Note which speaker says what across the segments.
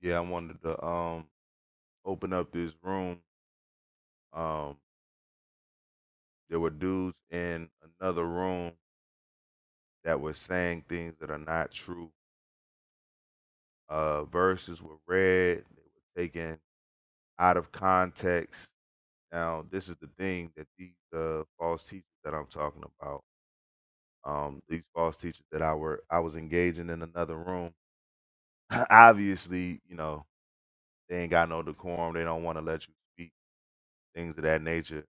Speaker 1: yeah, I wanted to um open up this room. Um, there were dudes in another room that were saying things that are not true. Uh, verses were read, they were taken out of context. Now, this is the thing that these uh, false teachers that I'm talking about, um, these false teachers that I were I was engaging in another room. Obviously, you know they ain't got no decorum. They don't want to let you speak things of that nature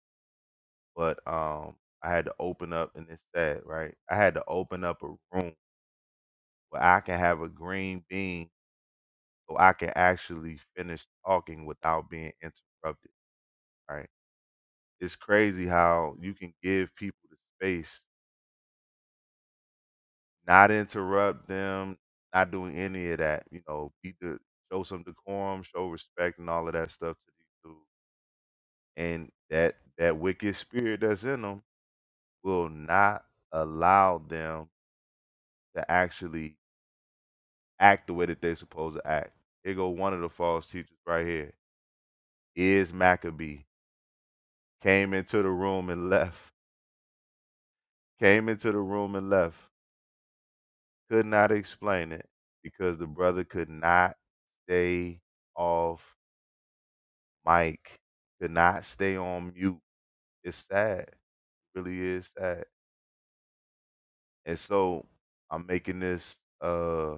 Speaker 1: but um, I had to open up, and it's sad, right? I had to open up a room where I can have a green bean, so I can actually finish talking without being interrupted. Right? It's crazy how you can give people the space, not interrupt them, not doing any of that. You know, be the show some decorum, show respect, and all of that stuff to these dudes. And that that wicked spirit that's in them will not allow them to actually act the way that they supposed to act. Here go one of the false teachers right here. Is Maccabee came into the room and left. Came into the room and left. Could not explain it because the brother could not stay off mic. Could not stay on mute. It's sad. It really is sad. And so I'm making this uh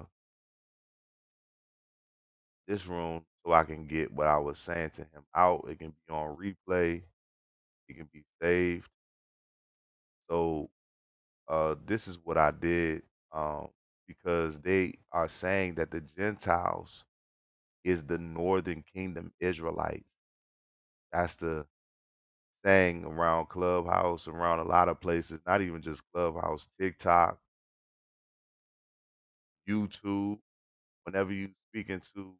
Speaker 1: this room so I can get what I was saying to him out. It can be on replay. It can be saved. So uh, this is what I did, um, because they are saying that the Gentiles is the northern kingdom Israelites. That's the saying around Clubhouse, around a lot of places, not even just Clubhouse, TikTok, YouTube. Whenever you speaking to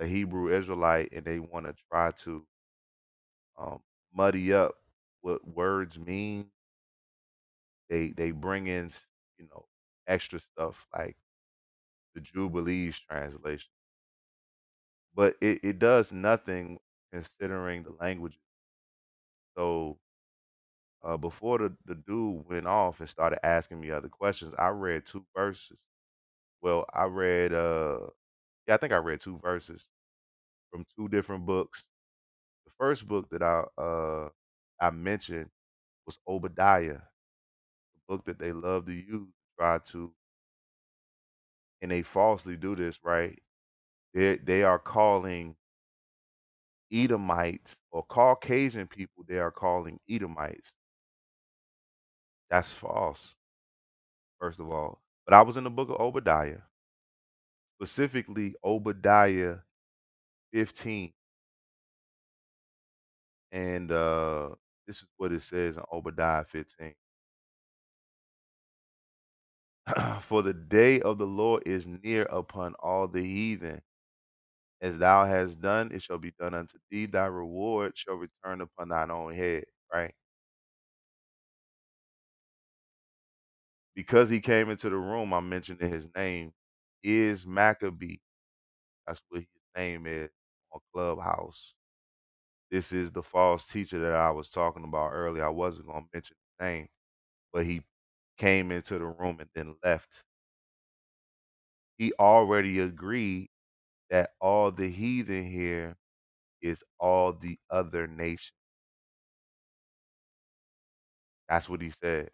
Speaker 1: a Hebrew Israelite and they want to try to um, muddy up what words mean, they they bring in you know extra stuff like the Jubilees translation but it, it does nothing considering the language. So uh, before the, the dude went off and started asking me other questions, I read two verses. Well, I read, uh, yeah, I think I read two verses from two different books. The first book that I uh, I mentioned was Obadiah, the book that they love to use, try to, and they falsely do this, right? They they are calling Edomites or Caucasian people. They are calling Edomites. That's false first of all. But I was in the book of Obadiah, specifically Obadiah 15. And uh, this is what it says in Obadiah 15 For the day of the Lord is near upon all the heathen. As thou hast done, it shall be done unto thee. Thy reward shall return upon thine own head. Right? Because he came into the room, I'm mentioning his name is Maccabee. That's what his name is on Clubhouse This is the false teacher that I was talking about earlier. I wasn't going to mention his name, but he came into the room and then left. He already agreed that all the heathen here is all the other nations. That's what he said.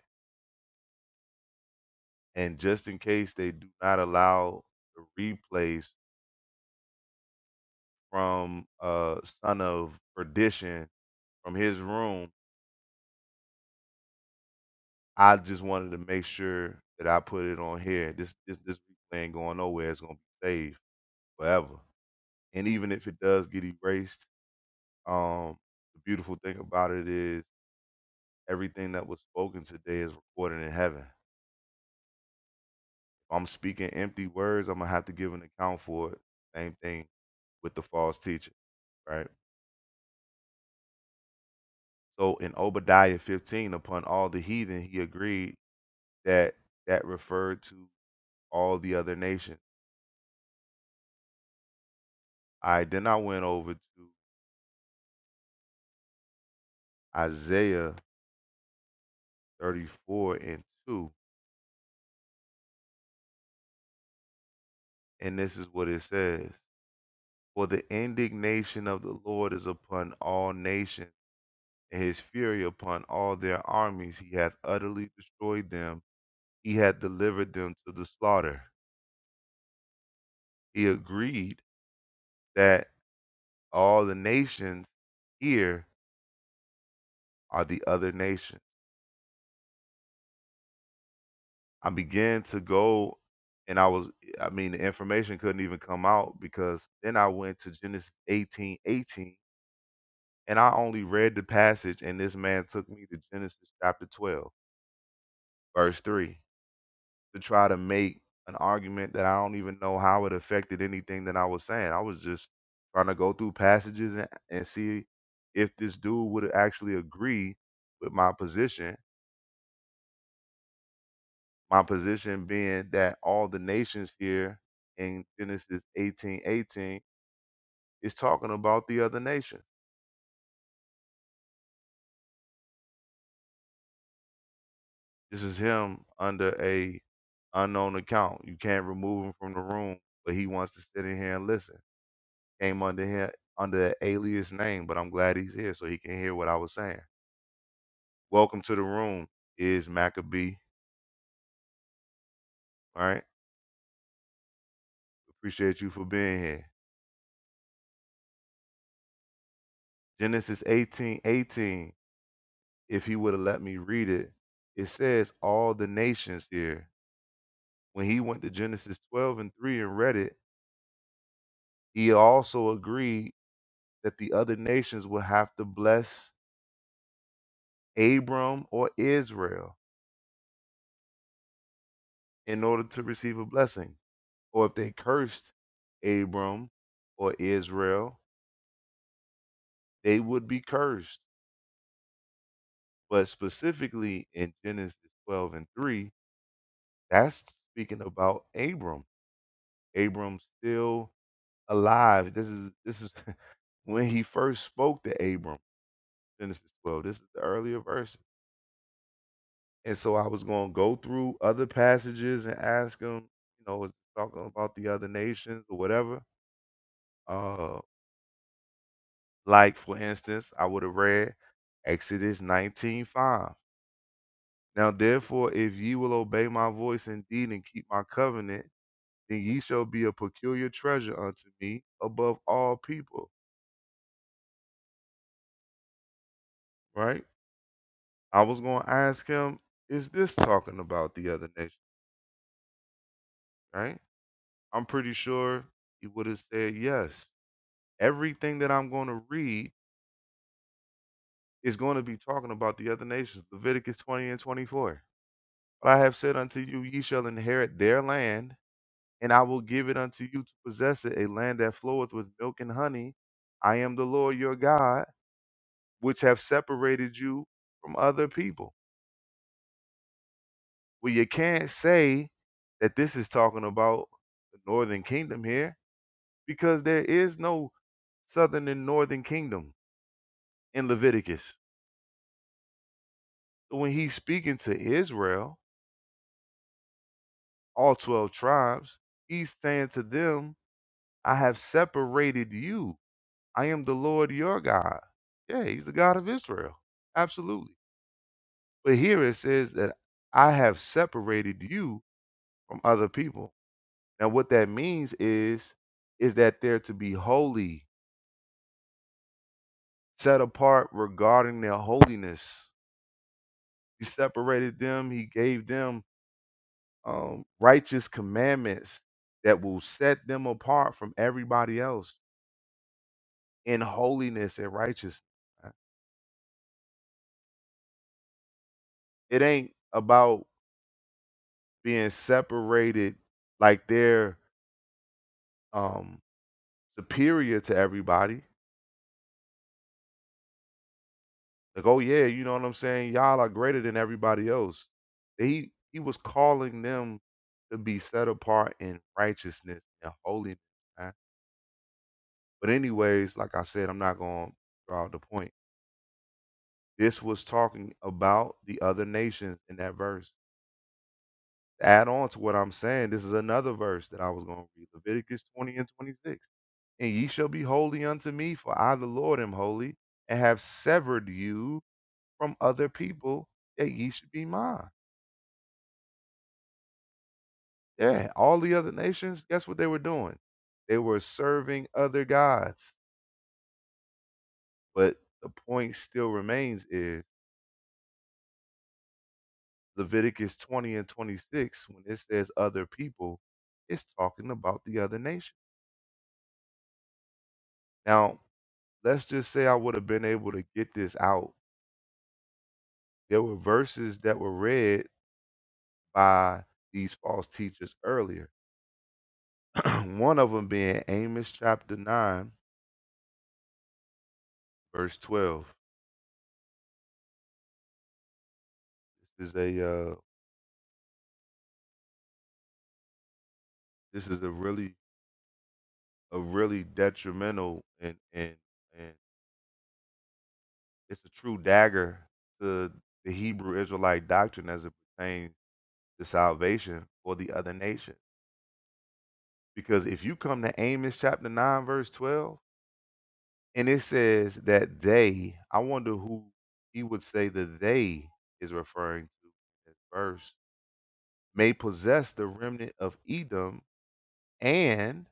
Speaker 1: And just in case they do not allow the replays from uh son of perdition from his room, I just wanted to make sure that I put it on here. This this this replay ain't going nowhere. It's gonna be saved forever. And even if it does get erased, um, the beautiful thing about it is everything that was spoken today is recorded in heaven. If I'm speaking empty words, I'm gonna have to give an account for it. Same thing with the false teacher, right? So in Obadiah 15, upon all the heathen, he agreed that that referred to all the other nations. All right, then I went over to Isaiah 34 and 2, and this is what it says. For the indignation of the Lord is upon all nations, and his fury upon all their armies. He hath utterly destroyed them, he hath delivered them to the slaughter. He agreed that all the nations here are the other nations. I began to go, and I was, I mean, the information couldn't even come out because then I went to Genesis eighteen eighteen, and I only read the passage, and this man took me to Genesis chapter 12, verse 3 to try to make an argument that I don't even know how it affected anything that I was saying. I was just trying to go through passages and, and see if this dude would actually agree with my position. My position being that all the nations here in Genesis eighteen eighteen is talking about the other nation. This is him under a unknown account. You can't remove him from the room, but he wants to sit in here and listen came under him under an alias name, but I'm glad he's here so he can hear what I was saying. Welcome to the room, is Maccabee. All right. Appreciate you for being here. Genesis 18:18. If he would have let me read it, it says all the nations here. When he went to Genesis 12 and 3 and read it, he also agreed that the other nations would have to bless Abram or Israel in order to receive a blessing. or if they cursed Abram or Israel, they would be cursed. But specifically in Genesis 12 and 3, that's speaking about Abram. Abram's still alive. This is this is when he first spoke to Abram, Genesis 12. This is the earlier verses. And so I was going to go through other passages and ask him, you know, is it talking about the other nations or whatever? Uh, Like, for instance, I would have read Exodus 19:5. Now, therefore, if ye will obey my voice indeed and keep my covenant, then ye shall be a peculiar treasure unto me above all people. Right? I was going to ask him, is this talking about the other nation? Right? I'm pretty sure he would have said yes. Everything that I'm going to read is going to be talking about the other nations, Leviticus 20 and 24. But I have said unto you, ye shall inherit their land, And I will give it unto you to possess it, a land that floweth with milk and honey. I am the Lord your God, which have separated you from other people. Well, you can't say that this is talking about the northern kingdom here, because there is no southern and northern kingdom in Leviticus. So when he's speaking to Israel, all 12 tribes, he's saying to them, I have separated you I am the Lord your God. Yeah, he's the God of Israel. Absolutely. But here it says that I have separated you from other people. Now what that means is is that they're to be holy, set apart regarding their holiness. He separated them, he gave them um, righteous commandments that will set them apart from everybody else in holiness and righteousness. right? It ain't about being separated like they're um superior to everybody. Like, oh yeah, you know what I'm saying? Y'all are greater than everybody else. He he was calling them to be set apart in righteousness and holiness. man. But anyways, like I said, I'm not going to draw out the point. This was talking about the other nations in that verse. To add on to what I'm saying, this is another verse that I was going to read, Leviticus 20 and 26. And ye shall be holy unto me, for I the Lord am holy, and have severed you from other people that ye should be mine. Yeah, all the other nations, guess what they were doing? They were serving other gods. But the point still remains is Leviticus 20 and 26, when it says other people, it's talking about the other nation. Now, let's just say I would have been able to get this out. There were verses that were read by these false teachers earlier. One of them being Amos chapter 9, verse 12. This is a uh, This is a really a really detrimental and and and it's a true dagger to the Hebrew Israelite doctrine as it pertains to salvation for the other nation. Because if you come to Amos chapter nine verse twelve, and it says that they, I wonder who he would say the they is referring to in this verse, may possess the remnant of Edom and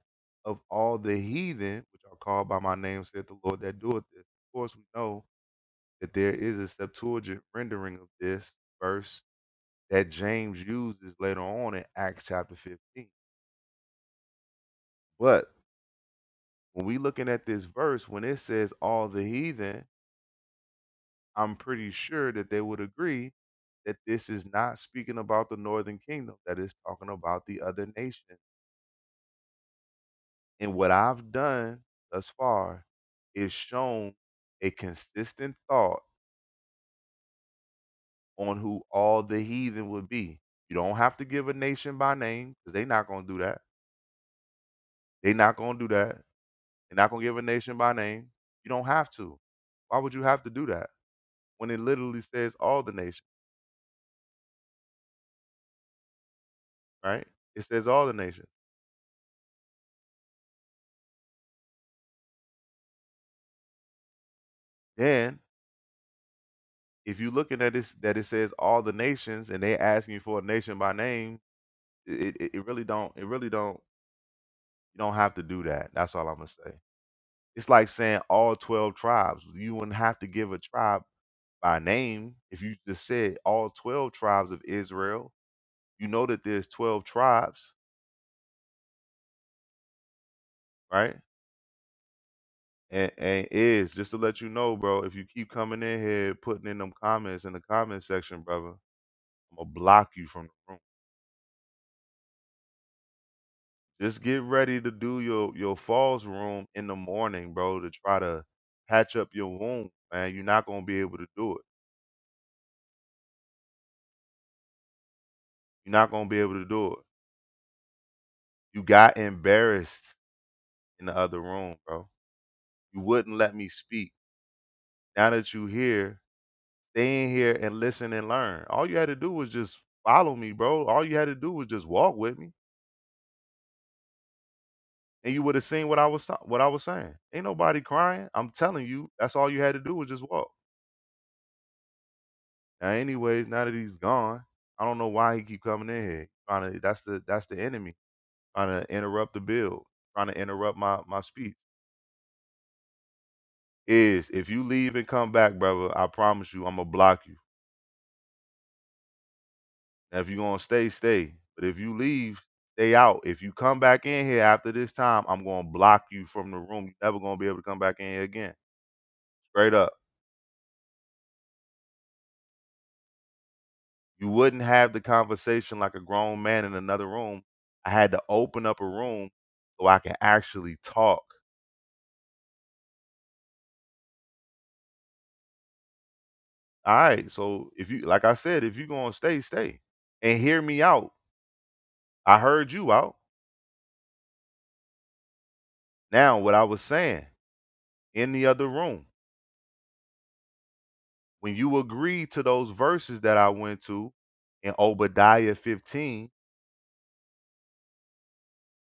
Speaker 1: of all the heathen, which are called by my name, said the Lord that doeth this. Of course, we know that there is a Septuagint rendering of this verse that James uses later on in Acts chapter 15. But when we looking at this verse, when it says all the heathen, I'm pretty sure that they would agree that this is not speaking about the northern kingdom, that is talking about the other nations And what I've done thus far is shown a consistent thought on who all the heathen would be. You don't have to give a nation by name because they're not going to do that. They're not going to do that. They're not going to give a nation by name. You don't have to. Why would you have to do that when it literally says all the nations, right? It says all the nations. Then if you're looking at this, that it says all the nations and they asking you for a nation by name, it, it, it really don't, it really don't, you don't have to do that. That's all I'm going to say. It's like saying all 12 tribes. You wouldn't have to give a tribe by name if you just said all 12 tribes of Israel. You know that there's 12 tribes, right? And, and is just to let you know, bro, if you keep coming in here putting in them comments in the comment section, brother, I'm gonna block you from the room. Just get ready to do your your falls room in the morning, bro, to try to patch up your wound, man. You're not gonna be able to do it. You're not gonna be able to do it. You got embarrassed. in the other room, bro. You wouldn't let me speak. Now that you here, stay in here and listen and learn. All you had to do was just follow me, bro. All you had to do was just walk with me, and you would have seen what I was ta- what I was saying. Ain't nobody crying. I'm telling you, that's all you had to do was just walk. Now, anyways, now that he's gone, I don't know why he keep coming in here. Trying to that's the that's the enemy trying to interrupt the build, trying to interrupt my my speech. Is if you leave and come back, brother, I promise you, I'm gonna block you. Now, if you're gonna stay, stay. But if you leave, stay out. If you come back in here after this time, I'm gonna block you from the room. You're never gonna be able to come back in here again. Straight up. You wouldn't have the conversation like a grown man in another room. I had to open up a room so I can actually talk. All right. So if you like I said, if you're gonna stay, stay. And hear me out. I heard you out. Now what I was saying in the other room. When you agree to those verses that I went to in Obadiah 15,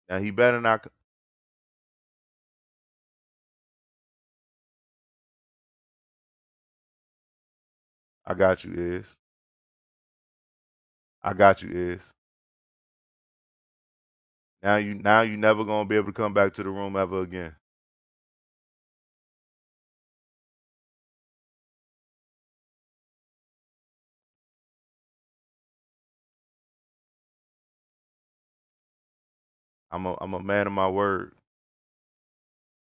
Speaker 1: now he better not. c- I got you, is. I got you, is. Now you, now you never gonna be able to come back to the room ever again. I'm a, I'm a man of my word.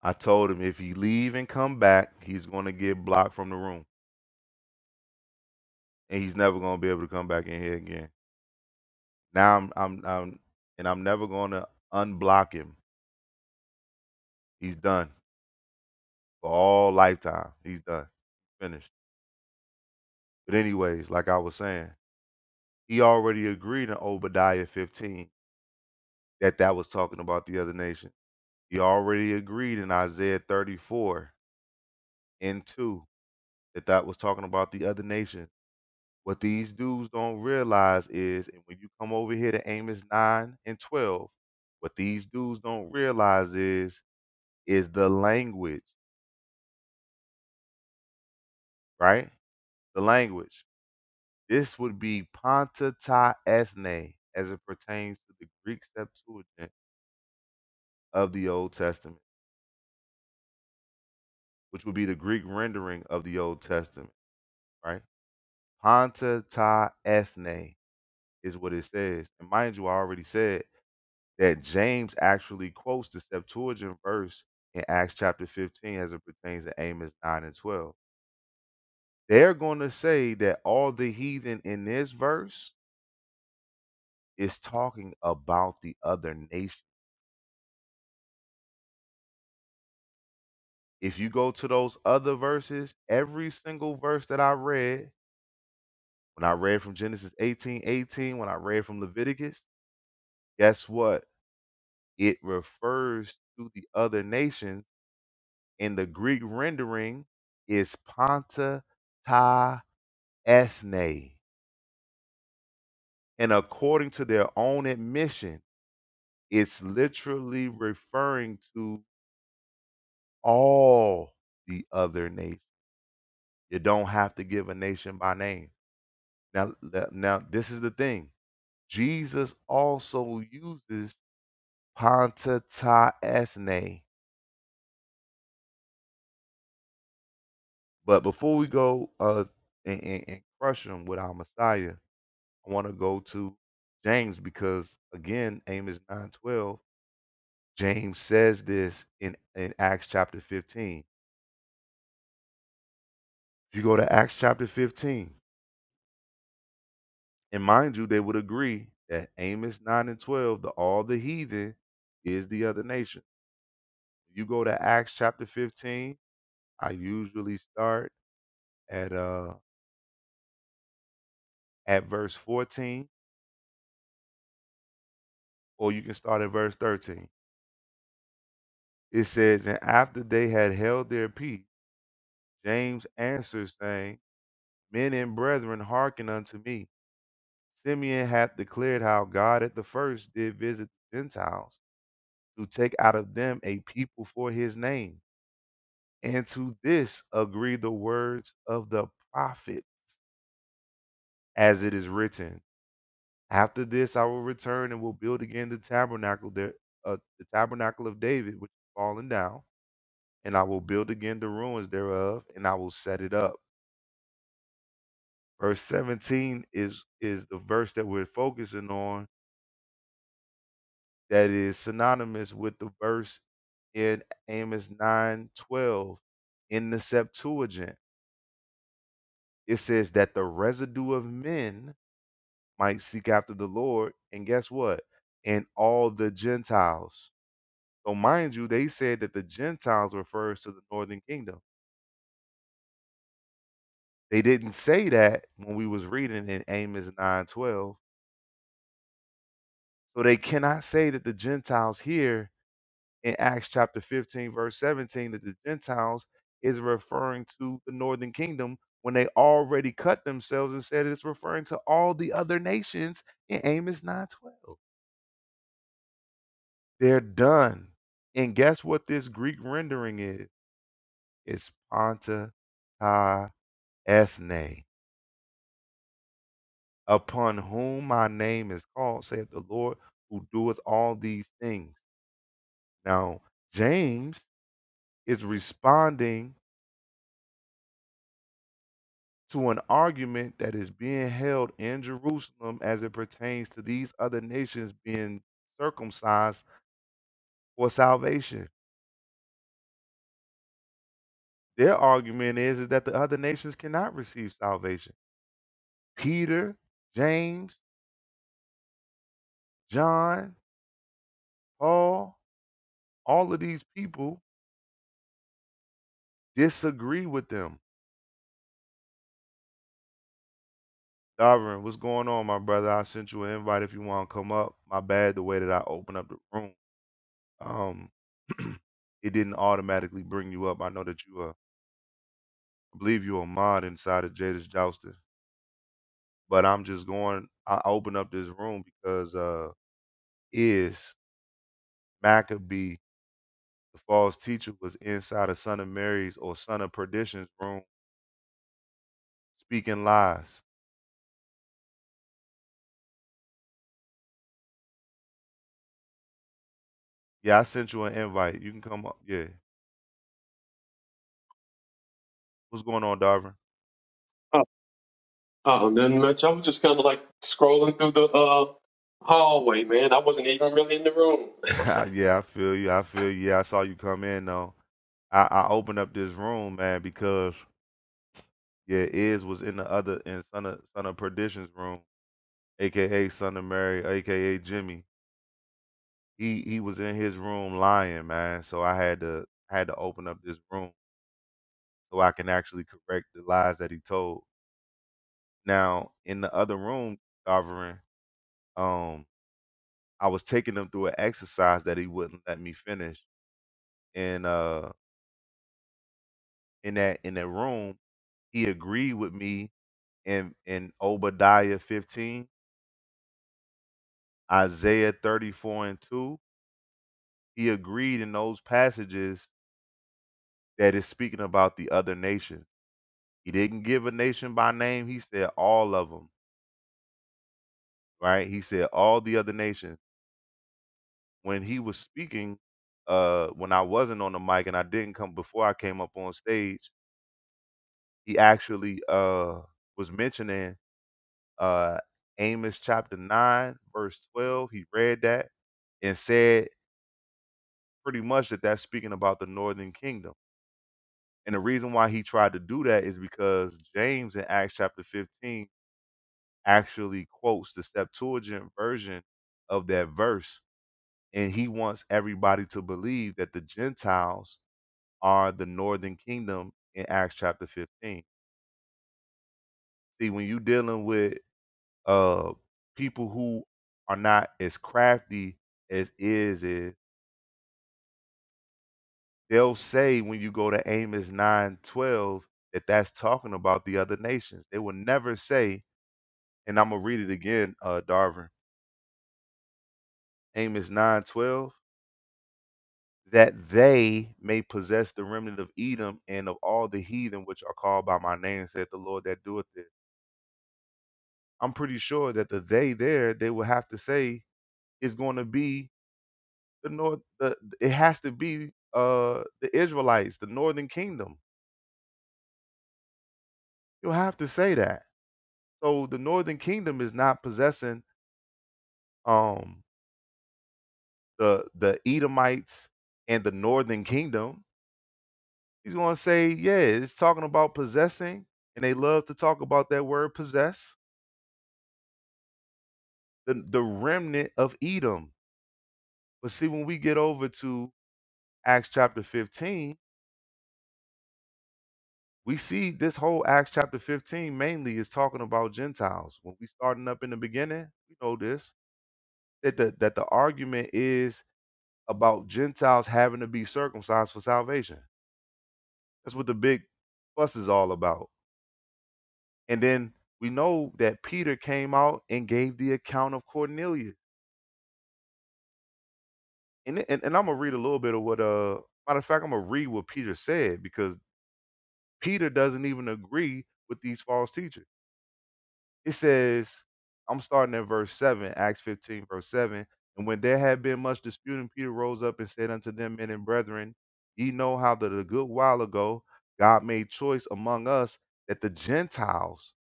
Speaker 1: I told him if he leave and come back, he's gonna get blocked from the room, and he's never gonna be able to come back in here again. Now I'm, I'm, I'm, and I'm never gonna unblock him. He's done for all lifetime. He's done, finished. But anyways, like I was saying, He already agreed in Obadiah 15 that that was talking about the other nation. He already agreed in Isaiah 34 and 2 that that was talking about the other nation. What these dudes don't realize is, and when you come over here to Amos 9 and 12, what these dudes don't realize is, is the language, right? The language. This would be Ponta ta ethne as it pertains to the Greek Septuagint of the Old Testament which would be the Greek rendering of the Old Testament, right? Hanta ta ethne is what it says. And mind you, I already said that James actually quotes the Septuagint verse in Acts chapter 15 as it pertains to Amos 9 and 12. They're going to say that all the heathen in this verse is talking about the other nation. If you go to those other verses, every single verse that I read, when I read from Genesis 18 18, when I read from Leviticus, guess what? it refers to the other nations, and the Greek rendering is Ponta Ta Esne. And according to their own admission, it's literally referring to all the other nations. You don't have to give a nation by name. Now, th- now this is the thing. Jesus also uses Ponta Ta Esne. But before we go uh, and, and, and crush them with our Messiah, I want to go to James because again, Amos 9:12, James says this in in Acts chapter 15. If you go to Acts chapter 15, and mind you, they would agree that Amos 9 and 12, the all the heathen is the other nation. You go to Acts chapter 15, I usually start at uh at verse 14 or you can start at verse 13. It says, "And after they had held their peace, James answered saying, Men and brethren, hearken unto me. Simeon hath declared how God at the first did visit the Gentiles to take out of them a people for his name. And to this agree the words of the prophet, as it is written. After this, I will return and will build again the tabernacle there, uh, the tabernacle of David, which is fallen down, and I will build again the ruins thereof, and I will set it up. Verse 17 is is the verse that we're focusing on that is synonymous with the verse in Amos 9:12 in the Septuagint. It says that the residue of men might seek after the Lord, and guess what? And all the Gentiles. So mind you, they said that the Gentiles refers to the northern kingdom. They didn't say that when we was reading in Amos 9:12. So they cannot say that the Gentiles here in Acts chapter 15, verse 17, that the Gentiles is referring to the northern kingdom when they already cut themselves and said it's referring to all the other nations in Amos 9:12. They're done. And guess what this Greek rendering is? It's Ponta Ta Ethne, upon whom my name is called, saith the Lord, who doeth all these things. Now, James is responding to an argument that is being held in Jerusalem as it pertains to these other nations being circumcised for salvation. Their argument is, is that the other nations cannot receive salvation. Peter, James, John, Paul, all of these people disagree with them. Darvin, what's going on, my brother? I sent you an invite if you want to come up. My bad, the way that I opened up the room, um, it didn't automatically bring you up. I know that you uh I believe you a mod inside of Jada's Jousting. But I'm just going, I I open up this room because uh, is Maccabee, the false teacher, was inside of Son of Mary's or Son of Perdition's room speaking lies. Yeah, I sent you an invite. You can come up. Yeah. What's going on, Darvin?
Speaker 2: Oh, oh, nothing much. I was just kind of like scrolling through the uh hallway, man. I wasn't even really in the room.
Speaker 1: yeah, I feel you. I feel you. Yeah, I saw you come in, though. I, I opened up this room, man, because, yeah, Iz was in the other, in Son of, Son of Perdition's room, a.k.a. Son of Mary, a.k.a. Jimmy. He he was in his room lying, man, so I had to had to open up this room so I can actually correct the lies that he told. Now, in the other room, Sovereign, um, I was taking him through an exercise that he wouldn't let me finish. And uh in that in that room, he agreed with me in in Obadiah 15, Isaiah 34 and 2. He agreed in those passages that is speaking about the other nations. He didn't give a nation by name. He said all of them, right? He said all the other nations. When he was speaking, uh, when I wasn't on the mic and I didn't come before I came up on stage, he actually uh was mentioning uh Amos chapter nine verse twelve. He read that and said pretty much that that's speaking about the northern kingdom. And the reason why he tried to do that is because James in Acts chapter 15 actually quotes the Septuagint version of that verse, and he wants everybody to believe that the Gentiles are the northern kingdom in Acts chapter 15. See, when you dealing with uh people who are not as crafty as is is, they'll say when you go to Amos 9 12 that that's talking about the other nations. They will never say, and I'm gonna read it again, uh Darvin. Amos 9 12. that they may possess the remnant of Edom and of all the heathen which are called by my name, said the Lord that doeth it. I'm pretty sure that the they there they will have to say is going to be the north. The, it has to be uh the Israelites, the northern kingdom. You'll have to say that. So the northern kingdom is not possessing um the the Edomites and the northern kingdom. He's going to say, yeah, it's talking about possessing, and they love to talk about that word possess the, the remnant of Edom. But see, when we get over to Acts chapter 15, we see this whole Acts chapter 15 mainly is talking about Gentiles. When we starting up in the beginning, we know this that the that the argument is about Gentiles having to be circumcised for salvation. That's what the big fuss is all about. And then we know that Peter came out and gave the account of Cornelius. And, and, and I'm gonna read a little bit of what uh matter of fact, I'm gonna read what Peter said because Peter doesn't even agree with these false teachers. It says, I'm starting at verse 7, Acts 15, verse 7. And when there had been much disputing, Peter rose up and said unto them, Men and brethren, ye know how that a good while ago God made choice among us that the Gentiles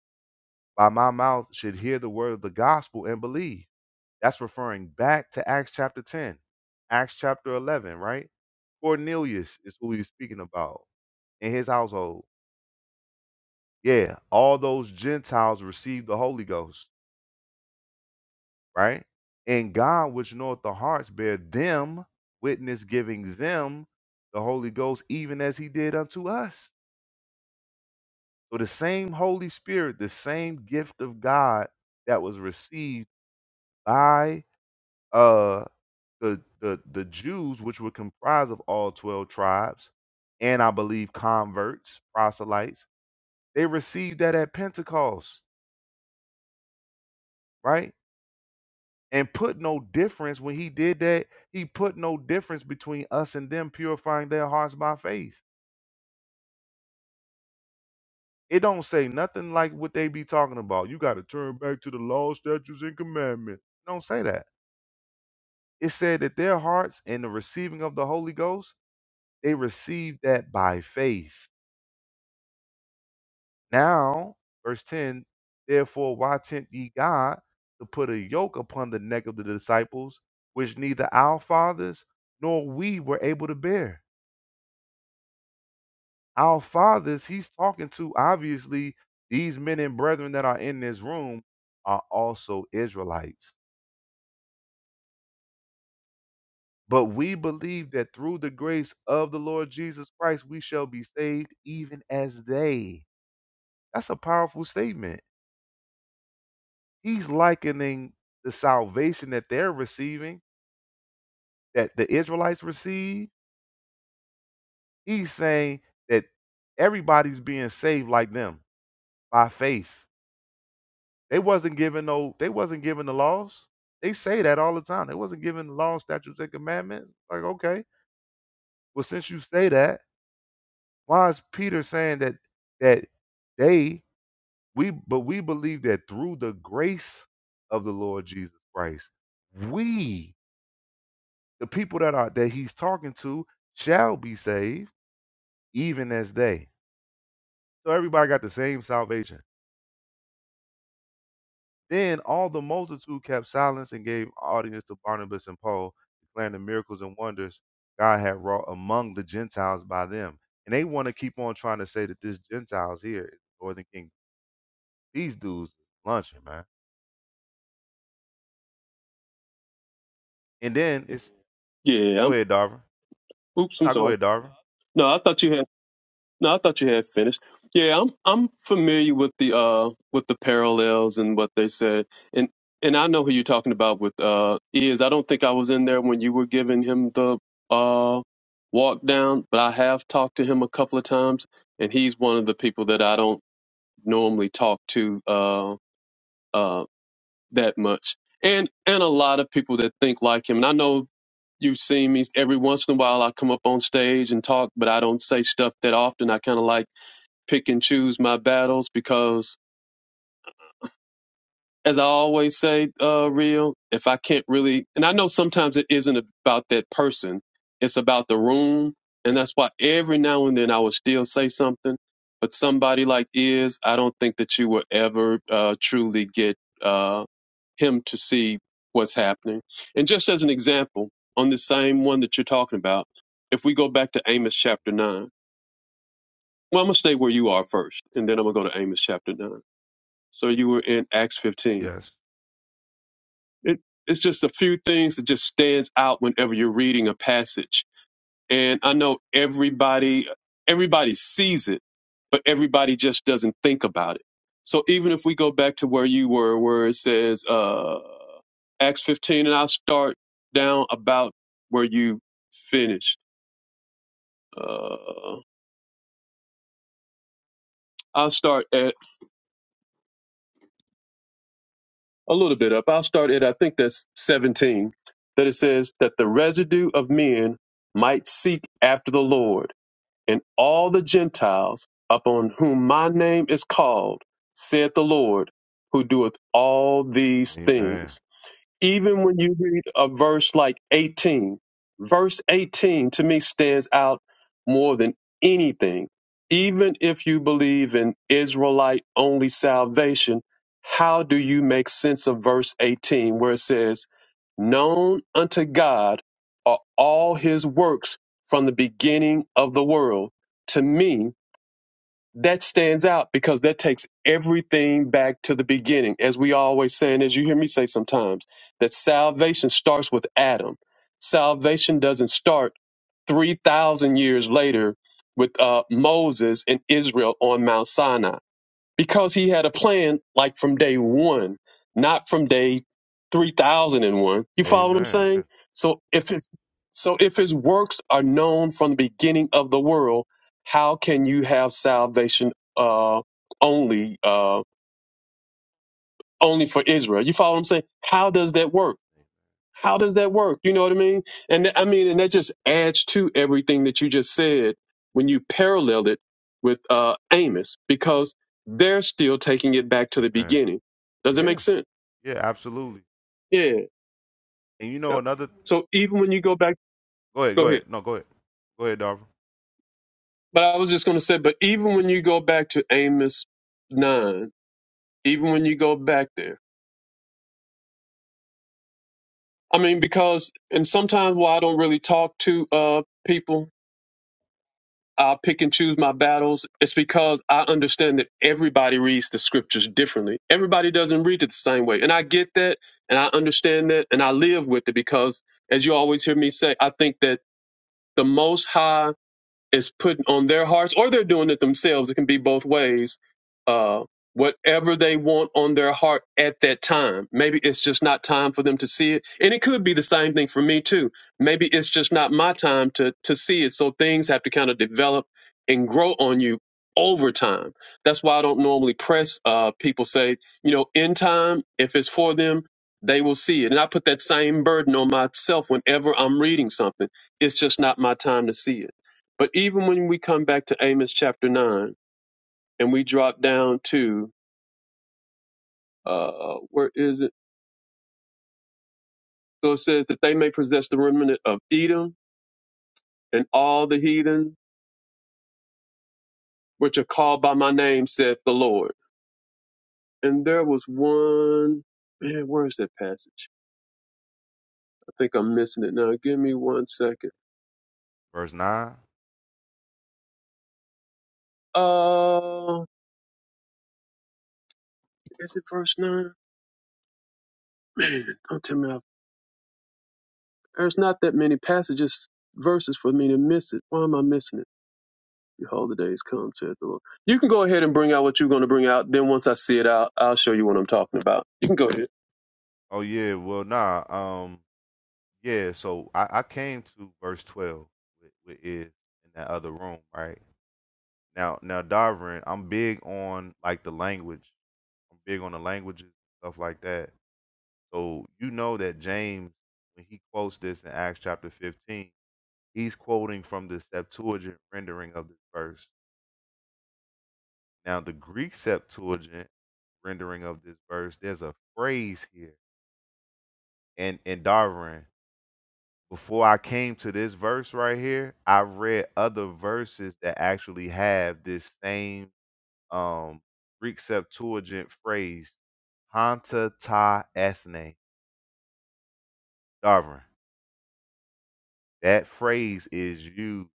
Speaker 1: by my mouth should hear the word of the gospel and believe. That's referring back to Acts chapter 10, Acts chapter 11, right? Cornelius is who he's speaking about in his household Yeah, all those Gentiles received the Holy Ghost, right? And God, which knoweth the hearts, bear them witness, giving them the Holy Ghost, even as He did unto us. So the same Holy Spirit, the same gift of God that was received by uh the the, the Jews, which were comprised of all twelve tribes, and I believe converts, proselytes, they received that at Pentecost, right? and put no difference when he did that he put no difference between us and them purifying their hearts by faith it don't say nothing like what they be talking about you got to turn back to the law statutes and commandments It don't say that it said that their hearts and the receiving of the holy ghost they received that by faith now verse 10 therefore why tempt ye god to put a yoke upon the neck of the disciples which neither our fathers nor we were able to bear Our fathers, he's talking to, obviously, these men and brethren that are in this room are also Israelites. But we believe that through the grace of the Lord Jesus Christ, we shall be saved even as they. That's a powerful statement. He's likening the salvation that they're receiving, that the Israelites receive. He's saying that everybody's being saved like them by faith. They wasn't given no they wasn't given the laws. They say that all the time. They wasn't given the law, statutes, and commandments. Like, okay, well, since you say that, why is Peter saying that that they we but we believe that through the grace of the Lord Jesus Christ, we, the people that are that he's talking to, shall be saved, even as they. So everybody got the same salvation. Then all the multitude kept silence and gave audience to Barnabas and Paul, declaring the miracles and wonders God had wrought among the Gentiles by them. And they want to keep on trying to say that this Gentiles here is the Northern Kingdom. These dudes lunching, man. And then it's
Speaker 2: Yeah.
Speaker 1: go ahead, Darvin.
Speaker 2: I'm, oops. I'm
Speaker 1: I go
Speaker 2: sorry.
Speaker 1: ahead, Darvin.
Speaker 2: No, I thought you had. No, I thought you had finished. Yeah, I'm I'm familiar with the uh with the parallels and what they said, and and I know who you're talking about with uh is. I don't think I was in there when you were giving him the uh walk down, but I have talked to him a couple of times, and he's one of the people that I don't normally talk to. Uh, uh that much. And and a lot of people that think like him. And I know you've seen me every once in a while I come up on stage and talk, but I don't say stuff that often. I kinda like pick and choose my battles because as I always say, uh, real, if I can't really, and I know sometimes it isn't about that person, it's about the room. And that's why every now and then I will still say something. But somebody like is, I don't think that you will ever uh, truly get uh, him to see what's happening. And just as an example, on the same one that you're talking about, if we go back to Amos chapter 9, well, I'm going to stay where you are first, and then I'm going to go to Amos chapter 9. So you were in Acts 15
Speaker 1: Yes.
Speaker 2: it, it's just a few things that just stands out whenever you're reading a passage and i know everybody everybody sees it but everybody just doesn't think about it so even if we go back to where you were where it says uh acts 15 and i'll start down about where you finished uh i'll start at a little bit up i'll start at i think that's 17 that it says that the residue of men might seek after the lord and all the Gentiles upon whom my name is called, saith the Lord, who doeth all these
Speaker 1: Amen.
Speaker 2: things. Even when you read a verse like 18, verse 18 to me stands out more than anything. Even if you believe in Israelite only salvation, how do you make sense of verse 18 where it says, Known unto God are all his works from the beginning of the world. To me, that stands out because that takes everything back to the beginning. As we always say, and as you hear me say sometimes, that salvation starts with Adam. Salvation doesn't start 3,000 years later with uh, Moses and Israel on Mount Sinai because he had a plan like from day one, not from day 3001. You follow what I'm
Speaker 1: Amen. Yeah.
Speaker 2: saying? So if his so if his works are known from the beginning of the world, how can you have salvation uh only uh only for Israel? You follow what I'm saying? How does that work? How does that work? You know what I mean? And th- I mean, and that just adds to everything that you just said when you parallel it with uh, Amos, because they're still taking it back to the
Speaker 1: Amen.
Speaker 2: beginning. Does it make
Speaker 1: Yeah.
Speaker 2: sense?
Speaker 1: Yeah, absolutely.
Speaker 2: Yeah.
Speaker 1: And you know
Speaker 2: Yeah.
Speaker 1: another
Speaker 2: So even when you go back,
Speaker 1: go ahead,
Speaker 2: go
Speaker 1: go
Speaker 2: ahead.
Speaker 1: ahead. No, go ahead. Go ahead, Darvin.
Speaker 2: But I was just going to say, but even when you go back to Amos nine, even when you go back there, I mean, because and sometimes why I don't really talk to uh, people I'll pick and choose my battles. It's because I understand that everybody reads the scriptures differently. Everybody doesn't read it the same way. And I get that and I understand that and I live with it because as you always hear me say, I think that the most high is put on their hearts or they're doing it themselves it can be both ways uh, whatever they want on their heart at that time maybe it's just not time for them to see it and it could be the same thing for me too maybe it's just not my time to to see it so things have to kind of develop and grow on you over time that's why i don't normally press uh, people say you know in time if it's for them they will see it and i put that same burden on myself whenever i'm reading something it's just not my time to see it but even when we come back to Amos chapter 9 and we drop down to, uh, where is it? So it says that they may possess the remnant of Edom and all the heathen which are called by my name, saith the Lord. And there was one, man, where is that passage? I think I'm missing it now. Give me one second.
Speaker 1: Verse nine.
Speaker 2: Uh, is it verse 9? Man, don't tell me. i there's not that many passages, verses for me to miss it. Why am I missing it? Behold, the days come, saith the Lord. You can go ahead and bring out what you're going to bring out. Then once I see it out, I'll show you what I'm talking about. You can go ahead.
Speaker 1: Oh yeah, well nah. Um Yeah, so I, I came to verse twelve with, with is in that other room, right? Now now Darvin, I'm big on like the language. I'm big on the languages and stuff like that. So you know that James, when he quotes this in Acts chapter fifteen, he's quoting from the Septuagint rendering of this verse. Now the Greek Septuagint rendering of this verse, there's a phrase here. And and Darvin, before I came to this verse right here, I read other verses that actually have this same um Greek Septuagint phrase, Hanta ta ethne, Darvin. That phrase is used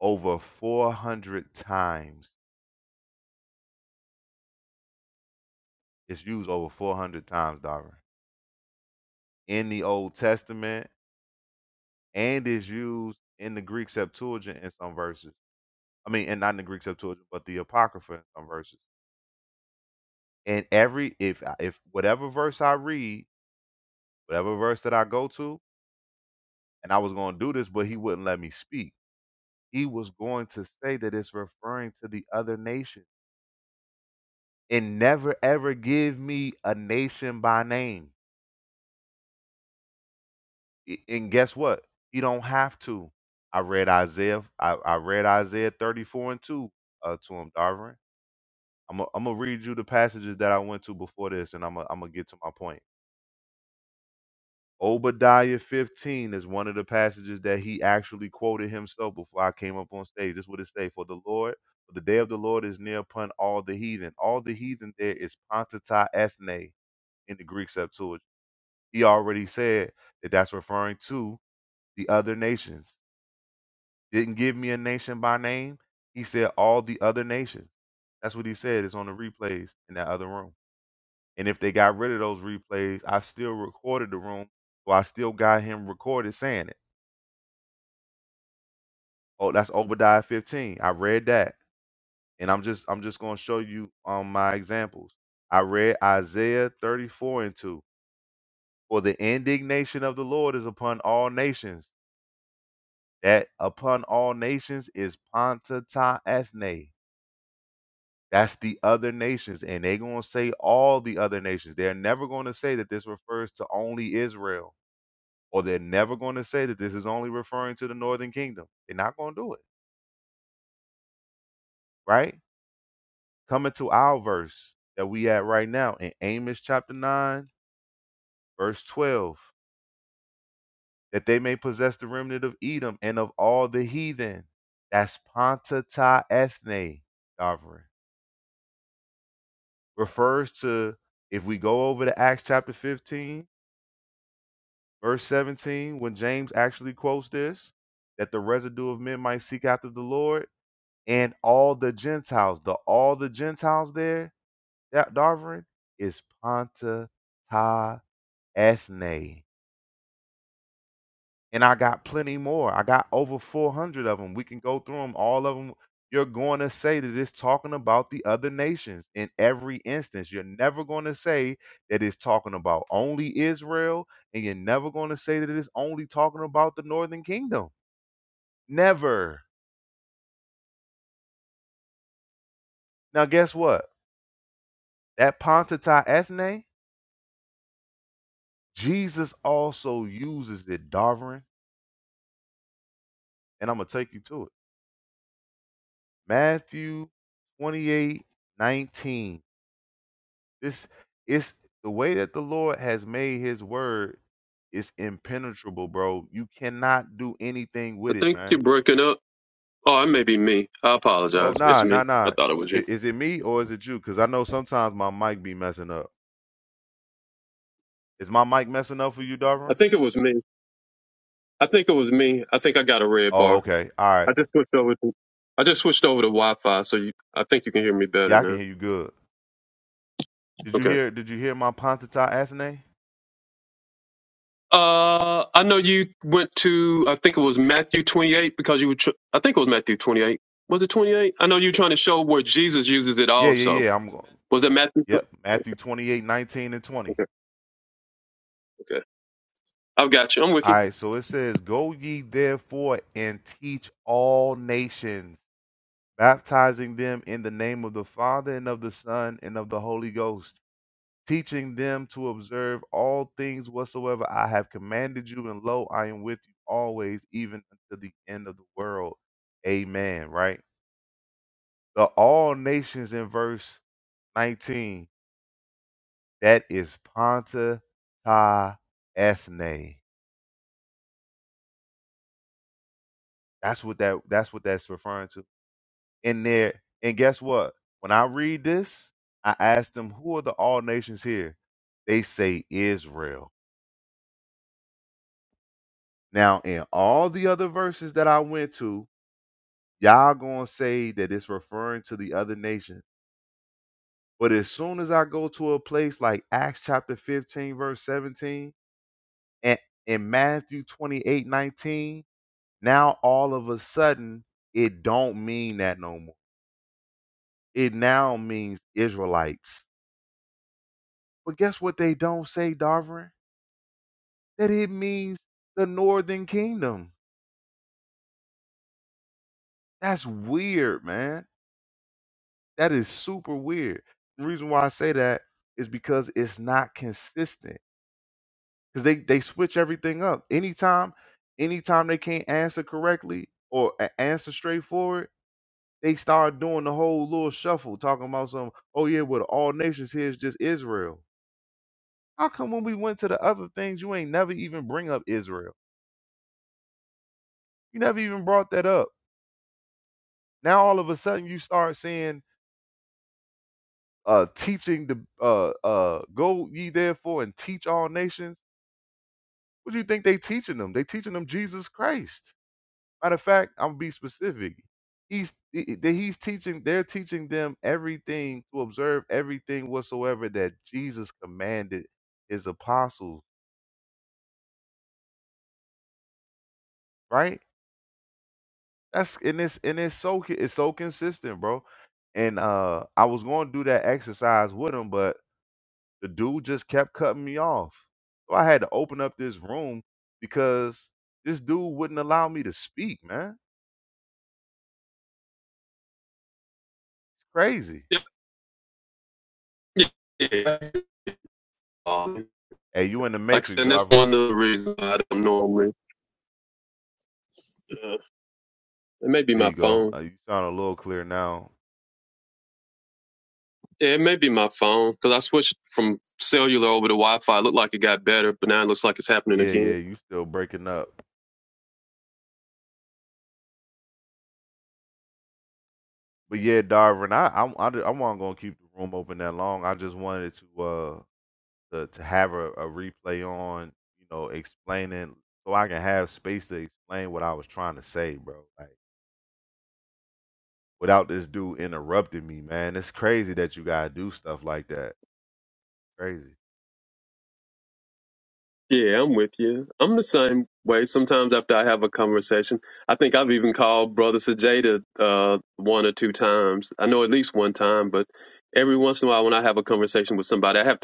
Speaker 1: over 400 times. It's used over 400 times, Darvin, in the Old Testament and is used in the Greek Septuagint in some verses. I mean, and not in the Greek Septuagint, but the Apocrypha in some verses. And every if I if whatever verse I read, whatever verse that I go to, and I was going to do this, but he wouldn't let me speak. He was going to say that it's referring to the other nation and never ever give me a nation by name. I- And guess what? He don't have to. I read Isaiah. I, I read Isaiah 34 and 2 uh, to him, Darvin. I'm gonna I'm gonna read you the passages that I went to before this, and I'm gonna I'm gonna get to my point. Obadiah 15 is one of the passages that he actually quoted himself before I came up on stage. This is what it say for the Lord, for the day of the Lord is near upon all the heathen. All the heathen there is Pontata ethne in the Greek Septuagint. He already said that that's referring to the other nations. Didn't give me a nation by name. He said all the other nations. That's what he said. It's on the replays in that other room. And if they got rid of those replays, I still recorded the room. So I still got him recorded saying it. Oh, that's Obadiah 15. I read that. And I'm just I'm just gonna show you um my examples. I read Isaiah 34 and 2. For the indignation of the Lord is upon all nations. That upon all nations is Ponta Ta Ethne. That's the other nations. And they're gonna say all the other nations. They're never gonna say that this refers to only Israel. Or they're never gonna say that this is only referring to the northern kingdom. They're not gonna do it, right? Coming to our verse that we at right now in Amos chapter 9, verse 12, that they may possess the remnant of Edom and of all the heathen. That's Ponta Ta Ethne, Davra. Refers to, if we go over to Acts chapter 15, verse 17, when James actually quotes this, that the residue of men might seek after the Lord and all the Gentiles. The all the Gentiles there, that Darvin, is Ponta Ta Ethne. And I got plenty more. I got over 400 of them. We can go through them, all of them. You're going to say that it's talking about the other nations in every instance. You're never going to say that it's talking about only Israel, and you're never going to say that it's only talking about the northern kingdom. Never. Now, guess what? That Pontatai ethne, Jesus also uses it, Darvin, and I'm going to take you to it. Matthew 28:19. This it's the way that the Lord has made his word is impenetrable, bro. You cannot do anything
Speaker 2: I
Speaker 1: with it,
Speaker 2: think you're
Speaker 1: man.
Speaker 2: breaking up. Oh, it may be me. I
Speaker 1: Oh
Speaker 2: apologize. It's
Speaker 1: nah, nah,
Speaker 2: me.
Speaker 1: nah.
Speaker 2: I thought it was you.
Speaker 1: I- Is it me or is it you? Because I know sometimes my mic be messing up. Is my mic messing up for you,
Speaker 2: I
Speaker 1: Darvin?
Speaker 2: think it was me. I think it was me. I think I got a red
Speaker 1: Oh,
Speaker 2: bar.
Speaker 1: okay. All right.
Speaker 2: I just switched over to. I just switched over to Wi-Fi, so you, I think you can hear me
Speaker 1: Yeah,
Speaker 2: better
Speaker 1: I can
Speaker 2: now.
Speaker 1: hear you good. Did you
Speaker 2: Okay.
Speaker 1: hear did you hear my Pontata Athene?
Speaker 2: Uh, I know you went to. I think it was Matthew 28 because you were. Tr- I think it was Matthew 28. Was it 28? I know you're trying to show where Jesus uses it
Speaker 1: Yeah, yeah,
Speaker 2: also.
Speaker 1: yeah. I'm going.
Speaker 2: Was it Matthew
Speaker 1: Yep. Matthew 28, 19, and 20.
Speaker 2: Okay. Okay. I've got you. I'm with
Speaker 1: All
Speaker 2: you.
Speaker 1: right, so it says, Go ye therefore and teach all nations baptizing them in the name of the Father and of the Son and of the Holy Ghost, teaching them to observe all things whatsoever I have commanded you, and lo, I am with you always, even unto the end of the world. Amen. Right? The all nations in verse 19, that is Ponta Ta Ethne. That's what that that's what that's referring to in there. And guess what? When I read this, I ask them, who are the all nations here? They say Israel. Now, in all the other verses that I went to, y'all gonna say that it's referring to the other nations. But as soon as I go to a place like Acts chapter 15, verse 17, and in Matthew 28, 19, now all of a sudden it don't mean that no more. It now means Israelites. But guess what they don't say, Darvin? that it means the northern kingdom. That's weird, man. That is super weird. The reason why I say that is because it's not consistent. Because they they switch everything up. Anytime, anytime they can't answer correctly or a- answer straightforward, they start doing the whole little shuffle, talking about some, oh yeah, well, all nations here is just Israel. How come when we went to the other things, you ain't never even bring up Israel? You never even brought that up. Now all of a sudden you start saying uh teaching the uh uh go ye therefore and teach all nations what do you think they teaching them they teaching them jesus christ matter of fact i'm gonna be specific he's i- i- that he's teaching they're teaching them everything to observe everything whatsoever that jesus commanded his apostles right that's and it's and it's so co- it's so consistent bro and uh i was going to do that exercise with him but The dude just kept cutting me off. So I had to open up this room because this dude wouldn't allow me to speak, man. It's crazy.
Speaker 2: Yeah. Yeah. yeah. Um,
Speaker 1: Hey, you in the
Speaker 2: Like I
Speaker 1: matrix,
Speaker 2: said, that's
Speaker 1: Darvin.
Speaker 2: one of the reasons I don't normally. Uh, it may be
Speaker 1: There
Speaker 2: my
Speaker 1: you go.
Speaker 2: phone.
Speaker 1: Uh, you sound a little clear now.
Speaker 2: Yeah, it may be my phone because I switched from cellular over to Wi-Fi. It looked like it got better, but now it looks like it's happening
Speaker 1: Yeah, yeah,
Speaker 2: again.
Speaker 1: you still breaking up. But yeah, Darvin, I I I, di- I wasn't gonna keep the room open that long. I just wanted to uh to, to have a, a replay on, you know, explaining so I can have space to explain what I was trying to say, bro. Like without this dude interrupting me, man. It's crazy that you gotta do stuff like that. Crazy.
Speaker 2: Yeah, I'm with you. I'm the same way. Sometimes after I have a conversation, I think I've even called Brother Sajeda uh, one or two times. I know at least one time, but every once in a while when I have a conversation with somebody, I have to.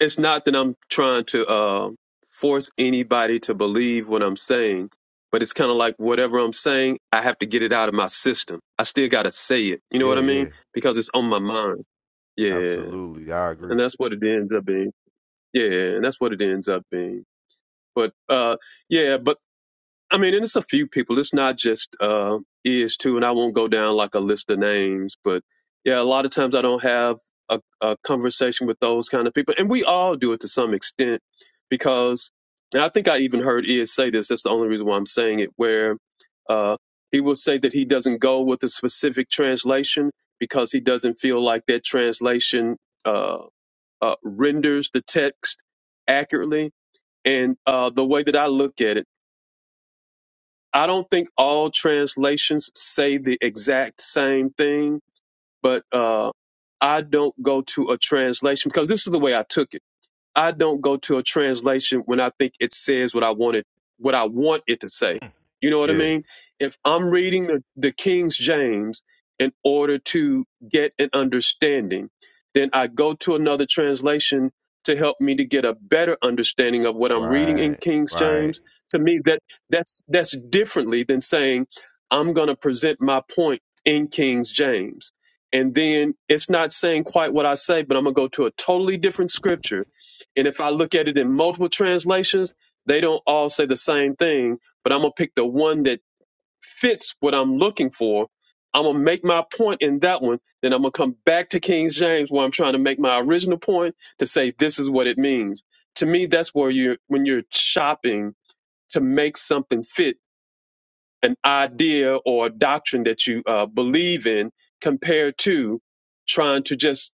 Speaker 2: it's not that I'm trying to uh, force anybody to believe what I'm saying, but it's kind of like whatever I'm saying, I have to get it out of my system. I still got to say it. You know
Speaker 1: Yeah,
Speaker 2: what I mean?
Speaker 1: yeah.
Speaker 2: Because it's on my mind. Yeah.
Speaker 1: Absolutely. I agree.
Speaker 2: And that's what it ends up being. Yeah. And that's what it ends up being. But uh, yeah, but I mean, and it's a few people. It's not just uh, is too, and I won't go down like a list of names, but yeah, a lot of times I don't have a, a conversation with those kind of people, and we all do it to some extent because, and I think I even heard is say this. That's the only reason why I'm saying it. Where uh, he will say that he doesn't go with a specific translation because he doesn't feel like that translation uh, uh, renders the text accurately. And uh, the way that I look at it I don't think all translations say the exact same thing, but uh, I don't go to a translation because this is the way I took it. I don't go to a translation when I think it says what I wanted, what I want it to say. You know what I
Speaker 1: Yeah.
Speaker 2: mean? If I'm reading the, the King's James in order to get an understanding, then I go to another translation to help me to get a better understanding of what I'm reading in
Speaker 1: Right.
Speaker 2: King's
Speaker 1: Right.
Speaker 2: James. To me, that that's that's differently than saying I'm going to present my point in King's James. And then it's not saying quite what I say, but I'm going to go to a totally different scripture and if I look at it in multiple translations, they don't all say the same thing, but I'm going to pick the one that fits what I'm looking for. I'm going to make my point in that one. Then I'm going to come back to King James where I'm trying to make my original point to say this is what it means. To me, that's where you're, when you're shopping to make something fit an idea or a doctrine that you uh, believe in compared to trying to just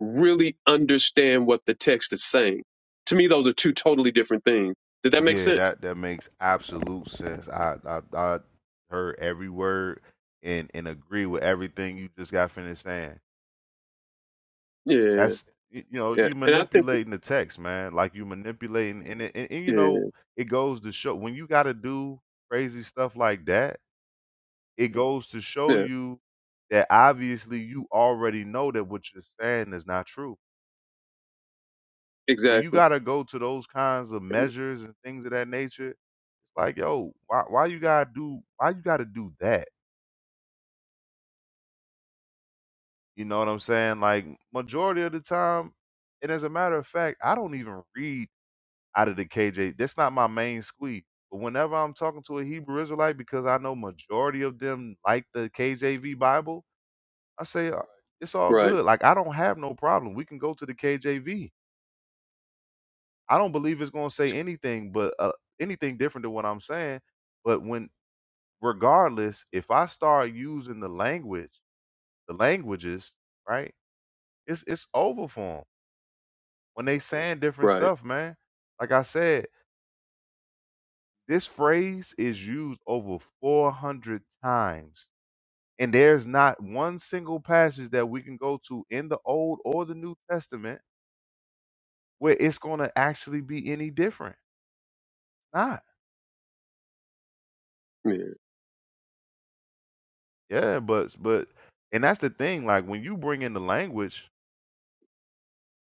Speaker 2: really understand what the text is saying. To me, those are two totally different things. Did that make
Speaker 1: Yeah,
Speaker 2: sense?
Speaker 1: that that makes absolute sense. I I, I heard every word and and agree with everything you just got finished saying.
Speaker 2: Yeah,
Speaker 1: That's y- you know,
Speaker 2: yeah.
Speaker 1: you
Speaker 2: And I think that,
Speaker 1: manipulating the text, man. Like you manipulating and, it- and and you
Speaker 2: yeah,
Speaker 1: know, it goes to show when you gotta do crazy stuff like that it goes to show
Speaker 2: yeah,
Speaker 1: you that obviously you already know that what you're saying is not true. When you
Speaker 2: exactly.
Speaker 1: gotta go to those kinds of measures and things of that nature, it's like, yo, why why you gotta do why you gotta do that? You know what I'm saying? Like majority of the time, and as a matter of fact, I don't even read out of the KJ. That's not my main squeeze. But whenever I'm talking to a Hebrew Israelite, because I know majority of them like the KJV Bible, I say "Uh, it's all
Speaker 2: Right,
Speaker 1: good. Like I don't have no problem. We can go to the KJV. I don't believe it's going to say anything but uh, anything different than what I'm saying. But when regardless, if I start using the language, the languages, right? It's it's over for 'em. when they saying different
Speaker 2: right.
Speaker 1: stuff, man. Like I said, this phrase is used over 400 times. And there's not one single passage that we can go to in the Old or the New Testament where it's gonna actually be any different. Not.
Speaker 2: Yeah.
Speaker 1: Yeah, but but and that's the thing, like when you bring in the language,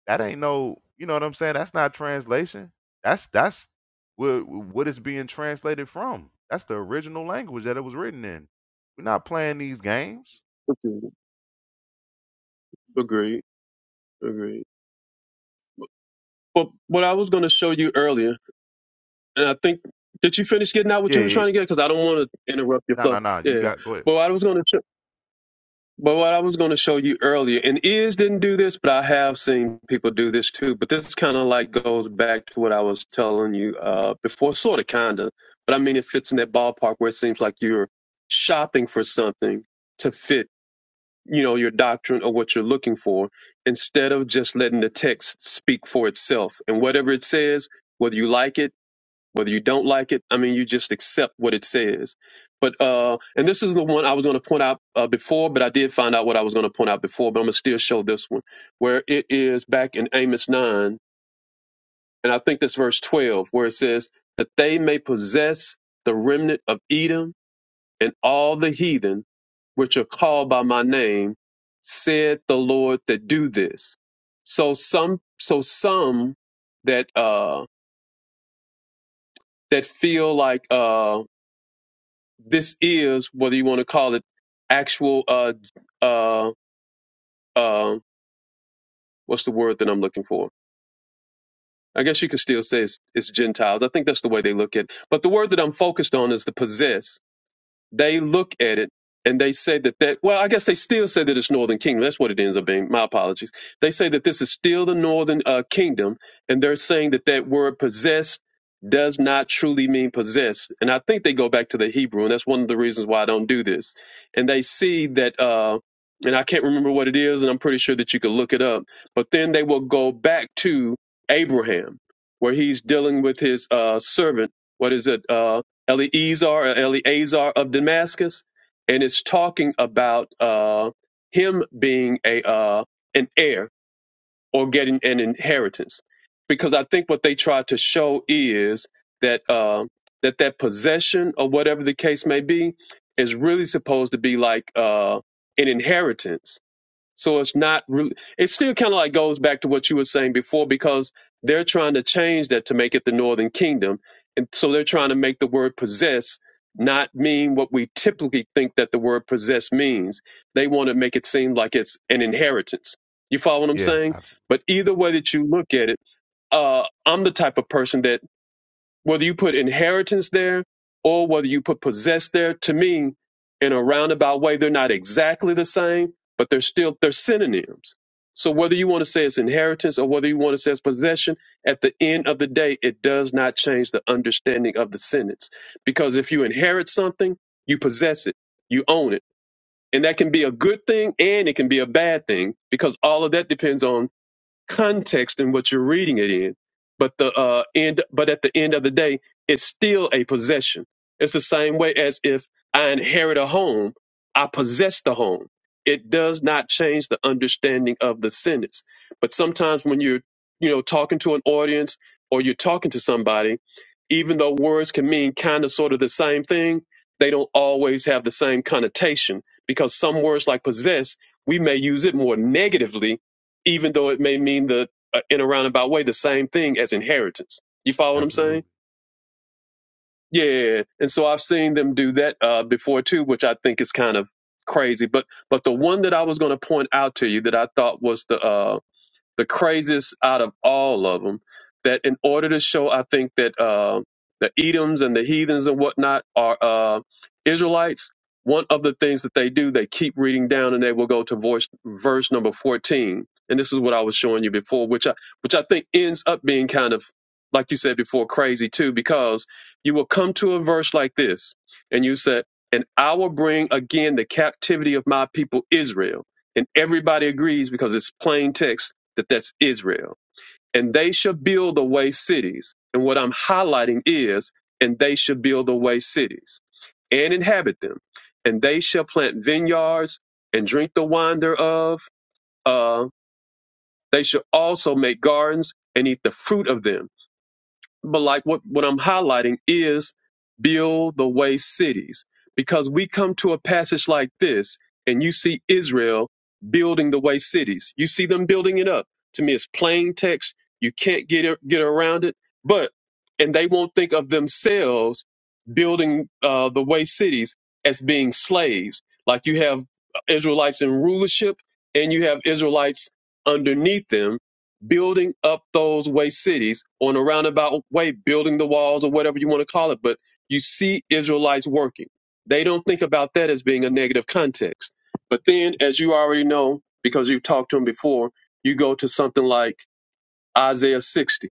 Speaker 1: that ain't no you know what I'm saying? That's not translation. That's that's what what it's being translated from. That's the original language that it was written in. We're not playing these games.
Speaker 2: Okay. Agreed, agreed. But what I was going to show you earlier, and I think, did you finish getting out what
Speaker 1: Yeah,
Speaker 2: you were
Speaker 1: yeah.
Speaker 2: trying to get? Because I don't want to interrupt your
Speaker 1: No,
Speaker 2: flow.
Speaker 1: no, no. You
Speaker 2: Yeah.
Speaker 1: got go ahead.
Speaker 2: But I was going to. But what I was going to show you earlier, and is didn't do this, but I have seen people do this too. But this kind of like goes back to what I was telling you uh, before, sort of, kind of. But I mean, it fits in that ballpark where it seems like you're shopping for something to fit, you know, your doctrine or what you're looking for, instead of just letting the text speak for itself. And whatever it says, whether you like it whether you don't like it i mean you just accept what it says but uh and this is the one i was going to point out uh, before but i did find out what i was going to point out before but i'm going to still show this one where it is back in amos 9 and i think that's verse 12 where it says that they may possess the remnant of edom and all the heathen which are called by my name said the lord that do this so some so some that uh that feel like uh, this is whether you want to call it actual uh uh uh what's the word that I'm looking for? I guess you could still say it's, it's Gentiles. I think that's the way they look at. it. But the word that I'm focused on is the possess They look at it and they say that that well, I guess they still say that it's Northern Kingdom. That's what it ends up being. My apologies. They say that this is still the Northern uh, Kingdom, and they're saying that that word possessed does not truly mean possessed. And I think they go back to the Hebrew, and that's one of the reasons why I don't do this. And they see that. Uh, and I can't remember what it is, and I'm pretty sure that you could look it up. But then they will go back to Abraham, where he's dealing with his uh, servant. What is it? Uh, Eleazar or Eleazar of Damascus, and it's talking about uh, him being a uh, an heir or getting an inheritance, because I think what they try to show is that uh, that that possession or whatever the case may be is really supposed to be like uh, an inheritance so it's not really, it still kind of like goes back to what you were saying before because they're trying to change that to make it the northern kingdom. And so they're trying to make the word possess not mean what we typically think that the word possess means. They want to make it seem like it's an inheritance. You follow what I'm
Speaker 1: Yeah,
Speaker 2: saying?
Speaker 1: absolutely.
Speaker 2: But either way that you look at it, uh, I'm the type of person that whether you put inheritance there or whether you put possess there, to me, in a roundabout way, they're not exactly the same, but they're still they're synonyms. So whether you want to say it's inheritance or whether you want to say it's possession, at the end of the day, it does not change the understanding of the sentence. Because if you inherit something, you possess it, you own it. And that can be a good thing and it can be a bad thing because all of that depends on context in what you're reading it in. But the uh, end, but at the end of the day, it's still a possession. It's the same way as if I inherit a home, I possess the home. It does not change the understanding of the sentence. But sometimes when you're, you know, talking to an audience or you're talking to somebody, even though words can mean kind of sort of the same thing, they don't always have the same connotation because some words like possess, we may use it more negatively even though it may mean the uh, in a roundabout way the same thing as inheritance. You follow what I'm saying?
Speaker 1: Absolutely.
Speaker 2: Yeah. And so I've seen them do that uh, before too, which I think is kind of crazy. But but the one that I was going to point out to you that I thought was the uh, the craziest out of all of them. That in order to show, I think that uh, the Edoms and the heathens and whatnot are uh, Israelites. One of the things that they do, they keep reading down, and they will go to verse verse number fourteen. And this is what I was showing you before, which I which I think ends up being kind of like you said before, crazy too, because you will come to a verse like this, and you said, "And I will bring again the captivity of my people Israel," and everybody agrees because it's plain text that that's Israel. And they shall build away cities. And what I'm highlighting is, and they shall build away cities and inhabit them. And they shall plant vineyards and drink the wine thereof. Uh, they shall also make gardens and eat the fruit of them but like what, what I'm highlighting is build the way cities. Because we come to a passage like this and you see Israel building the way cities. You see them building it up. To me, it's plain text. You can't get it, get around it. But, and they won't think of themselves building uh, the way cities as being slaves. Like you have Israelites in rulership and you have Israelites underneath them building up those way cities on a roundabout way, building the walls or whatever you want to call it. But you see Israelites working. They don't think about that as being a negative context. But then, as you already know, because you've talked to them before, you go to something like Isaiah 60.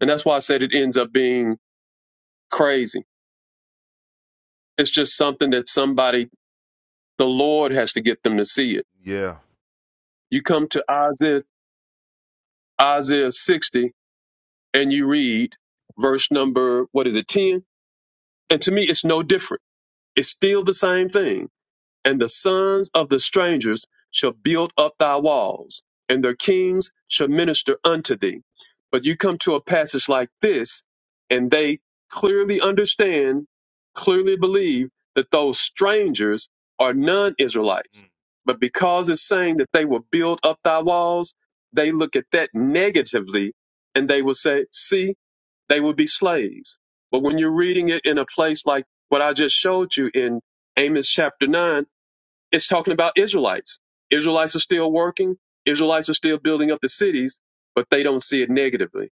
Speaker 2: And that's why I said it ends up being crazy. It's just something that somebody, the Lord has to get them to see it.
Speaker 1: Yeah.
Speaker 2: You come to Isaiah, Isaiah 60 and you read verse number, what is it, 10? And to me, it's no different. It's still the same thing. And the sons of the strangers shall build up thy walls, and their kings shall minister unto thee. But you come to a passage like this, and they clearly understand, clearly believe that those strangers are non Israelites.
Speaker 1: Mm.
Speaker 2: But because it's saying that they will build up thy walls, they look at that negatively and they will say, See, they would be slaves. But when you're reading it in a place like what I just showed you in Amos chapter 9, it's talking about Israelites. Israelites are still working, Israelites are still building up the cities, but they don't see it negatively.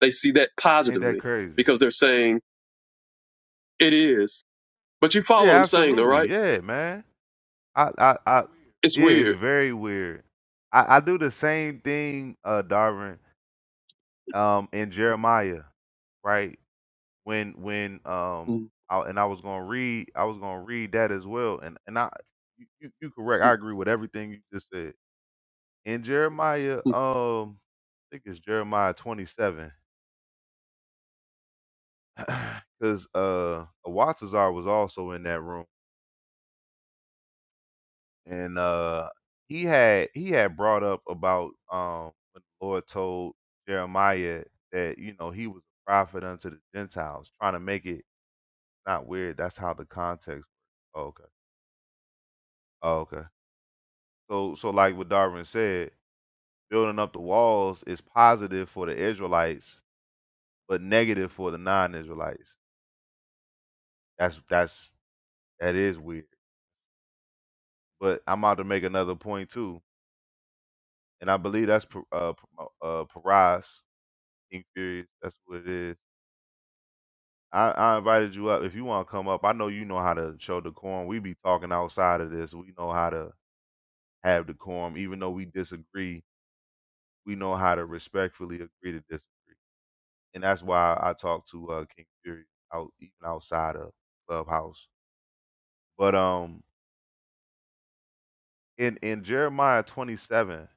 Speaker 2: They see that
Speaker 1: Ain't that
Speaker 2: positively
Speaker 1: crazy?
Speaker 2: because they're saying, it is. But you follow what
Speaker 1: Yeah,
Speaker 2: I'm saying, though,
Speaker 1: absolutely.
Speaker 2: right?
Speaker 1: Yeah, man. I, I, I,
Speaker 2: It's
Speaker 1: yeah, it's
Speaker 2: weird.
Speaker 1: very weird. I, I do the same thing, uh, Darvin, um, in Jeremiah, right? When, when, um,
Speaker 2: Mm,
Speaker 1: I, and I was gonna read, I was gonna read that as well, and and I, you, you you correct. I
Speaker 2: mm,
Speaker 1: agree with everything you just said. In Jeremiah,
Speaker 2: mm.
Speaker 1: um, I think it's Jeremiah twenty seven, because uh, Watazar was also in that room. and uh he had he had brought up about um when the Lord told Jeremiah that you know he was a prophet unto the Gentiles, trying to make it not weird. That's how the context. works. Oh, okay. Oh, okay. So so like what Darwin said, building up the walls is positive for the Israelites, but negative for the non-Israelites. That's that's that is weird. But I'm about to make another point too, and I believe that's P- uh P- uh Paras King Furious. That's what it is I, I invited you up. If you want to come up, I know you know how to show decorum. We be talking outside of this. We know how to have decorum, even though we disagree. We know how to respectfully agree to disagree, and that's why I talk to uh, King Fury out even outside of Clubhouse. But um, in in Jeremiah twenty seven,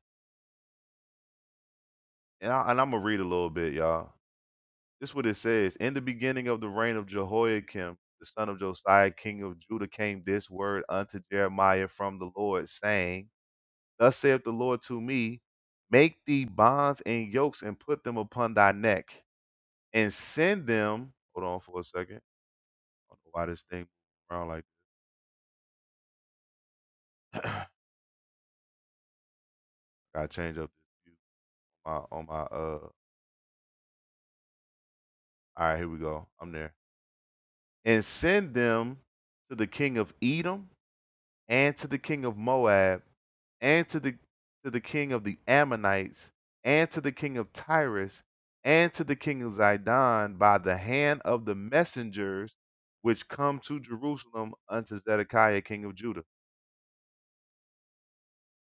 Speaker 1: and, I, and I'm gonna read a little bit, y'all. This what it says: In the beginning of the reign of Jehoiakim, the son of Josiah, king of Judah, came this word unto Jeremiah from the Lord, saying Thus saith the Lord to me, Make thee bonds and yokes and put them upon thy neck, and send them. Hold on for a second. I don't know why this thing around like gotta change up this view on my on my uh all right, here we go. I'm there. And send them to the king of Edom and to the king of Moab, and to the to the king of the Ammonites, and to the king of Tyrus, and to the king of Zidon by the hand of the messengers which come to Jerusalem unto Zedekiah king of Judah,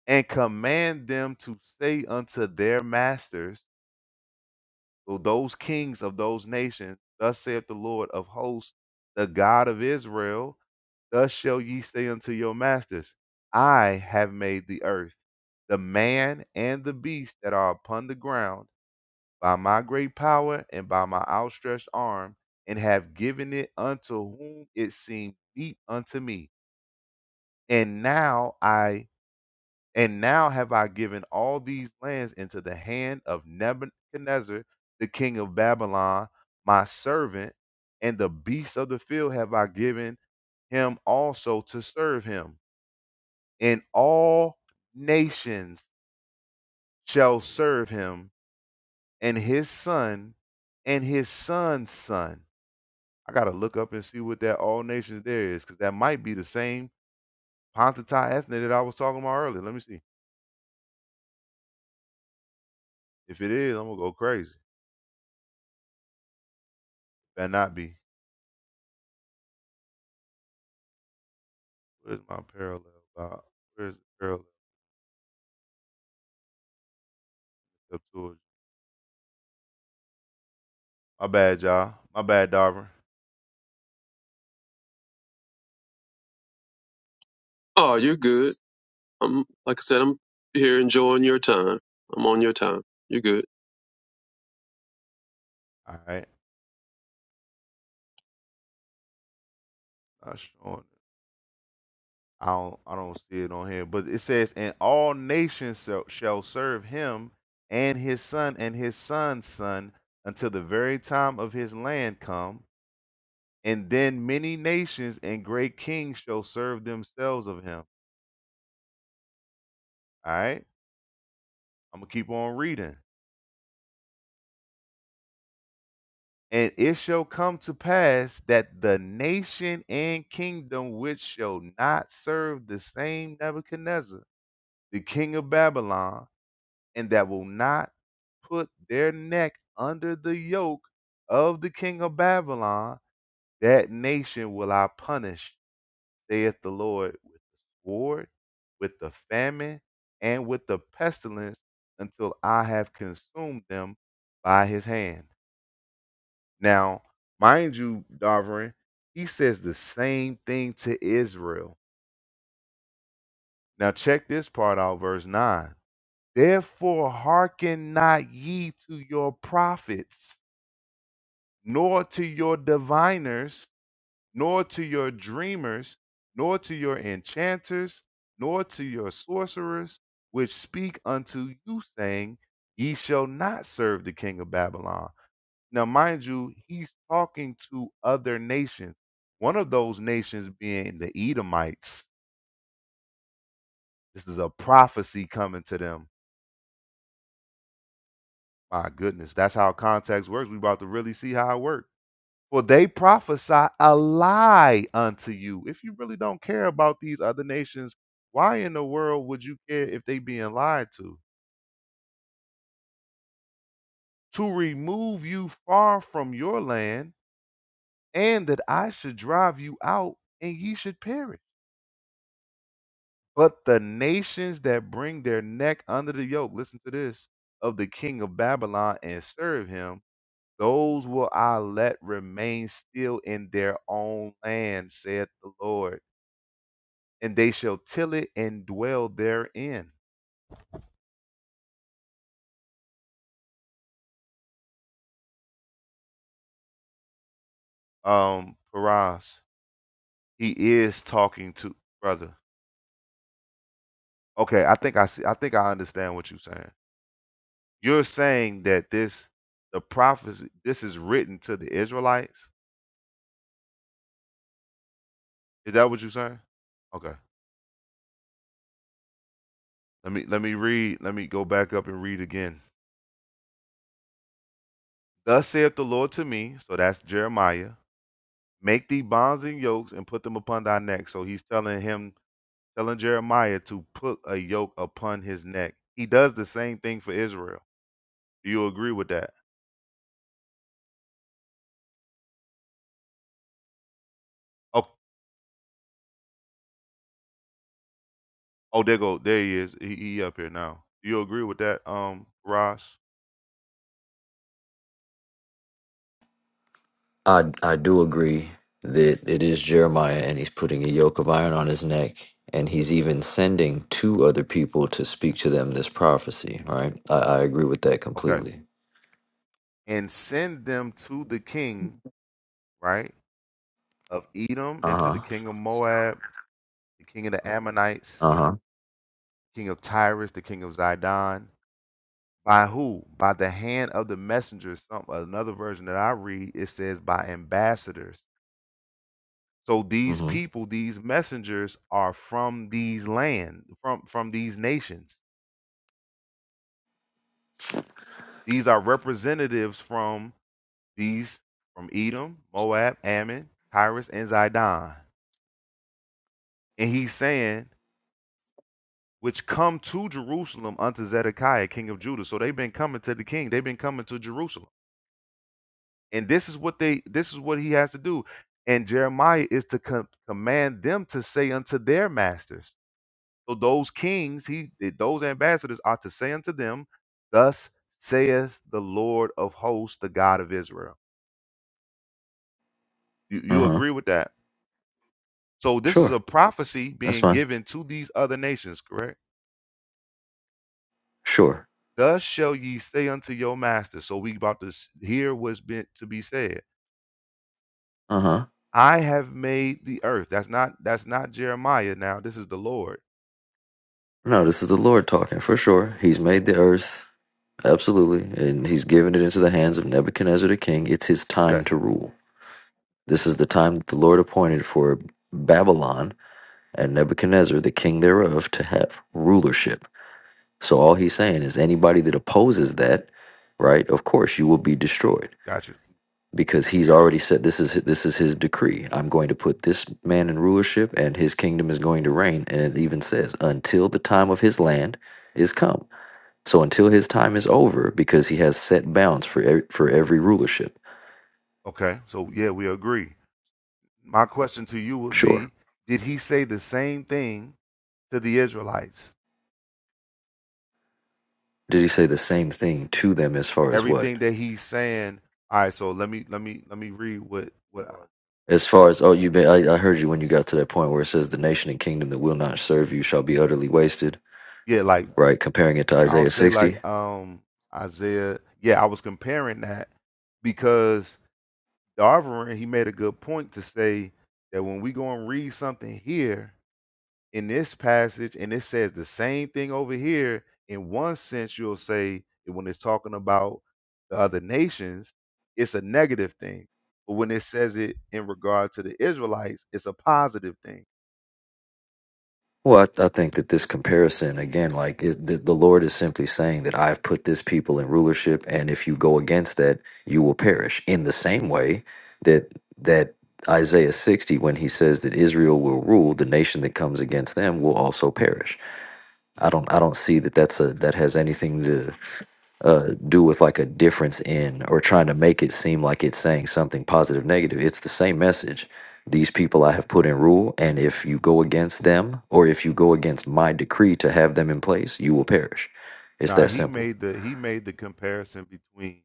Speaker 1: and command them to say unto their masters, to those kings of those nations, thus saith the Lord of hosts, the God of Israel, Thus shall ye say unto your masters, I have made the earth, the man and the beast that are upon the ground, by my great power and by my outstretched arm, and have given it unto whom it seemed meet unto me. And now I and now have I given all these lands into the hand of Nebuchadnezzar, the king of Babylon, my servant, and the beasts of the field have I given him also to serve him. and all nations shall serve him and his son and his son's son. I gotta look up and see what that all nations there is, because that might be the same Pontatai ethnic that I was talking about earlier. Let me see. If it is, I'm gonna go crazy. Better not be. Where's my parallel? About? Where's the parallel? Septuagint? My bad, y'all. My bad, Darvin.
Speaker 2: Oh, you're good. I'm like I said, I'm here enjoying your time. I'm on your time. You're good.
Speaker 1: All right. Not showing I don't I don't see it on here, but it says, "And all nations shall, shall serve him and his son and his son's son until the very time of his land come, and then many nations and great kings shall serve themselves of him." All right? I'm going to keep on reading. And it shall come to pass that the nation and kingdom which shall not serve the same Nebuchadnezzar, the king of Babylon, and that will not put their neck under the yoke of the king of Babylon, that nation will I punish, saith the Lord, with the sword, with the famine, and with the pestilence, until I have consumed them by his hand. Now, mind you, Darvin, he says the same thing to Israel. Now, check this part out, verse 9. Therefore, hearken not ye to your prophets nor to your diviners, nor to your dreamers, nor to your enchanters, nor to your sorcerers, which speak unto you, saying, Ye shall not serve the king of Babylon. Now, mind you, he's talking to other nations, one of those nations being the Edomites. This is a prophecy coming to them. My goodness, that's how context works. we about to really see how it works. For they prophesy a lie unto you. If you really don't care about these other nations, why in the world would you care if they being lied to? To remove you far from your land, and that I should drive you out, and ye should perish. But the nations that bring their neck under the yoke, listen to this, of the king of Babylon and serve him, those will I let remain still in their own land, saith the Lord and they shall till it and dwell therein. Um, Paraz, he is talking to brother. Okay, I think I see. I think I understand what you're saying. You're saying that this, the prophecy, this is written to the Israelites. Is that what you're saying? Okay. Let me let me read. Let me go back up and read again. Thus saith the Lord to me. So that's Jeremiah. Make thee bonds and yokes and put them upon thy neck. So he's telling him telling Jeremiah to put a yoke upon his neck. He does the same thing for Israel. Do you agree with that? Oh, oh, there go, there he is. He, he up here now. Do you agree with that, um, Ross?
Speaker 3: I I do agree that it is Jeremiah and he's putting a yoke of iron on his neck and he's even sending two other people to speak to them this prophecy, right? I, I agree with that
Speaker 1: Okay.
Speaker 3: completely.
Speaker 1: And send them to the king, right, of Edom and to the
Speaker 3: Uh-huh.
Speaker 1: king of Moab, the king of the Ammonites,
Speaker 3: Uh-huh.
Speaker 1: king of Tyrus, the king of Zidon. By who? By the hand of the messengers. Some another version that I read it says by ambassadors So these
Speaker 3: Mm-hmm.
Speaker 1: people, these messengers are from these land, from from these nations. These are representatives from these from Edom, Moab, Ammon, Tyrus, and Zidon. And he's saying, which come to Jerusalem unto Zedekiah, king of Judah. So they've been coming to the king. They've been coming to Jerusalem. And this is what they this is what he has to do. And Jeremiah is to com- command them to say unto their masters. So those kings, he those ambassadors are to say unto them, Thus saith the Lord of hosts, the God of Israel. You, you
Speaker 3: Uh-huh.
Speaker 1: agree with that? So this is
Speaker 3: Sure.
Speaker 1: a prophecy
Speaker 3: That's
Speaker 1: being
Speaker 3: fine.
Speaker 1: given to these other nations, correct?
Speaker 3: Sure.
Speaker 1: Thus shall ye say unto your master. So we about to s- hear what's been to be said.
Speaker 3: Uh-huh.
Speaker 1: I have made the earth. That's not that's not Jeremiah now. This is the Lord.
Speaker 3: No, this is the Lord talking for sure. He's made the earth. Absolutely. And he's given it into the hands of Nebuchadnezzar the king. It's his
Speaker 1: Okay,
Speaker 3: time to rule. This is the time that the Lord appointed for Babylon and Nebuchadnezzar, the king thereof, to have rulership. So all he's saying is anybody that opposes that, right? Of course, you will be destroyed
Speaker 1: got you.
Speaker 3: because he's already said this is this is his decree. I'm going to put this man in rulership, and his kingdom is going to reign. And it even says until the time of his land is come. So until his time is over, because he has set bounds for e- for every rulership.
Speaker 1: Okay. So yeah, we agree. My question to you would
Speaker 3: Sure.
Speaker 1: be, did he say the same thing to the Israelites.
Speaker 3: Did he say the same thing to them as far as what?
Speaker 1: Everything that he's saying. All right, so let me let me let me read what what I,
Speaker 3: As far as oh, you been I, I heard you when you got to that point where it says the nation and kingdom that will not serve you shall be utterly wasted,
Speaker 1: yeah like
Speaker 3: right? Comparing it to
Speaker 1: I'll
Speaker 3: Isaiah
Speaker 1: say
Speaker 3: sixty.
Speaker 1: like um Isaiah. Yeah, I was comparing that because Darvin he made a good point to say that when we go and read something here, in this passage and it says the same thing over here in one sense you'll say that when it's talking about the other nations it's a negative thing but when it says it in regard to the israelites it's a positive thing
Speaker 3: Well, I, I think that this comparison again, like is the, the Lord is simply saying that I've put this people in rulership, and if you go against that, you will perish. In the same way that that Isaiah sixty, when he says that Israel will rule, the nation that comes against them will also perish. I don't I don't see that that's a that has anything to uh, do with like a difference in or trying to make it seem like it's saying something positive, negative. It's the same message. These people I have put in rule, and if you go against them or if you go against my decree to have them in place, you will perish. It's
Speaker 1: now
Speaker 3: that
Speaker 1: he
Speaker 3: simple.
Speaker 1: made the he made the comparison between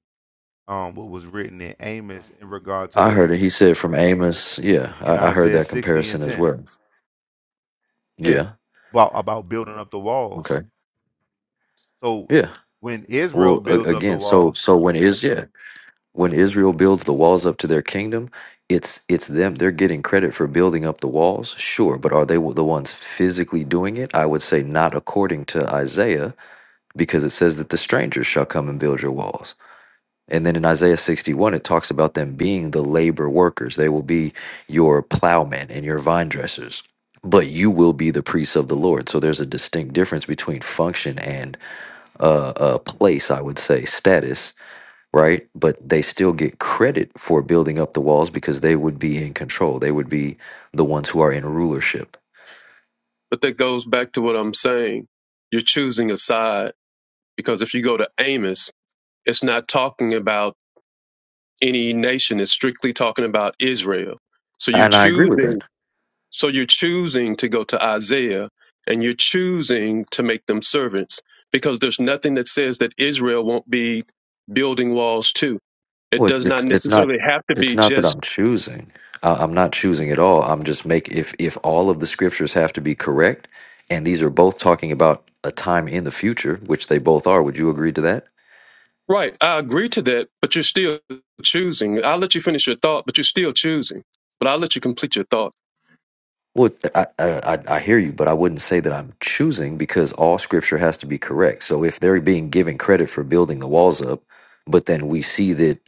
Speaker 1: um what was written in amos in regard to
Speaker 3: I
Speaker 1: the
Speaker 3: heard it. He said from Amos. Yeah,
Speaker 1: in
Speaker 3: I, I heard
Speaker 1: isaiah
Speaker 3: that
Speaker 1: 60 and
Speaker 3: comparison as
Speaker 1: 10
Speaker 3: well.
Speaker 1: yeah
Speaker 3: Yeah.
Speaker 1: about about building up the
Speaker 3: Okay.
Speaker 1: walls so
Speaker 3: Yeah.
Speaker 1: when israel
Speaker 3: Well, a-
Speaker 1: builds up the
Speaker 3: again, so
Speaker 1: walls
Speaker 3: so when is yeah. when Israel builds the walls up to their kingdom, it's it's them. They're getting credit for building up the walls, sure, but are they the ones physically doing it? I would say not according to Isaiah, because it says that the strangers shall come and build your walls. And then in Isaiah 61, it talks about them being the labor workers. They will be your plowmen and your vine dressers, but you will be the priests of the Lord. So there's a distinct difference between function and uh, uh, place, I would say, status right? But they still get credit for building up the walls because they would be in control. They would be the ones who are in rulership.
Speaker 2: But that goes back to what I'm saying. You're choosing a side Because if you go to Amos, it's not talking about any nation, it's strictly talking about Israel. So you're
Speaker 3: And I agree with
Speaker 2: choosing
Speaker 3: that.
Speaker 2: so you're choosing to go to Isaiah and you're choosing to make them servants because there's nothing that says that Israel won't be building walls too. It
Speaker 3: Well,
Speaker 2: does not
Speaker 3: it's it's not
Speaker 2: necessarily have to
Speaker 3: it's
Speaker 2: be
Speaker 3: not that
Speaker 2: just
Speaker 3: I'm choosing. I, I'm not choosing at all. I'm just make if if all of the scriptures have to be correct, and these are both talking about a time in the future, which they both are. Would you agree to that?
Speaker 2: right. I agree to that, but you're still choosing. I'll let you finish your thought, but you're still choosing. But I'll let you complete your thought.
Speaker 3: Well, I, I I hear you, but I wouldn't say that I'm choosing because all scripture has to be correct. So if they're being given credit for building the walls up, but then we see that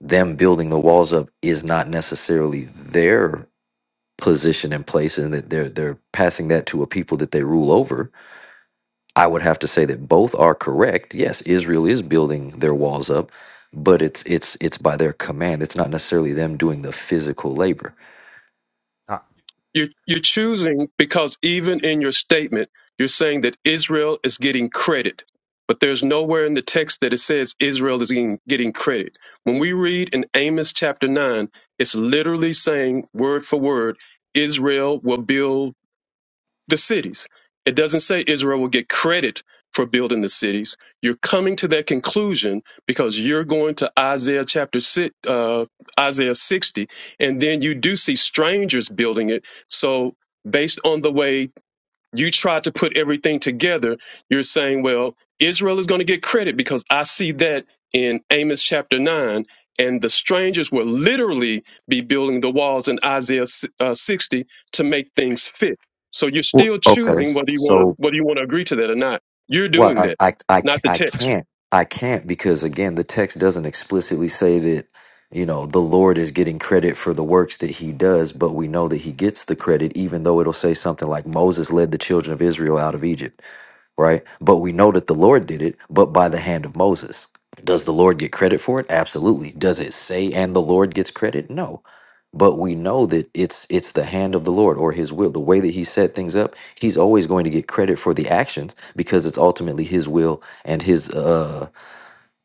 Speaker 3: them building the walls up is not necessarily their position and place, and that they're they're passing that to a people that they rule over, I would have to say that both are correct. Yes, Israel is building their walls up, but it's it's it's by their command. It's not necessarily them doing the physical labor.
Speaker 1: I,
Speaker 2: You're, you're choosing because even in your statement, you're saying that Israel is getting credit, but there's nowhere in the text that it says Israel is getting, getting credit. When we read in Amos chapter 9, it's literally saying, word for word, Israel will build the cities. It doesn't say Israel will get credit for building the cities. You're coming to that conclusion because you're going to Isaiah chapter six, uh, Isaiah 60, and then you do see strangers building it. So, based on the way you try to put everything together, you're saying, well, Israel is going to get credit because I see that in Amos chapter 9. And the strangers will literally be building the walls in Isaiah si- uh, 60 to make things fit. So you're
Speaker 3: Well,
Speaker 2: still
Speaker 3: okay,
Speaker 2: choosing
Speaker 3: so
Speaker 2: whether you want to whether you want to agree to that or not. You're
Speaker 3: well
Speaker 2: doing
Speaker 3: I,
Speaker 2: that,
Speaker 3: I, I,
Speaker 2: not the
Speaker 3: I can not I, I, I, c- I
Speaker 2: text.
Speaker 3: can't. I can't because, again, the text doesn't explicitly say that, you know, the Lord is getting credit for the works that he does, but we know that he gets the credit, even though it'll say something like Moses led the children of Israel out of Egypt right? But we know that the Lord did it, but by the hand of Moses. Does the Lord get credit for it? Absolutely. Does it say and the Lord gets credit? No. But we know that it's it's the hand of the Lord or his will. The way that he set things up, he's always going to get credit for the actions because it's ultimately his will and his uh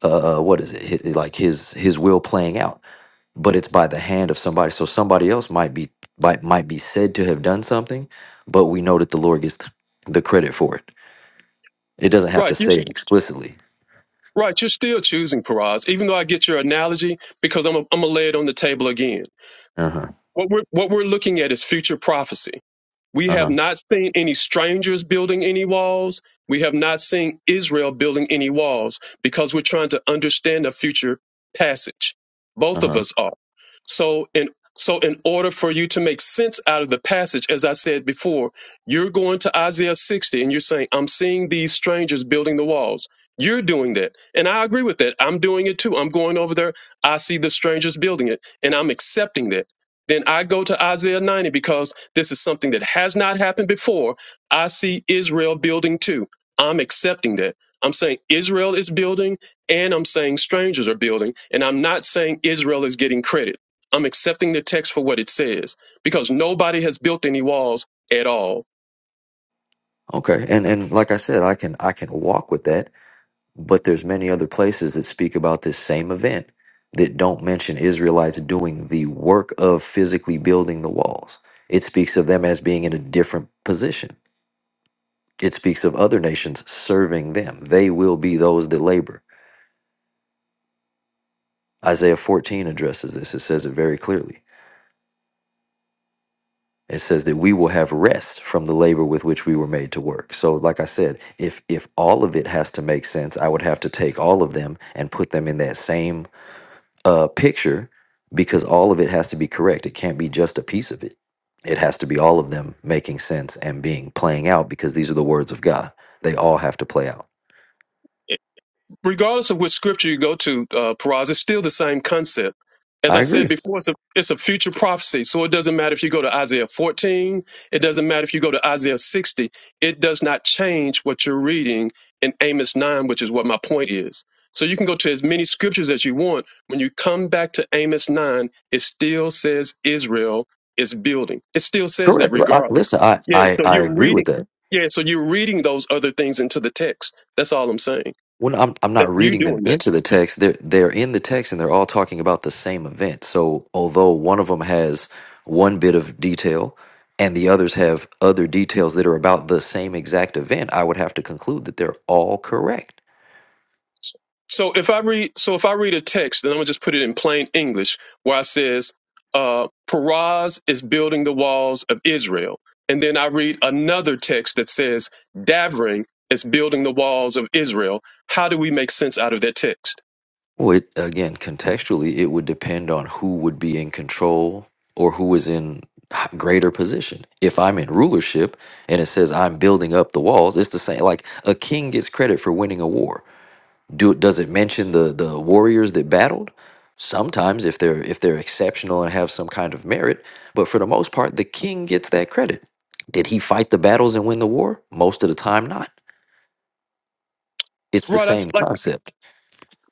Speaker 3: uh uh, what is it? Hi- like his his will playing out. But it's by the hand of somebody. So somebody else might be might might be said to have done something, but we know that the Lord gets the credit for it it doesn't have
Speaker 2: Right.
Speaker 3: to
Speaker 2: You're,
Speaker 3: say it explicitly.
Speaker 2: right. You're still choosing Paraz, even though I get your analogy because I'm i I'm gonna lay it on the table again.
Speaker 3: Uh huh.
Speaker 2: What we're what we're looking at is future prophecy We
Speaker 3: Uh
Speaker 2: have
Speaker 3: huh.
Speaker 2: not seen any strangers building any walls. We have not seen Israel building any walls because we're trying to understand the future passage.
Speaker 3: Uh
Speaker 2: Both of
Speaker 3: huh.
Speaker 2: us are. So in so in order for you to make sense out of the passage, as I said before, you're going to Isaiah 60 and you're saying, I'm seeing these strangers building the walls. You're doing that. And I agree with that. I'm doing it too. I'm going over there. I see the strangers building it and I'm accepting that. Then I go to Isaiah 90 because this is something that has not happened before. I see Israel building too. I'm accepting that. I'm saying Israel is building and I'm saying strangers are building. And I'm not saying Israel is getting credit. I'm accepting the text for what it says because nobody has built any walls at all.
Speaker 3: Okay. And and like I said, I can I can walk with that, but there's many other places that speak about this same event that don't mention Israelites doing the work of physically building the walls. It speaks of them as being in a different position. It speaks of other nations serving them. They will be those that labor. Isaiah 14 addresses this. It says it very clearly. It says that we will have rest from the labor with which we were made to work. So, like I said, if if all of it has to make sense, I would have to take all of them and put them in that same uh, picture because all of it has to be correct. It can't be just a piece of it. It has to be all of them making sense and being playing out because these are the words of God. They all have to play out.
Speaker 2: regardless of which scripture you go to, uh, Paraz, it's still the same concept. As
Speaker 3: I
Speaker 2: I
Speaker 3: agree.
Speaker 2: said before, it's a, it's a future prophecy. So it doesn't matter if you go to Isaiah 14, it doesn't matter if you go to Isaiah 60. It does not change what you're reading in Amos 9, which is what my point is. So you can go to as many scriptures as you want. When you come back to Amos 9, it still says Israel is building. It still says that
Speaker 3: Correct. L- I,
Speaker 2: regardless.
Speaker 3: listen, I,
Speaker 2: Yeah,
Speaker 3: I
Speaker 2: so
Speaker 3: I
Speaker 2: you're
Speaker 3: agree
Speaker 2: reading.
Speaker 3: with that.
Speaker 2: Yeah, so you're reading those other things into the text. That's all I'm saying.
Speaker 3: Well, I'm I'm not
Speaker 2: That's you
Speaker 3: reading them
Speaker 2: doing that.
Speaker 3: into the text. They're they're in the text, and they're all talking about the same event. So although one of them has one bit of detail, and the others have other details that are about the same exact event, I would have to conclude that they're all correct.
Speaker 2: So if I read, so if I read a text, then I'm gonna just put it in plain English, where it says, uh, "Paraz is building the walls of Israel," and then I read another text that says, Davring is building the walls of Israel." How do we make sense out of that text?
Speaker 3: Well, it, again, contextually, it would depend on who would be in control or who is in h- greater position. If I'm in rulership and it says I'm building up the walls, it's the same. Like a king gets credit for winning a war do does it mention the the warriors that battled sometimes if they're if they're exceptional and have some kind of merit but for the most part the king gets that credit did he fight the battles and win the war most of the time not it's the
Speaker 2: Right, that's
Speaker 3: same
Speaker 2: like
Speaker 3: concept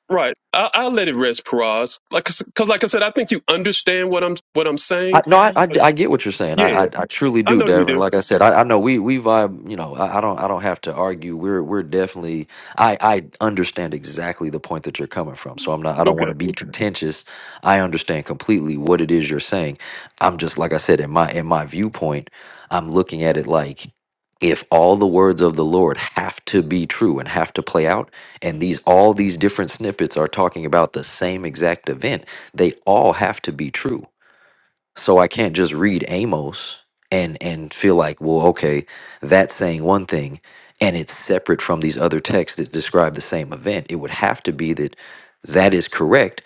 Speaker 2: right. I, I'll let it rest, Paraz. Like, cause like I said, I think you understand what I'm what I'm
Speaker 3: I,
Speaker 2: saying.
Speaker 3: no, I, I,
Speaker 2: But
Speaker 3: I get what you're saying.
Speaker 2: yeah,
Speaker 3: I, I, I truly
Speaker 2: I
Speaker 3: do,
Speaker 2: know you
Speaker 3: Devin.
Speaker 2: do.
Speaker 3: Like I said, I, I know we, we vibe. You know, I, I don't I don't have to argue. We're we're definitely. I, I understand exactly the point that you're coming from. So I'm not. I don't want
Speaker 2: Okay,
Speaker 3: to be contentious. I understand completely what it is you're saying. I'm just like I said in my in my viewpoint. I'm looking at it like if all the words of the Lord have to be true and have to play out, and these all these different snippets are talking about the same exact event, they all have to be true so I can't just read Amos and and feel like, well, okay, that's saying one thing and it's separate from these other texts that describe the same event. It would have to be that that is correct,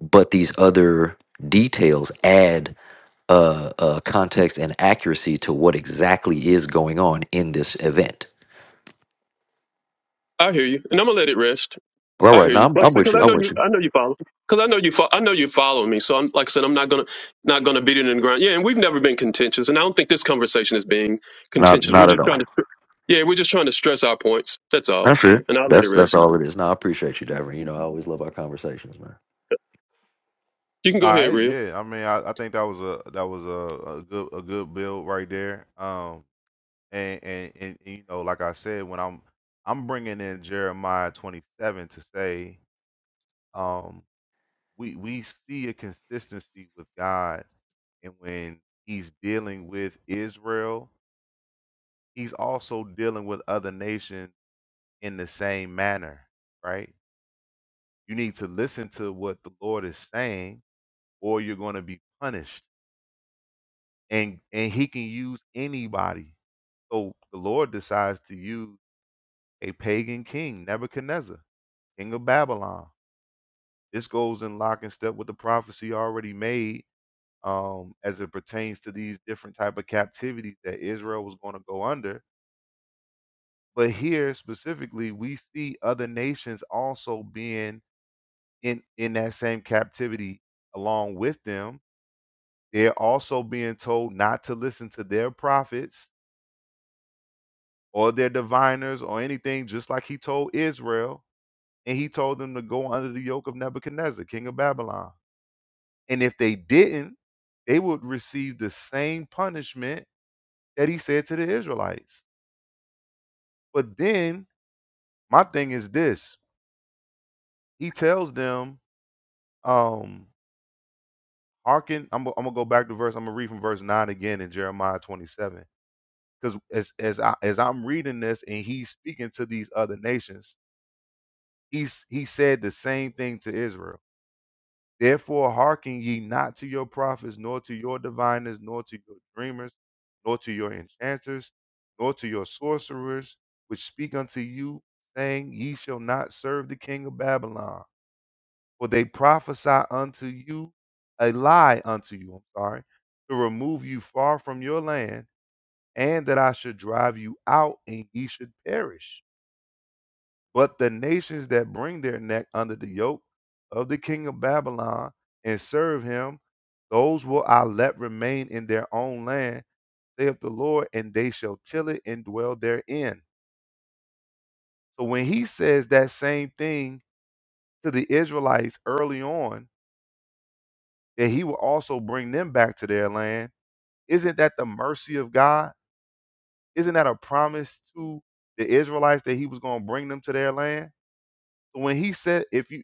Speaker 3: but these other details add uh, uh, context and accuracy to what exactly is going on in this event.
Speaker 2: I hear you, and I'm gonna let it rest.
Speaker 3: All
Speaker 2: I
Speaker 3: right,
Speaker 2: hear
Speaker 3: now
Speaker 2: you.
Speaker 3: I'm,
Speaker 2: Like I
Speaker 3: I'm
Speaker 2: said,
Speaker 3: with
Speaker 2: because
Speaker 3: you.
Speaker 2: I
Speaker 3: I'm
Speaker 2: know you,
Speaker 3: with you.
Speaker 2: I know you follow. Because I know you, fo- I know you follow me. So I'm, like I said, I'm not gonna, not gonna beat it in the ground. Yeah, and we've never been contentious, and I don't think this conversation is being
Speaker 3: Not
Speaker 2: contentious. We're
Speaker 3: not at
Speaker 2: just
Speaker 3: all.
Speaker 2: trying to, yeah, we're just trying to stress our points. That's all.
Speaker 3: That's it.
Speaker 2: And I'll let it
Speaker 3: That's that's
Speaker 2: rest.
Speaker 3: all it is. Now I appreciate you, Davin. You know I always love our conversations, man.
Speaker 2: You can
Speaker 1: All
Speaker 2: go ahead,
Speaker 1: right,
Speaker 2: real.
Speaker 1: yeah. I mean, I, I think that was a that was a, a good a good build right there. Um, and, and and and, you know, like I said, when I'm I'm bringing in Jeremiah 27 to say, um, we we see a consistency with God, and when He's dealing with Israel, He's also dealing with other nations in the same manner, right? You need to listen to what the Lord is saying, or you're going to be punished and and he can use anybody. So the Lord decides to use a pagan king, Nebuchadnezzar, king of Babylon. This goes in lock and step with the prophecy already made um, as it pertains to these different type of captivities that Israel was going to go under. But here specifically, we see other nations also being in in that same captivity along with them. They're also being told not to listen to their prophets or their diviners or anything, just like he told Israel. And he told them to go under the yoke of Nebuchadnezzar, king of Babylon. And if they didn't, they would receive the same punishment that he said to the Israelites. But then my thing is this he tells them, um, hearken, I'm, I'm gonna go back to verse, I'm gonna read from verse 9 again in Jeremiah 27. Because as as I as I'm reading this and he's speaking to these other nations, he's he said the same thing to Israel Therefore, hearken ye not to your prophets, nor to your diviners, nor to your dreamers, nor to your enchanters, nor to your sorcerers, which speak unto you, saying, Ye shall not serve the king of Babylon. For they prophesy unto you a lie unto you, I'm sorry, to remove you far from your land, and that I should drive you out, and ye should perish. But the nations that bring their neck under the yoke of the king of Babylon and serve him, those will I let remain in their own land, saith the Lord, and they shall till it and dwell therein. So when he says that same thing to the Israelites early on, that he will also bring them back to their land, isn't that the mercy of God? Isn't that a promise to the Israelites that he was going to bring them to their land? So When he said, if you,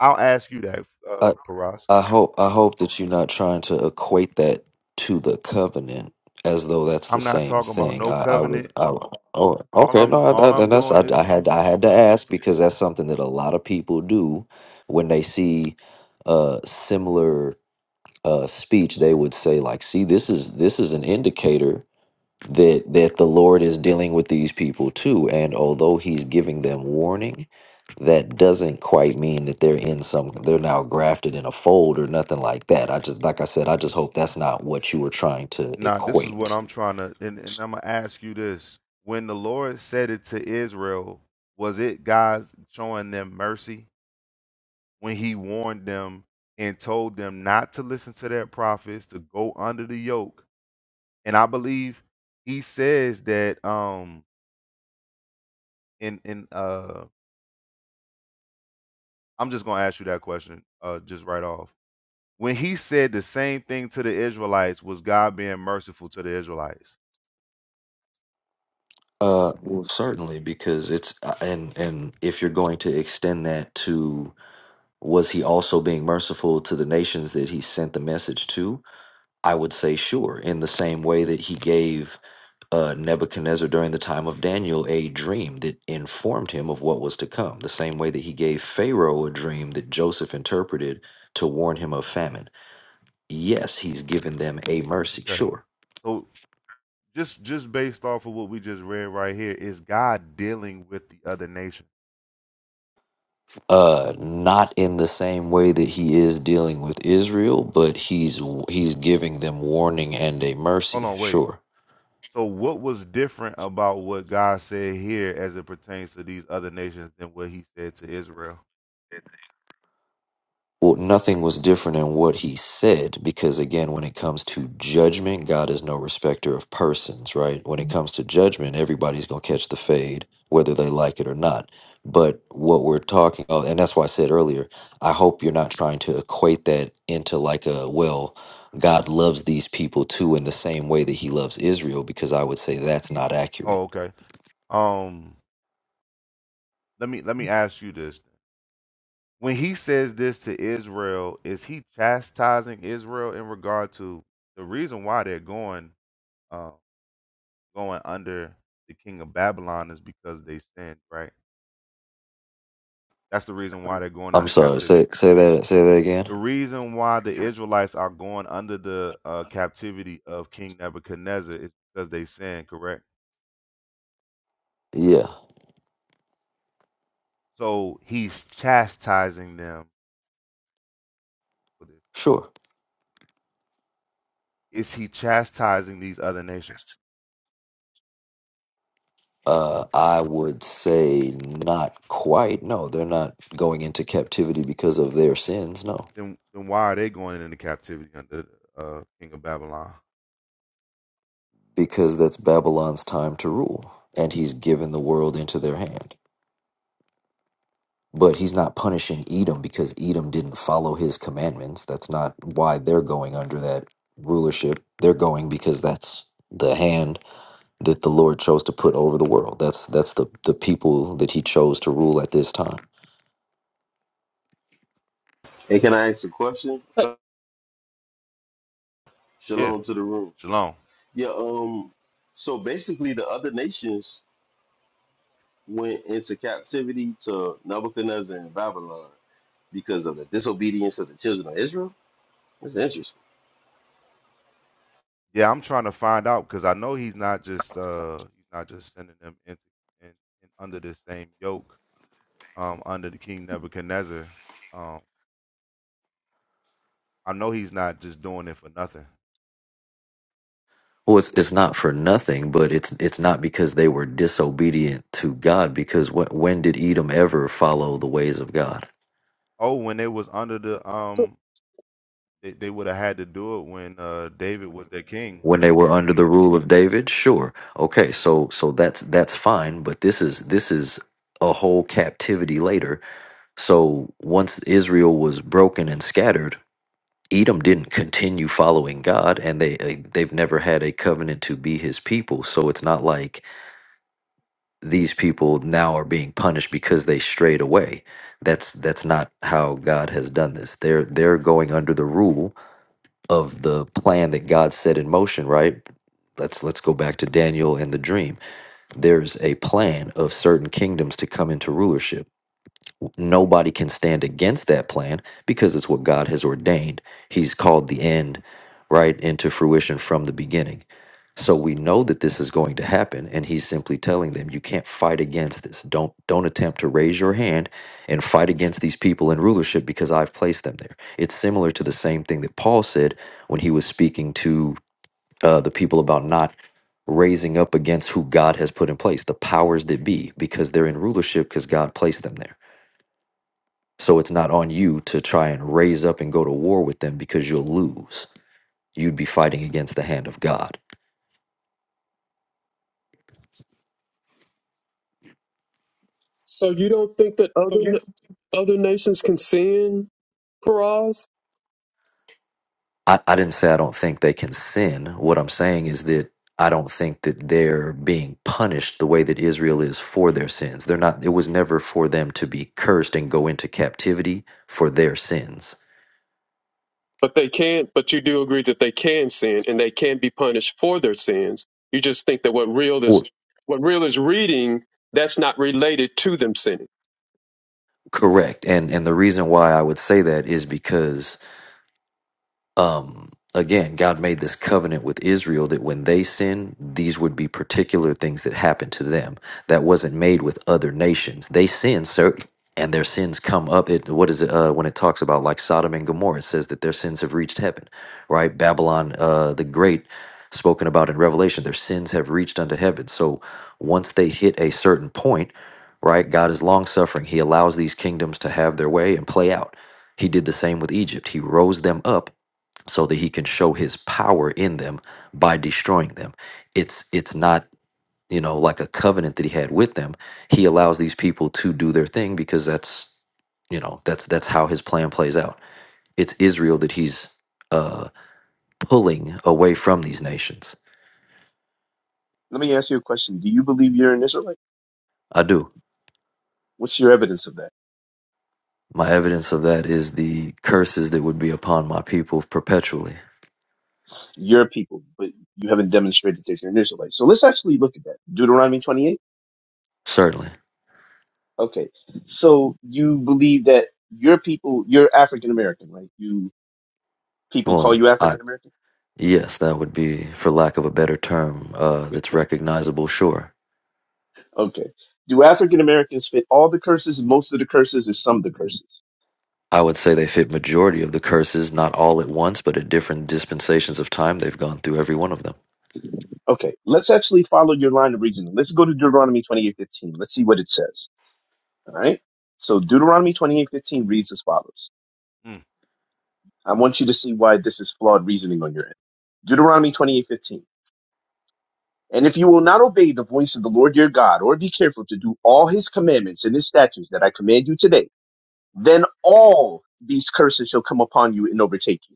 Speaker 1: I'll ask you that, uh, Paras
Speaker 3: I hope I hope that you're not trying to equate that to the covenant as though that's the
Speaker 1: I'm not
Speaker 3: same
Speaker 1: talking about
Speaker 3: thing.
Speaker 1: no
Speaker 3: I, I would.
Speaker 1: covenant.
Speaker 3: I, oh,
Speaker 1: All
Speaker 3: okay.
Speaker 1: I'm
Speaker 3: No, I, I,
Speaker 1: all I'm
Speaker 3: and that's
Speaker 1: doing
Speaker 3: I, I
Speaker 1: is
Speaker 3: had I had to ask because that's something that a lot of people do when they see uh, similar uh, speech. They would say like, "See, this is this is an indicator." that that the Lord is dealing with these people too and although he's giving them warning that doesn't quite mean that they're in some they're now grafted in a fold or nothing like that I just like I said I just hope that's not what you were trying to
Speaker 1: nah, this is what
Speaker 3: equate
Speaker 1: I'm trying to and, and I'm gonna ask you this. When the Lord said it to Israel, was it God showing them mercy when he warned them and told them not to listen to their prophets, to go under the yoke? And I believe he says that um in in uh I'm just gonna ask you that question uh just right off. When he said the same thing to the Israelites, was God being merciful to the Israelites?
Speaker 3: uh well certainly because it's uh, and and if you're going to extend that to was he also being merciful to the nations that he sent the message to I would say sure in the same way that he gave uh, Nebuchadnezzar during the time of Daniel a dream that informed him of what was to come, the same way that he gave Pharaoh a dream that Joseph interpreted to warn him of famine. Yes, he's given them a mercy,
Speaker 1: Okay.
Speaker 3: sure.
Speaker 1: So just just based off of what we just read right here, is God dealing with the other nation?
Speaker 3: Uh, not in the same way that he is dealing with Israel, but he's he's giving them warning and a
Speaker 1: Hold
Speaker 3: mercy,
Speaker 1: on, wait.
Speaker 3: sure.
Speaker 1: So what was different about what God said here as it pertains to these other nations than what he said to Israel?
Speaker 3: well, nothing was different in what he said because again when it comes to judgment god is no respecter of persons right when it comes to judgment everybody's going to catch the fade whether they like it or not but what we're talking about and that's why i said earlier i hope you're not trying to equate that into like a well god loves these people too in the same way that he loves israel because i would say that's not accurate
Speaker 1: Oh, okay. Um let me let me ask you this. When he says this to Israel, is he chastising Israel in regard to the reason why they're going uh, going under the king of Babylon is because they sinned, right? That's the reason why they're going
Speaker 3: I'm
Speaker 1: into
Speaker 3: sorry.
Speaker 1: captivity.
Speaker 3: Say say that say that again.
Speaker 1: The reason why the Israelites are going under the uh, captivity of King Nebuchadnezzar is because they sin, correct?
Speaker 3: Yeah,
Speaker 1: So he's chastising them. for this.
Speaker 3: sure.
Speaker 1: Is he chastising these other nations?
Speaker 3: Uh, I would say not quite. No, they're not going into captivity because of their sins. No,
Speaker 1: Then, then why are they going into captivity under the uh, King of Babylon?
Speaker 3: because that's Babylon's time to rule, and he's given the world into their hand. But he's not punishing Edom because Edom didn't follow his commandments. That's not why they're going under that rulership. They're going because that's the hand that the Lord chose to put over the world. That's that's the, the people that he chose to rule at this time.
Speaker 4: Hey, can I ask a question?
Speaker 1: Yeah,
Speaker 4: Shalom to the room.
Speaker 1: shalom.
Speaker 4: Yeah, um, so basically the other nations went into captivity to Nebuchadnezzar and Babylon because of the disobedience of the children of Israel. That's interesting.
Speaker 1: Yeah, I'm trying to find out because I know he's not just uh, he's not just sending them into in, in under this same yoke um, under the King Nebuchadnezzar. Um, I know he's not just doing it for nothing.
Speaker 3: Well, it's, it's not for nothing, but it's it's not because they were disobedient to God. Because wh- when did Edom ever follow the ways of God?
Speaker 1: Oh, when they was under the
Speaker 2: So,
Speaker 1: um, they, they would have had to do it when uh David was their king.
Speaker 3: when they were under the rule of David? Sure. Okay, so so that's that's fine, but this is this is a whole captivity later. So once Israel was broken and scattered, Edom didn't continue following God and they eh, they've never had a covenant to be his people. So it's not like these people now are being punished because they strayed away. That's that's not how God has done this. They're they're going under the rule of the plan that God set in motion, right? Let's let's go back to Daniel and the dream. There's a plan of certain kingdoms to come into rulership Nobody can stand against that plan because it's what God has ordained. He's called the end right into fruition from the beginning. So we know that this is going to happen and he's simply telling them you can't fight against this. Don't don't attempt to raise your hand and fight against these people in rulership because I've placed them there. It's similar to the same thing that Paul said when he was speaking to uh, the people about not raising up against who God has put in place, the powers that be, because they're in rulership because God placed them there. So it's not on you to try and raise up and go to war with them because you'll lose. You'd be fighting against the hand of God.
Speaker 2: so you don't think that other, na- other nations can sin, Paraz?
Speaker 3: I, I didn't say I don't think they can sin. What I'm saying is that I don't think that they're being punished the way that Israel is for their sins. They're not, it was never for them to be cursed and go into captivity for their sins.
Speaker 2: But they can't. But you do agree that they can sin, and they can be punished for their sins. You just think that what real
Speaker 3: Or,
Speaker 2: is, what real is reading, that's not related to them sinning.
Speaker 3: correct. And, and the reason why I would say that is because um again god made this covenant with israel that when they sin these would be particular things that happened to them that wasn't made with other nations they sin sir and their sins come up it what is it uh, when it talks about like sodom and gomorrah it says that their sins have reached heaven right babylon uh the great spoken about in revelation their sins have reached unto heaven so once they hit a certain point right god is long suffering he allows these kingdoms to have their way and play out he did the same with egypt he rose them up so that he can show his power in them by destroying them. It's it's not, you know, like a covenant that he had with them. He allows these people to do their thing because that's, you know, that's that's how his plan plays out. It's Israel that he's uh pulling away from these nations.
Speaker 5: Let me ask you a question. Do you believe you're an Israelite?
Speaker 3: I do.
Speaker 5: What's your evidence of that?
Speaker 3: My evidence of that is the curses that would be upon my people perpetually.
Speaker 5: You're a people, but you haven't demonstrated that you're an Israelite. So let's actually look at that. Deuteronomy 28.
Speaker 3: Certainly.
Speaker 5: Okay. So you believe that your people, you're African American, right? You people call
Speaker 3: Well,
Speaker 5: you
Speaker 3: I
Speaker 5: African American?
Speaker 3: yes, that would be for lack of a better term, uh that's recognizable, sure
Speaker 5: Okay. Do African Americans fit all the curses, most of the curses, or some of the curses?
Speaker 3: I would say they fit majority of the curses, not all at once, but at different dispensations of time. They've gone through every one of them.
Speaker 5: Okay. Let's actually follow your line of reasoning. Let's go to Deuteronomy 28:15. Let's see what it says. All right. So Deuteronomy 28:15 reads as follows.
Speaker 1: Mm.
Speaker 5: I want you to see why this is flawed reasoning on your end. Deuteronomy 28:15. And if you will not obey the voice of the Lord your God, or be careful to do all his commandments and his statutes that I command you today, then all these curses shall come upon you and overtake you.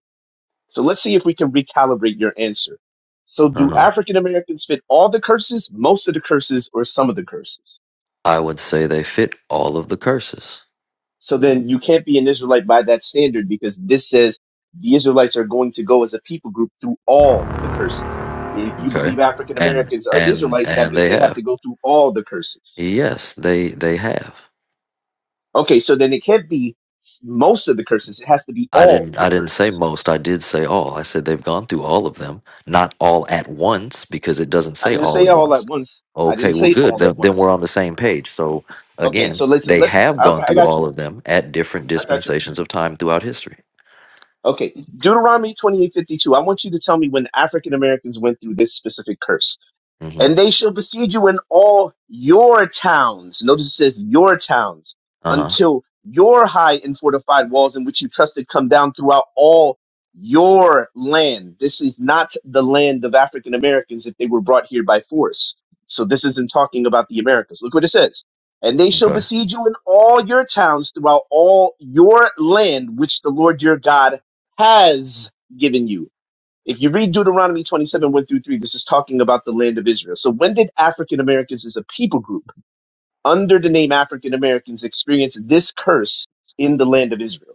Speaker 5: So let's see if we can recalibrate your answer. So do
Speaker 3: Uh-huh.
Speaker 5: African Americans fit all the curses, most of the curses, or some of the curses?
Speaker 3: I would say they fit all of the curses,
Speaker 5: So then you can't be an Israelite by that standard because this says the Israelites are going to go as a people group through all the curses. If you
Speaker 3: Okay.
Speaker 5: believe African
Speaker 3: and
Speaker 5: Americans are
Speaker 3: and
Speaker 5: Israelites, that
Speaker 3: and
Speaker 5: means
Speaker 3: they
Speaker 5: they have
Speaker 3: have.
Speaker 5: to go through all the curses.
Speaker 3: Yes, they they have.
Speaker 5: Okay, so then it can't be most of the curses. It has to be
Speaker 3: I
Speaker 5: all
Speaker 3: didn't
Speaker 5: the
Speaker 3: I didn't say
Speaker 5: curses.
Speaker 3: most. I did say all. I said they've gone through all of them, not all at once, because it doesn't
Speaker 5: I
Speaker 3: say
Speaker 5: didn't
Speaker 3: all
Speaker 5: say
Speaker 3: at
Speaker 5: all
Speaker 3: once.
Speaker 5: at once. I
Speaker 3: Okay,
Speaker 5: didn't
Speaker 3: well,
Speaker 5: say
Speaker 3: good.
Speaker 5: all
Speaker 3: Then,
Speaker 5: at
Speaker 3: then we're
Speaker 5: once.
Speaker 3: on the same page. So
Speaker 5: Okay,
Speaker 3: again,
Speaker 5: so let's
Speaker 3: they
Speaker 5: let's
Speaker 3: have
Speaker 5: okay,
Speaker 3: gone
Speaker 5: I
Speaker 3: through
Speaker 5: got
Speaker 3: all
Speaker 5: you.
Speaker 3: of them at different
Speaker 5: I got you.
Speaker 3: dispensations of time throughout history.
Speaker 5: Okay. Deuteronomy twenty eight fifty two. I want you to tell me when African Americans went through this specific curse.
Speaker 3: Mhm.
Speaker 5: And they shall besiege you in all your towns. Notice it says your towns
Speaker 3: Uh-huh.
Speaker 5: until your high and fortified walls in which you trusted come down throughout all your land. This is not the land of African Americans if they were brought here by force. So this isn't talking about the Americas. Look what it says. And they shall
Speaker 3: Okay.
Speaker 5: besiege you in all your towns throughout all your land, which the Lord your God has given you if you read Deuteronomy 27, 1 through 3, this is talking about the land of Israel. So when did African Americans as a people group under the name African Americans experience this curse in the land of Israel?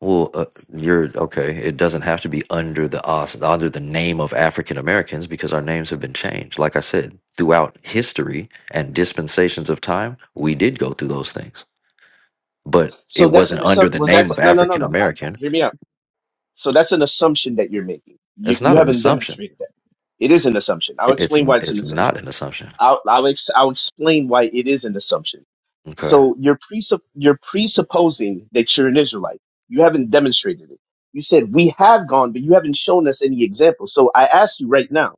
Speaker 3: Well, uh, you're okay. It doesn't have to be under the os under the name of African Americans because our names have been changed. Like I said, throughout history and dispensations of time, we did go through those things. But it
Speaker 5: So that's an
Speaker 3: wasn't under
Speaker 5: assumption.
Speaker 3: the
Speaker 5: Well,
Speaker 3: name
Speaker 5: that's
Speaker 3: of
Speaker 5: no, no, no,
Speaker 3: African
Speaker 5: no. I, I-
Speaker 3: American.
Speaker 5: hear me out. So that's an assumption that you're making. You,
Speaker 3: It's
Speaker 5: you
Speaker 3: not an
Speaker 5: haven't
Speaker 3: assumption.
Speaker 5: demonstrated that. It is an assumption. I'll
Speaker 3: It- It's
Speaker 5: explain why it's an
Speaker 3: it's
Speaker 5: assumption.
Speaker 3: not an assumption.
Speaker 5: I'll, I'll, ex- I'll explain why it is an assumption.
Speaker 3: Okay.
Speaker 5: So you're, presupp- you're presupposing that you're an Israelite. You haven't demonstrated it. You said, we have gone, but you haven't shown us any examples. So I ask you right now,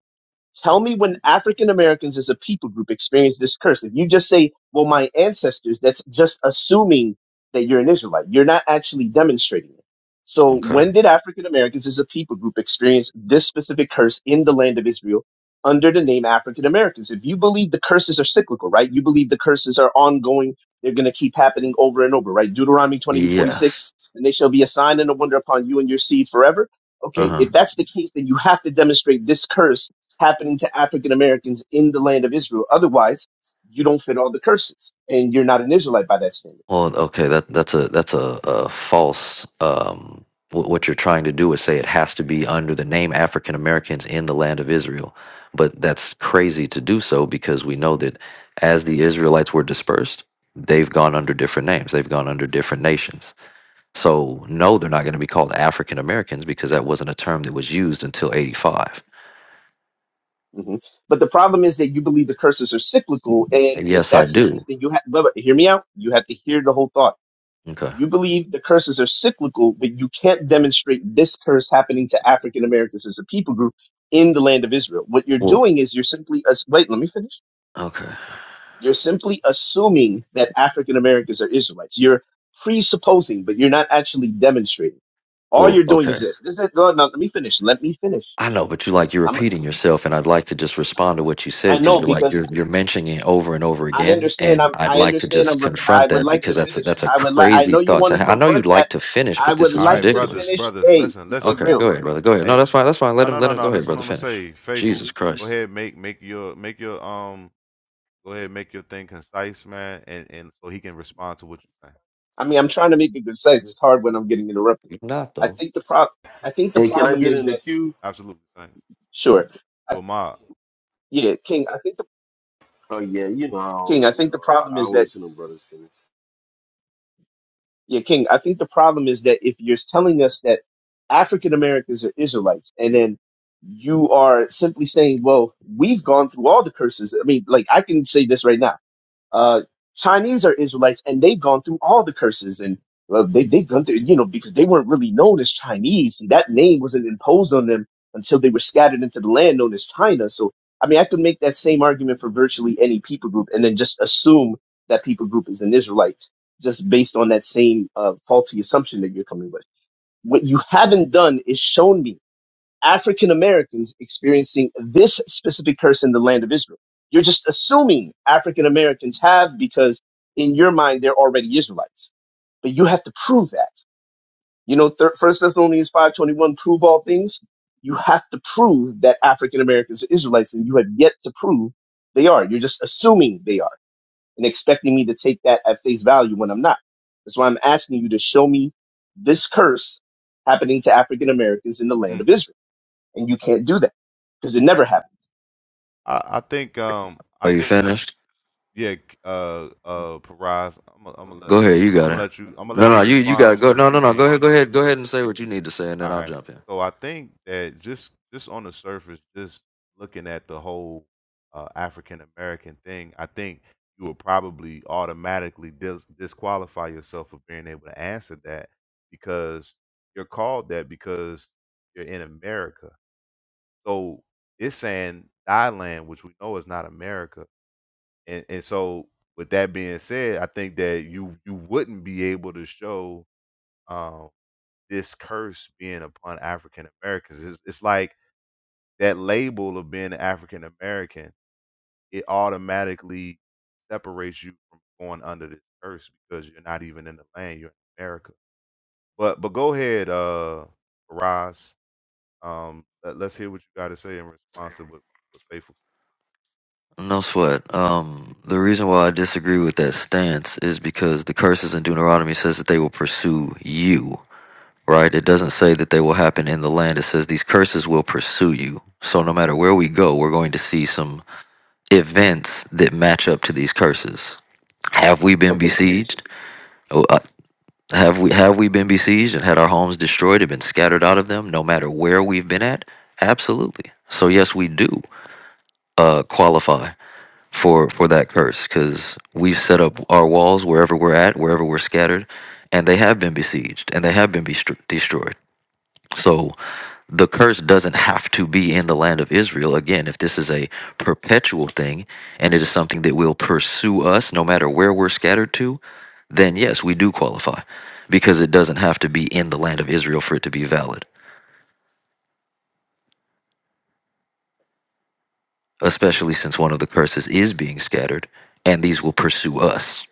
Speaker 5: Tell me when African Americans as a people group experience this curse. If you just say, well, my ancestors, that's just assuming that you're an Israelite. You're not actually demonstrating it. So
Speaker 3: Okay.
Speaker 5: when did African Americans as a people group experience this specific curse in the land of Israel under the name African Americans? If you believe the curses are cyclical, right? You believe the curses are ongoing. They're going to keep happening over and over, right? Deuteronomy twenty-eight forty-six:
Speaker 3: Yes.
Speaker 5: and they shall be a sign and a wonder upon you and your seed forever. Okay. If that's the case, then you have to demonstrate this curse happening to African Americans in the land of Israel. Otherwise, you don't fit all the curses, and you're not an Israelite by that standard.
Speaker 3: Well, okay, that that's a that's a, a false. Um, wh- what you're trying to do is say it has to be under the name African Americans in the land of Israel, but that's crazy to do so because we know that as the Israelites were dispersed, they've gone under different names, they've gone under different nations. So no, they're not going to be called African Americans because that wasn't a term that was used until '85.
Speaker 5: hmm But the problem is that you believe the curses are cyclical, and if
Speaker 3: Yes, I
Speaker 5: that's the case,
Speaker 3: do.
Speaker 5: then you have. But but hear me out. You have to hear the whole thought.
Speaker 3: Okay.
Speaker 5: You believe the curses are cyclical, but you can't demonstrate this curse happening to African Americans as a people group in the land of Israel. What you're
Speaker 3: Well,
Speaker 5: doing is you're simply as wait. Let me finish.
Speaker 3: okay.
Speaker 5: You're simply assuming that African Americans are Israelites. You're presupposing, but you're not actually demonstrating. All
Speaker 3: Well,
Speaker 5: you're doing
Speaker 3: okay.
Speaker 5: is this. This is no, no, let me finish. Let me finish.
Speaker 3: I know, but you like you're
Speaker 5: I'm
Speaker 3: repeating yourself, and I'd like to just respond to what you said
Speaker 5: I
Speaker 3: because
Speaker 5: know
Speaker 3: you're like
Speaker 5: because
Speaker 3: you're you're mentioning it over and over
Speaker 5: I
Speaker 3: again,
Speaker 5: understand
Speaker 3: and
Speaker 5: I'm
Speaker 3: I'd
Speaker 5: I
Speaker 3: like to
Speaker 5: understand I'm
Speaker 3: just
Speaker 5: rep- I
Speaker 3: confront
Speaker 5: would
Speaker 3: that
Speaker 5: like to
Speaker 3: because that's a,
Speaker 5: finish.
Speaker 3: that's a
Speaker 5: I would like I
Speaker 3: crazy
Speaker 5: know you
Speaker 3: thought
Speaker 5: want
Speaker 3: to.
Speaker 5: to
Speaker 3: have. I know you'd
Speaker 5: confront that.
Speaker 3: like to finish,
Speaker 5: I
Speaker 3: but
Speaker 5: would
Speaker 3: this
Speaker 1: All
Speaker 3: is
Speaker 1: right,
Speaker 5: like to
Speaker 1: brothers,
Speaker 3: ridiculous.
Speaker 5: finish
Speaker 1: brothers,
Speaker 5: a
Speaker 1: listen,
Speaker 5: a
Speaker 1: listen.
Speaker 3: Okay,
Speaker 5: real.
Speaker 3: go ahead, brother. Go ahead. No,
Speaker 1: Hey,
Speaker 3: that's fine. That's fine.
Speaker 1: no,
Speaker 3: Let him
Speaker 1: no,
Speaker 3: let
Speaker 1: no,
Speaker 3: him go
Speaker 1: no. This
Speaker 3: ahead,
Speaker 1: is what
Speaker 3: brother.
Speaker 1: I'm gonna
Speaker 3: Finish.
Speaker 1: say, faithful.
Speaker 3: Jesus
Speaker 1: Go
Speaker 3: Christ,
Speaker 1: ahead, make make your make your um. Go ahead, make your thing concise, man, and and so he can respond to what you're saying.
Speaker 5: I mean, I'm trying to make it concise. It's hard when I'm getting interrupted.
Speaker 3: you're not
Speaker 5: I
Speaker 3: though.
Speaker 5: think the problem I think the
Speaker 4: Hey, can I
Speaker 5: problem
Speaker 4: get
Speaker 5: is
Speaker 4: in the
Speaker 5: that
Speaker 4: queue?
Speaker 1: Absolutely, saying
Speaker 5: sure. I,
Speaker 1: your mob.
Speaker 5: yeah, King, I think the
Speaker 4: Oh yeah, you know, I
Speaker 5: King, I
Speaker 4: don't- you
Speaker 5: think the
Speaker 4: know,
Speaker 5: problem
Speaker 4: I, I
Speaker 5: is that
Speaker 4: always hear them brothers finish.
Speaker 5: Yeah, King, I think the problem is that if you're telling us that African Americans are Israelites, and then you are simply saying, well, we've gone through all the curses. I mean, like, I can say this right now uh, Chinese are Israelites, and they've gone through all the curses, and well, they they've gone through, you know, because they weren't really known as Chinese. and that name wasn't imposed on them until they were scattered into the land known as China. So, I mean, I could make that same argument for virtually any people group, and then just assume that people group is an Israelite, just based on that same uh, faulty assumption that you're coming with. What you haven't done is shown me African Americans experiencing this specific curse in the land of Israel. You're just assuming African Americans have because in your mind they're already Israelites. But you have to prove that. You know, thir- 1 Thessalonians 5.21, prove all things. You have to prove that African Americans are Israelites, and you have yet to prove they are. You're just assuming they are and expecting me to take that at face value when I'm not. That's why I'm asking you to show me this curse happening to African Americans in the land
Speaker 1: Mm.
Speaker 5: of Israel and you can't do that because it never happened.
Speaker 1: I I think um I
Speaker 3: Are you
Speaker 1: think the
Speaker 3: finished?
Speaker 1: yeah uh uh Paraz. I'm gonna I'm gonna let
Speaker 3: Go ahead. You
Speaker 1: I'm
Speaker 3: got
Speaker 1: gonna
Speaker 3: it.
Speaker 1: let you I'm gonna
Speaker 3: No,
Speaker 1: let you
Speaker 3: no, you you got to
Speaker 1: respond
Speaker 3: go.
Speaker 1: too,
Speaker 3: No, no, no.
Speaker 1: King.
Speaker 3: Go ahead. Go ahead. Go ahead and say what you need to say, and then
Speaker 1: All
Speaker 3: I'll
Speaker 1: right.
Speaker 3: jump in.
Speaker 1: So I think that just just on the surface, just looking at the whole uh, African American thing, I think you would probably automatically dis- disqualify yourself for being able to answer that because you're called that because you're in America. So it's saying thy land, which we know is not America, and and so with that being said, I think that you you wouldn't be able to show. um, this curse being upon African Americans. It's, it's like that label of being African American, it automatically separates you from going under this curse because you're not even in the land, you're in America. But but go ahead, uh Raz. Um let, us hear what you gotta say in response to what, what Faithful
Speaker 3: No sweat. Um, the reason why I disagree with that stance is because the curses in Deuteronomy says that they will pursue you, right? It doesn't say that they will happen in the land. It says these curses will pursue you. So no matter where we go, we're going to see some events that match up to these curses. Have we been
Speaker 5: Okay, so,
Speaker 3: besieged? Oh, uh, Have we have we been besieged and had our homes destroyed and been scattered out of them? No matter where we've been at, absolutely. So yes, we do uh, qualify for for that curse because we've set up our walls wherever we're at wherever we're scattered and they have been besieged and they have been bestro destroyed so the curse doesn't have to be in the land of israel again if this is a perpetual thing and it is something that will pursue us no matter where we're scattered to then yes we do qualify because it doesn't have to be in the land of israel for it to be valid especially since one of the curses is being scattered and these will pursue us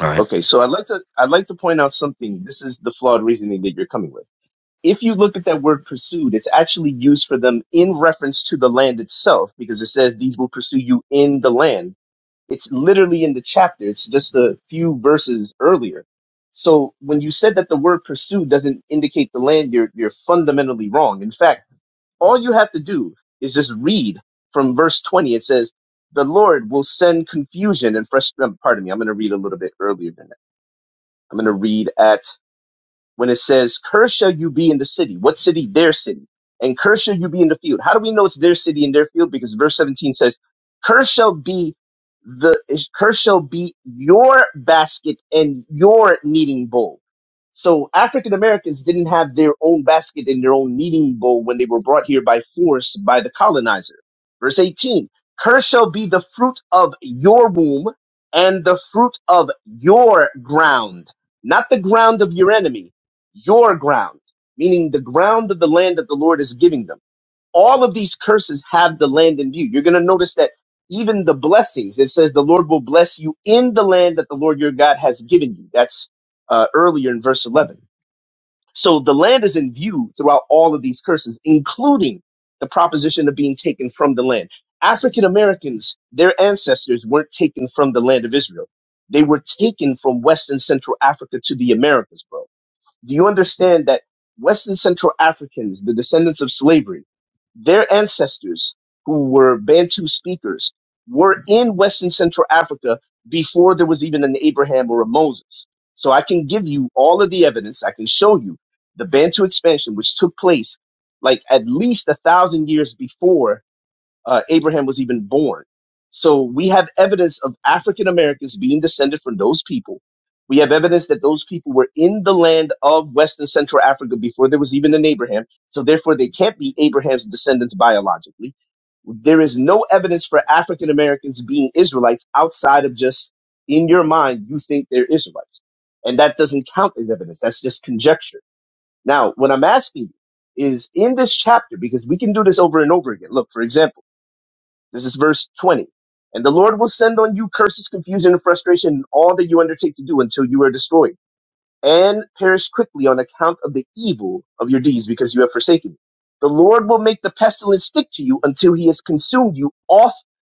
Speaker 3: all right
Speaker 5: okay. So I'd like to I'd like to point out something. This is the flawed reasoning that you're coming with. If you look at that word pursued, it's actually used for them in reference to the land itself because it says these will pursue you in the land. It's literally in the chapter. It's just a few verses earlier. So when you said that the word pursue doesn't indicate the land, you're you're fundamentally wrong. In fact all you have to do is just read from verse 20. It says, The Lord will send confusion and frustration. Pardon me, I'm going to read a little bit earlier than that. I'm going to read at when it says, Cursed shall you be in the city. What city? Their city. And cursed shall you be in the field. How do we know it's their city and their field? Because verse 17 says, Cursed shall be the cursed shall be your basket and your kneading bowl. So African Americans didn't have their own basket and their own kneading bowl when they were brought here by force by the colonizer. Verse 18, cursed shall be the fruit of your womb and the fruit of your ground, not the ground of your enemy your ground, meaning the ground of the land that the Lord is giving them. All of these curses have the land in view. You're going to notice that even the blessings, it says the Lord will bless you in the land that the Lord your God has given you. That's uh, earlier in verse 11. So the land is in view throughout all of these curses, including the proposition of being taken from the land. African Americans, their ancestors weren't taken from the land of Israel. They were taken from Western Central Africa to the Americas, bro do you understand that Western Central Africans, the descendants of slavery, their ancestors who were Bantu speakers were in Western Central Africa before there was even an Abraham or a Moses. So I can give you all of the evidence. I can show you the Bantu expansion, which took place like at least a thousand years before uh, Abraham was even born. So we have evidence of African Americans being descended from those people. We have evidence that those people were in the land of West and Central Africa before there was even an Abraham. So therefore, they can't be Abraham's descendants biologically. There is no evidence for African Americans being Israelites outside of just in your mind, you think they're Israelites. And that doesn't count as evidence. That's just conjecture. Now, what I'm asking you is in this chapter, because we can do this over and over again. Look, for example, this is verse 20. And the Lord will send on you curses, confusion, and frustration in all that you undertake to do until you are destroyed and perish quickly on account of the evil of your deeds because you have forsaken me. The Lord will make the pestilence stick to you until he has consumed you off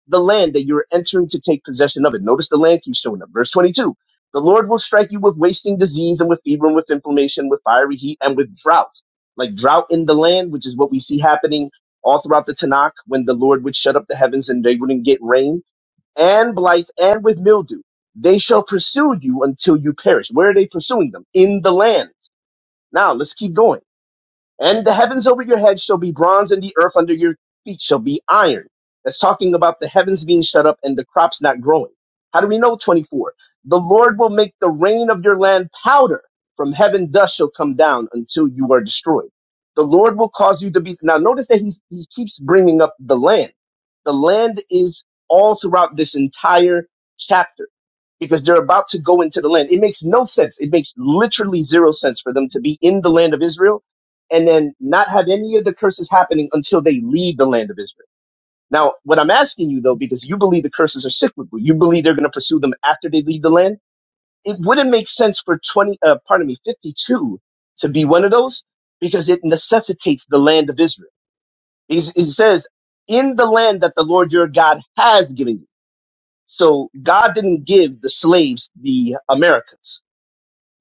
Speaker 5: the land that you're entering to take possession of it. Notice the land keeps showing up. Verse 22. The Lord will strike you with wasting disease and with fever and with inflammation, with fiery heat and with drought. Like drought in the land, which is what we see happening all throughout the Tanakh when the Lord would shut up the heavens and they wouldn't get rain and blight and with mildew. They shall pursue you until you perish. Where are they pursuing them? In the land. Now let's keep going. And the heavens over your head shall be bronze, and the earth under your feet shall be iron. That's talking about the heavens being shut up and the crops not growing. How do we know? 24. The Lord will make the rain of your land powder. From heaven dust shall come down until you are destroyed. The Lord will cause you to be. Now, notice that he's, he keeps bringing up the land. The land is all throughout this entire chapter because they're about to go into the land. It makes no sense. It makes literally zero sense for them to be in the land of Israel and then not have any of the curses happening until they leave the land of Israel. Now, what I'm asking you though, because you believe the curses are cyclical, you believe they're going to pursue them after they leave the land. It wouldn't make sense for 20, uh, pardon me, 52 to be one of those because it necessitates the land of Israel. It, it says, in the land that the Lord your God has given you. So God didn't give the slaves the Americas.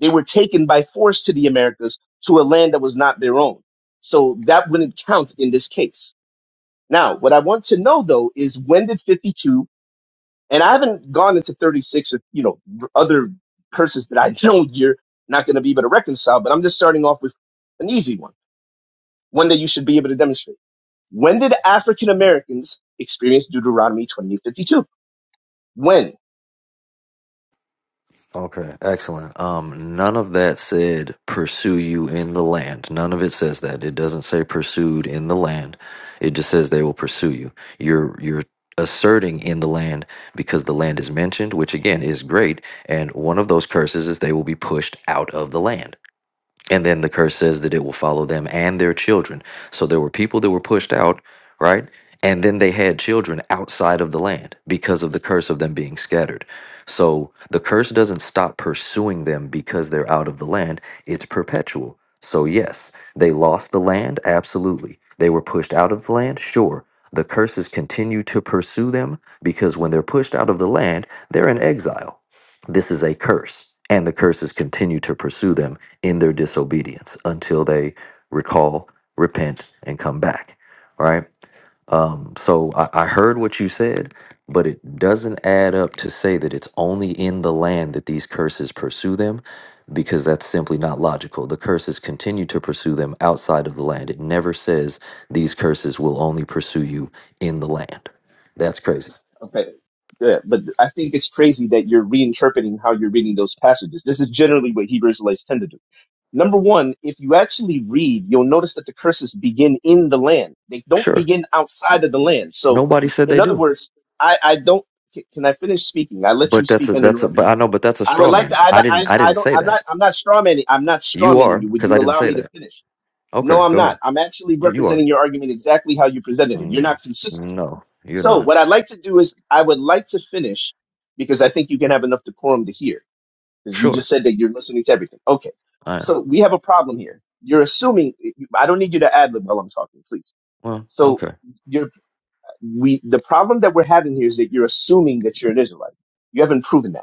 Speaker 5: They were taken by force to the Americas to a land that was not their own. So that wouldn't count in this case. Now, what I want to know though is when did 52, and I haven't gone into 36 or, you know, r- other curses that I know you're not going to be able to reconcile, but I'm just starting off with an easy one, one that you should be able to demonstrate. When did African Americans experience Deuteronomy 28:52? When?
Speaker 3: Okay, excellent. Um, none of that said pursue you in the land. None of it says that. It doesn't say pursued in the land. It just says they will pursue you. You're you're asserting in the land because the land is mentioned, which again is great. And one of those curses is they will be pushed out of the land. And then the curse says that it will follow them and their children. So there were people that were pushed out, right? And then they had children outside of the land because of the curse of them being scattered. So the curse doesn't stop pursuing them because they're out of the land, it's perpetual. So, yes, they lost the land, absolutely. They were pushed out of the land, sure. The curses continue to pursue them because when they're pushed out of the land, they're in exile. This is a curse, and the curses continue to pursue them in their disobedience until they recall, repent, and come back. All Right? Um, so I, I heard what you said, but it doesn't add up to say that it's only in the land that these curses pursue them, because that's simply not logical. The curses continue to pursue them outside of the land. It never says these curses will only pursue you in the land. That's crazy.
Speaker 5: Okay. Yeah, but I think it's crazy that you're reinterpreting how you're reading those passages. This is generally what Hebrew Israelites tend to do. Number one, if you actually read, you'll notice that the curses begin in the land. They don't
Speaker 3: Sure.
Speaker 5: begin outside of the land. So,
Speaker 3: Nobody said they
Speaker 5: in other
Speaker 3: do.
Speaker 5: words, I, I don't. Can can I finish speaking? I let you
Speaker 3: But that's
Speaker 5: speak
Speaker 3: a that's a but
Speaker 5: uninterrupted.
Speaker 3: I know, but that's a
Speaker 5: I would
Speaker 3: straw
Speaker 5: like
Speaker 3: man.
Speaker 5: to. I,
Speaker 3: I
Speaker 5: I,
Speaker 3: didn't I
Speaker 5: I
Speaker 3: didn't
Speaker 5: don't.
Speaker 3: say
Speaker 5: I'm not.
Speaker 3: that.
Speaker 5: I'm not strawmanning. I'm not
Speaker 3: You are
Speaker 5: strawmanning you. Would
Speaker 3: because I
Speaker 5: you
Speaker 3: didn't
Speaker 5: allow
Speaker 3: say
Speaker 5: me to
Speaker 3: that.
Speaker 5: finish? No,
Speaker 3: Okay,
Speaker 5: I'm
Speaker 3: go ahead.
Speaker 5: not. I'm actually
Speaker 3: You you are.
Speaker 5: representing your argument exactly how you presented it. You're
Speaker 3: Mm,
Speaker 5: not consistent.
Speaker 3: no, you're
Speaker 5: So
Speaker 3: not.
Speaker 5: what I'd like to do is I would like to finish because I think you can have enough decorum to hear because you
Speaker 3: Sure,
Speaker 5: just said that you're listening to everything. Okay.
Speaker 3: I am.
Speaker 5: So we have a problem here. You're assuming I don't need you to ad lib while I'm talking, please.
Speaker 3: Well,
Speaker 5: So
Speaker 3: okay.
Speaker 5: you're we the problem that we're having here is that you're assuming that you're an Israelite. You haven't proven that.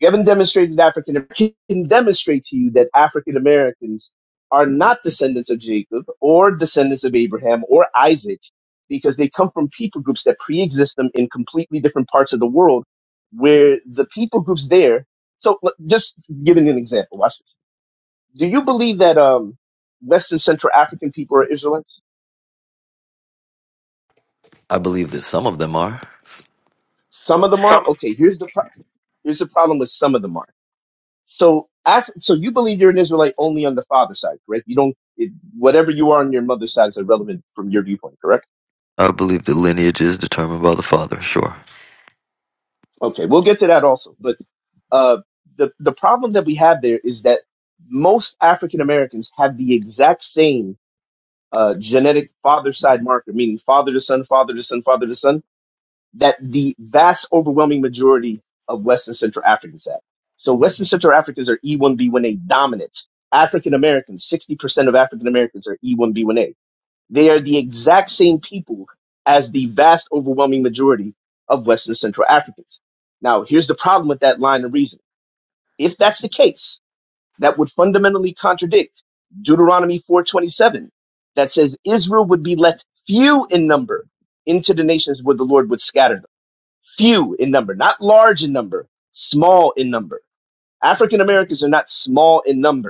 Speaker 5: Gavin demonstrated African Americans can demonstrate to you that African Americans are not descendants of Jacob or descendants of Abraham or Isaac because they come from people groups that pre-exist them in completely different parts of the world where the people groups there so l- just giving an example watch this do you believe that um west central african people are israelites
Speaker 3: I believe that some of them are.
Speaker 5: some of them are okay here's the pro- here's the problem with some of them are So after, so you believe you're an Israelite only on the father's side, correct? You don't it, whatever you are on your mother's side is irrelevant from your viewpoint, correct?
Speaker 3: I believe that lineage is determined by the father. Sure,
Speaker 5: Okay, we'll get to that also. But uh, the the problem that we have there is that most African Americans have the exact same uh, genetic father side marker, meaning father to son, father to son, father to son, that the vast overwhelming majority of West and Central Africans have. So West and Central Africans are E1B1A dominant. African Americans, 60% of African Americans are E1B1A They are the exact same people as the vast overwhelming majority of Western Central Africans. Now, here's the problem with that line of reasoning. If that's the case, that would fundamentally contradict Deuteronomy 427 that says Israel would be left few in number into the nations where the Lord would scatter them. Few in number, not large in number, small in number. African Americans are not small in number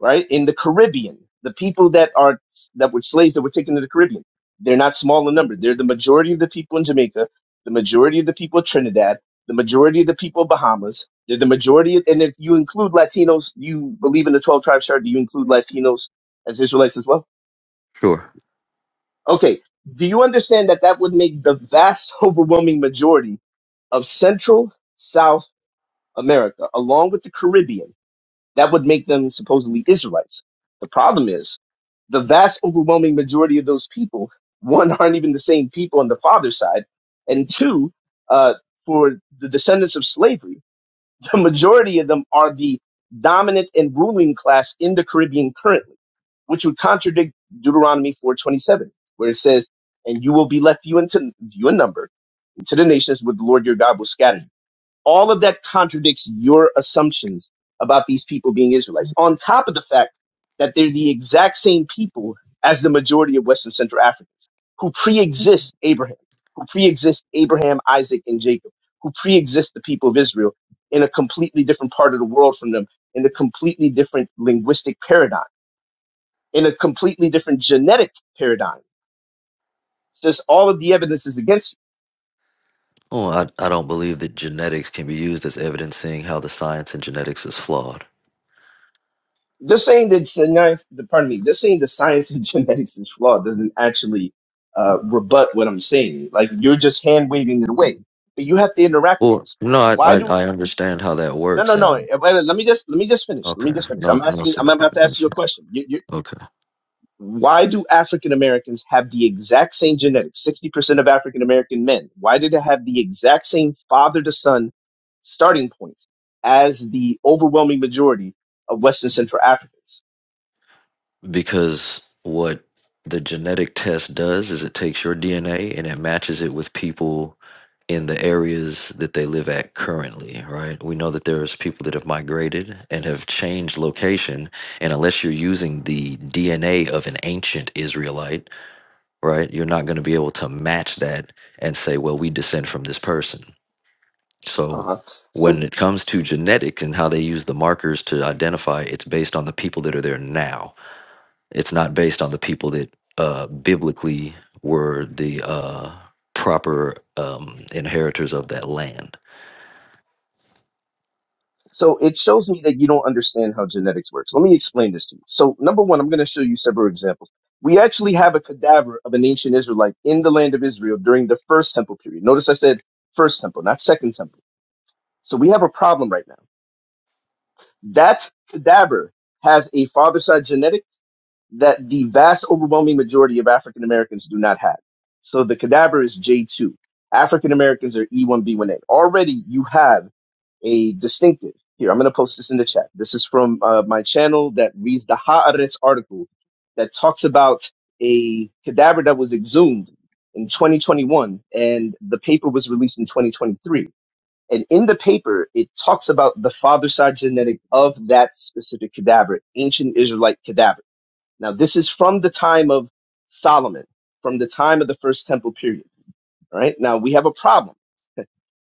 Speaker 5: right? In the Caribbean, the people that are that were slaves that were taken to the Caribbean, they're not small in number. They're the majority of the people in Jamaica, the majority of the people in Trinidad, the majority of the people in Bahamas. They're the majority, of, and if you include Latinos, you believe in the twelve tribes chart. Do you include Latinos as Israelites as well?
Speaker 3: sure.
Speaker 5: Okay. Do you understand that that would make the vast, overwhelming majority of Central South America, along with the Caribbean, that would make them supposedly Israelites. The problem is the vast overwhelming majority of those people, one, aren't even the same people on the father's side, and two, uh, for the descendants of slavery, the majority of them are the dominant and ruling class in the Caribbean currently, which would contradict Deuteronomy 4:27, where it says, "And you will be left few into you in number into the nations where the Lord your God will scatter you." all of that contradicts your assumptions about these people being Israelites. On top of the fact that they're the exact same people as the majority of Western Central Africans who pre-exist Abraham, who pre-exist Abraham, Isaac, and Jacob, who pre-exist the people of Israel in a completely different part of the world from them, in a completely different linguistic paradigm, in a completely different genetic paradigm. Just all of the evidence is against
Speaker 3: Well, I I don't believe that genetics can be used as evidence, seeing how the science in genetics is flawed.
Speaker 5: this thing that science, pardon me, this thing that science and genetics is flawed doesn't actually uh, rebut what I'm saying. Like you're just hand waving it away. But you have to interact with
Speaker 3: Well,
Speaker 5: those
Speaker 3: no,
Speaker 5: points.
Speaker 3: I I,
Speaker 5: Why do
Speaker 3: I understand how that
Speaker 5: no, no,
Speaker 3: works,
Speaker 5: no? eh,
Speaker 3: and
Speaker 5: Wait, wait, let me just let me just finish. Let
Speaker 3: okay,
Speaker 5: me just finish.
Speaker 3: no
Speaker 5: I'm
Speaker 3: no
Speaker 5: asking. I'm
Speaker 3: sweat,
Speaker 5: about
Speaker 3: brother,
Speaker 5: to
Speaker 3: no
Speaker 5: ask you a
Speaker 3: sweat.
Speaker 5: question. You, you,
Speaker 3: Okay.
Speaker 5: why do African Americans have the exact same genetics? Sixty percent of African American men. Why do they have the exact same father to son starting point as the overwhelming majority of Western Central Africans?
Speaker 3: because what the genetic test does is it takes your DNA and it matches it with people in the areas that they live at currently, right? We know that there's people that have migrated and have changed location, and unless you're using the DNA of an ancient Israelite, right, you're not going to be able to match that and say, well, we descend from this person.
Speaker 5: Uh
Speaker 3: So
Speaker 5: huh. So
Speaker 3: when it comes to genetics and how they use the markers to identify, it's based on the people that are there now it's not based on the people that uh, biblically were the uh, proper um, inheritors of that land.
Speaker 5: So it shows me that you don't understand how genetics works. Let me explain this to you. So number one, I'm going to show you several examples. We actually have a cadaver of an ancient Israelite in the land of Israel during the first temple period. Notice I said first temple, not second temple. So we have a problem right now. That cadaver has a father side genetic that the vast overwhelming majority of African Americans do not have. So the cadaver is J2. African Americans are E1B1A. Already you have a distinctive. Here, I'm going to post this in the chat. This is from uh, my channel that reads the Haaretz article that talks about a cadaver that was exhumed in 2021 and the paper was released in 2023. And in the paper, it talks about the father side genetic of that specific cadaver, ancient Israelite cadaver. Now, this is from the time of Solomon, from the time of the first temple period. All right. Now, we have a problem.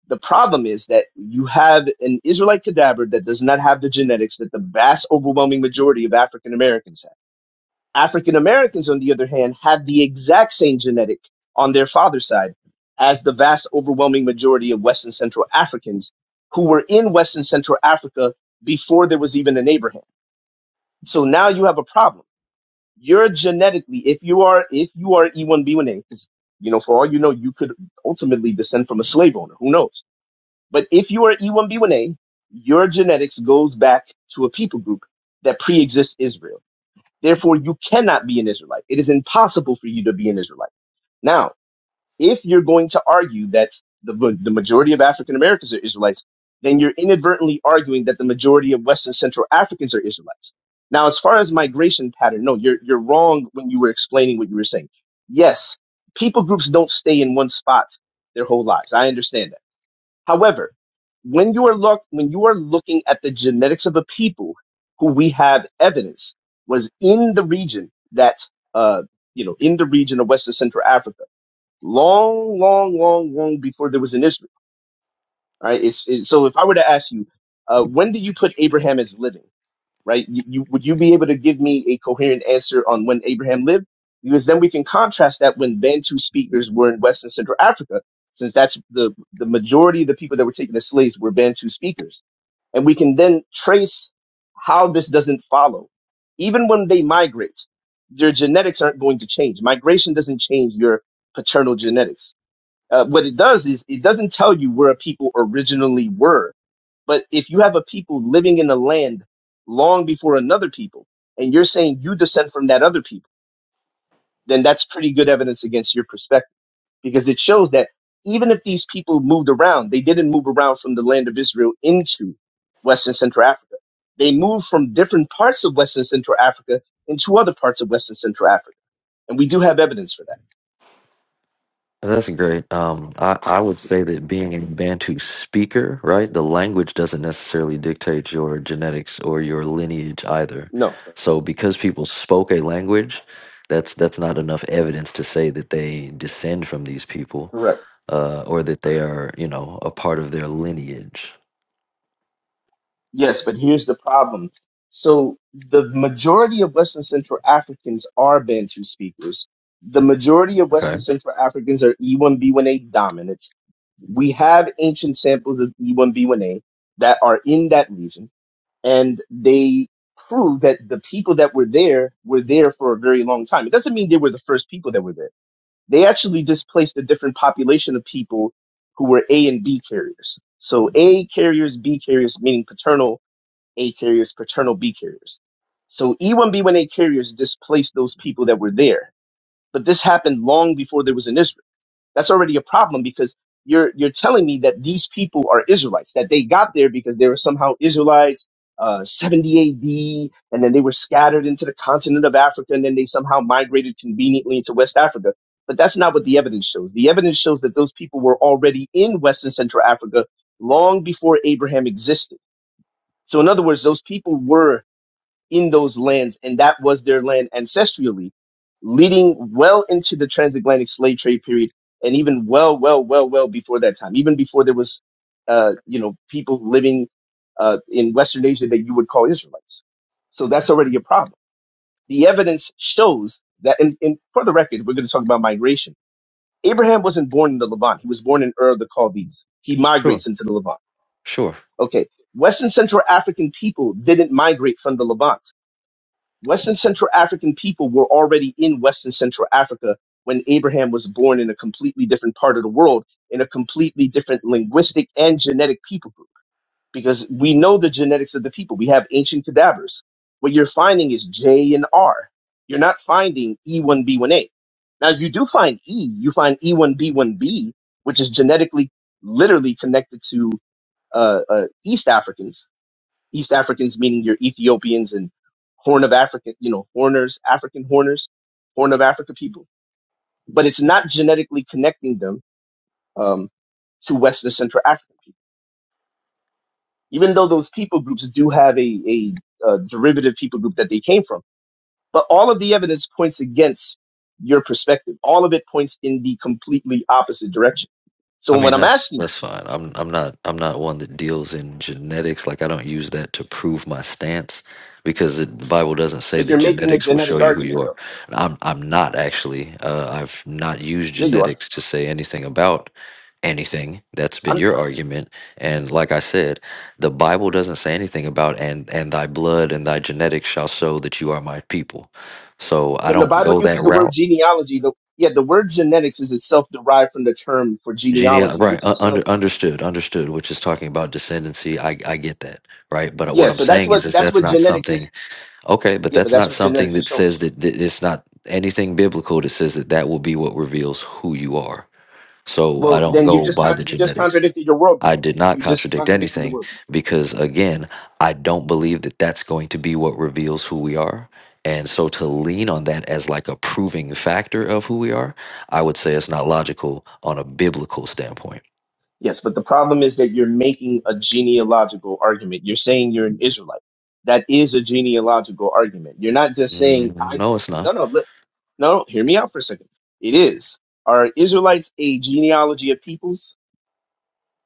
Speaker 5: The problem is that you have an Israelite cadaver that does not have the genetics that the vast overwhelming majority of African Americans have. African Americans, on the other hand, have the exact same genetic on their father's side as the vast overwhelming majority of Western Central Africans who were in Western Central Africa before there was even an Abraham. So now you have a problem you're genetically if you are if you are E1B1A, because you know for all you know you could ultimately descend from a slave owner, who knows? But if you are E1B1A, your genetics goes back to a people group that pre-exists Israel. Therefore, you cannot be an Israelite. It is impossible for you to be an Israelite. Now, if you're going to argue that the, the majority of African Americans are Israelites, then you're inadvertently arguing that the majority of Western Central Africans are Israelites. Now, as far as migration pattern, no, you're, you're wrong when you were explaining what you were saying. Yes, people groups don't stay in one spot their whole lives. I understand that. However, when you are look, when you are looking at the genetics of a people who we have evidence was in the region that, uh, you know, in the region of Western Central Africa long, long, long, long before there was an Israel. Right? It's, it's, so if I were to ask you, uh, when did you put Abraham as living? Right? You, you, would you be able to give me a coherent answer on when Abraham lived? Because then we can contrast that when Bantu speakers were in West and Central Africa, since that's the, the majority of the people that were taken as slaves were Bantu speakers. And we can then trace how this doesn't follow. Even when they migrate, their genetics aren't going to change. Migration doesn't change your paternal genetics uh, what it does is it doesn't tell you where a people originally were. But if you have a people living in a land long before another people, and you're saying you descend from that other people, then that's pretty good evidence against your perspective because it shows that even if these people moved around, they didn't move around from the land of Israel into Western Central Africa. They moved from different parts of Western Central Africa into other parts of Western Central Africa. And we do have evidence for that.
Speaker 3: That's great. Um, I, I would say that being a Bantu speaker, right? The language doesn't necessarily dictate your genetics or your lineage either.
Speaker 5: No,
Speaker 3: So because people spoke a language, that's that's not enough evidence to say that they descend from these people
Speaker 5: correct.
Speaker 3: uh, or that they are, you know, a part of their lineage.
Speaker 5: Yes, but here's the problem. So the majority of Western Central Africans are Bantu speakers. The majority of Western
Speaker 3: Okay.
Speaker 5: Central Africans are E1B1A dominant. We have ancient samples of E1B1A that are in that region, and they prove that the people that were there were there for a very long time. It doesn't mean they were the first people that were there. They actually displaced a different population of people who were A and B carriers. So A carriers, B carriers, meaning paternal a carriers, paternal B carriers. So E1B1A carriers displaced those people that were there. But this happened long before there was an Israel. That's already a problem because you're you're telling me that these people are Israelites, that they got there because they were somehow Israelites, uh, 70 AD, and then they were scattered into the continent of Africa, and then they somehow migrated conveniently into West Africa. But that's not what the evidence shows. The evidence shows that those people were already in West and Central Africa long before Abraham existed. So, in other words, those people were in those lands, and that was their land ancestrally, leading well into the transatlantic slave trade period, and even well, well, well, well before that time, even before there was, uh, you know, people living uh, in Western Asia that you would call Israelites. So that's already a problem. The evidence shows that, and, and for the record, we're going to talk about migration. Abraham wasn't born in the Levant; he was born in Ur of the Chaldees. He
Speaker 3: Sure.
Speaker 5: migrates into the Levant.
Speaker 3: Sure.
Speaker 5: Okay, Western Central African people didn't migrate from the Levant Western Central African people were already in Western Central Africa when Abraham was born in a completely different part of the world, in a completely different linguistic and genetic people group, because we know the genetics of the people. We have ancient cadavers. What you're finding is J and R. You're not finding E1B1A. Now, you do find E, you find E1B1B, which is genetically literally connected to uh, uh, East Africans East Africans meaning your Ethiopians and Horn of Africa, you know, Horners, African Horners, Horn of Africa people. But it's not genetically connecting them um, to West and Central African people, even though those people groups do have a, a, uh derivative people group that they came from. But all of the evidence points against your perspective. All of it points in the completely opposite direction. So
Speaker 3: I
Speaker 5: what
Speaker 3: mean
Speaker 5: I'm
Speaker 3: that's
Speaker 5: asking you,
Speaker 3: that's fine. I'm I'm not I'm not one that deals in genetics. Like I don't use that to prove my stance because it, the Bible doesn't say
Speaker 5: but
Speaker 3: that
Speaker 5: you're making a
Speaker 3: genetics will show
Speaker 5: genetic
Speaker 3: you who you
Speaker 5: argument
Speaker 3: are.
Speaker 5: though.
Speaker 3: And I'm I'm not actually. Uh, I've not used
Speaker 5: Yeah, you are.
Speaker 3: genetics to say anything about anything. That's been your argument. And like I said, the Bible doesn't say anything about and and thy blood and thy genetics shall show that you are my people. So I
Speaker 5: when the
Speaker 3: don't
Speaker 5: Bible
Speaker 3: go that
Speaker 5: uses the word
Speaker 3: route.
Speaker 5: genealogy, the yeah, the word genetics is itself derived from the term for
Speaker 3: Genial,
Speaker 5: genealogy,
Speaker 3: right?
Speaker 5: which
Speaker 3: Uh,
Speaker 5: is
Speaker 3: under
Speaker 5: self.
Speaker 3: understood, understood. Which is talking about descendancy. I I get that, right? But uh,
Speaker 5: Yeah,
Speaker 3: what I'm
Speaker 5: so that's
Speaker 3: saying is,
Speaker 5: what
Speaker 3: is
Speaker 5: that's
Speaker 3: that's
Speaker 5: what
Speaker 3: not
Speaker 5: genetics is.
Speaker 3: something. Okay, but
Speaker 5: Yeah, but
Speaker 3: that's
Speaker 5: that's
Speaker 3: not
Speaker 5: what
Speaker 3: something
Speaker 5: genetics is
Speaker 3: that
Speaker 5: showing.
Speaker 3: says that, that it's not anything biblical that says that that will be what reveals who you are. So I
Speaker 5: Well,
Speaker 3: don't
Speaker 5: then you
Speaker 3: go
Speaker 5: just
Speaker 3: by
Speaker 5: con-
Speaker 3: the
Speaker 5: you just
Speaker 3: genetics.
Speaker 5: contradicted your worldview.
Speaker 3: I did not
Speaker 5: You just
Speaker 3: contradict
Speaker 5: contradicted your
Speaker 3: anything
Speaker 5: worldview.
Speaker 3: because, again, I don't believe that that's going to be what reveals who we are. And so to lean on that as like a proving factor of who we are, I would say it's not logical on a biblical standpoint.
Speaker 5: Yes, but the problem is that you're making a genealogical argument. You're saying you're an Israelite. That is a genealogical argument. You're not just saying
Speaker 3: Mm,
Speaker 5: I.
Speaker 3: no, it's not.
Speaker 5: No, no, let, no. no, Hear me out for a second. It is. Are Israelites a genealogy of peoples?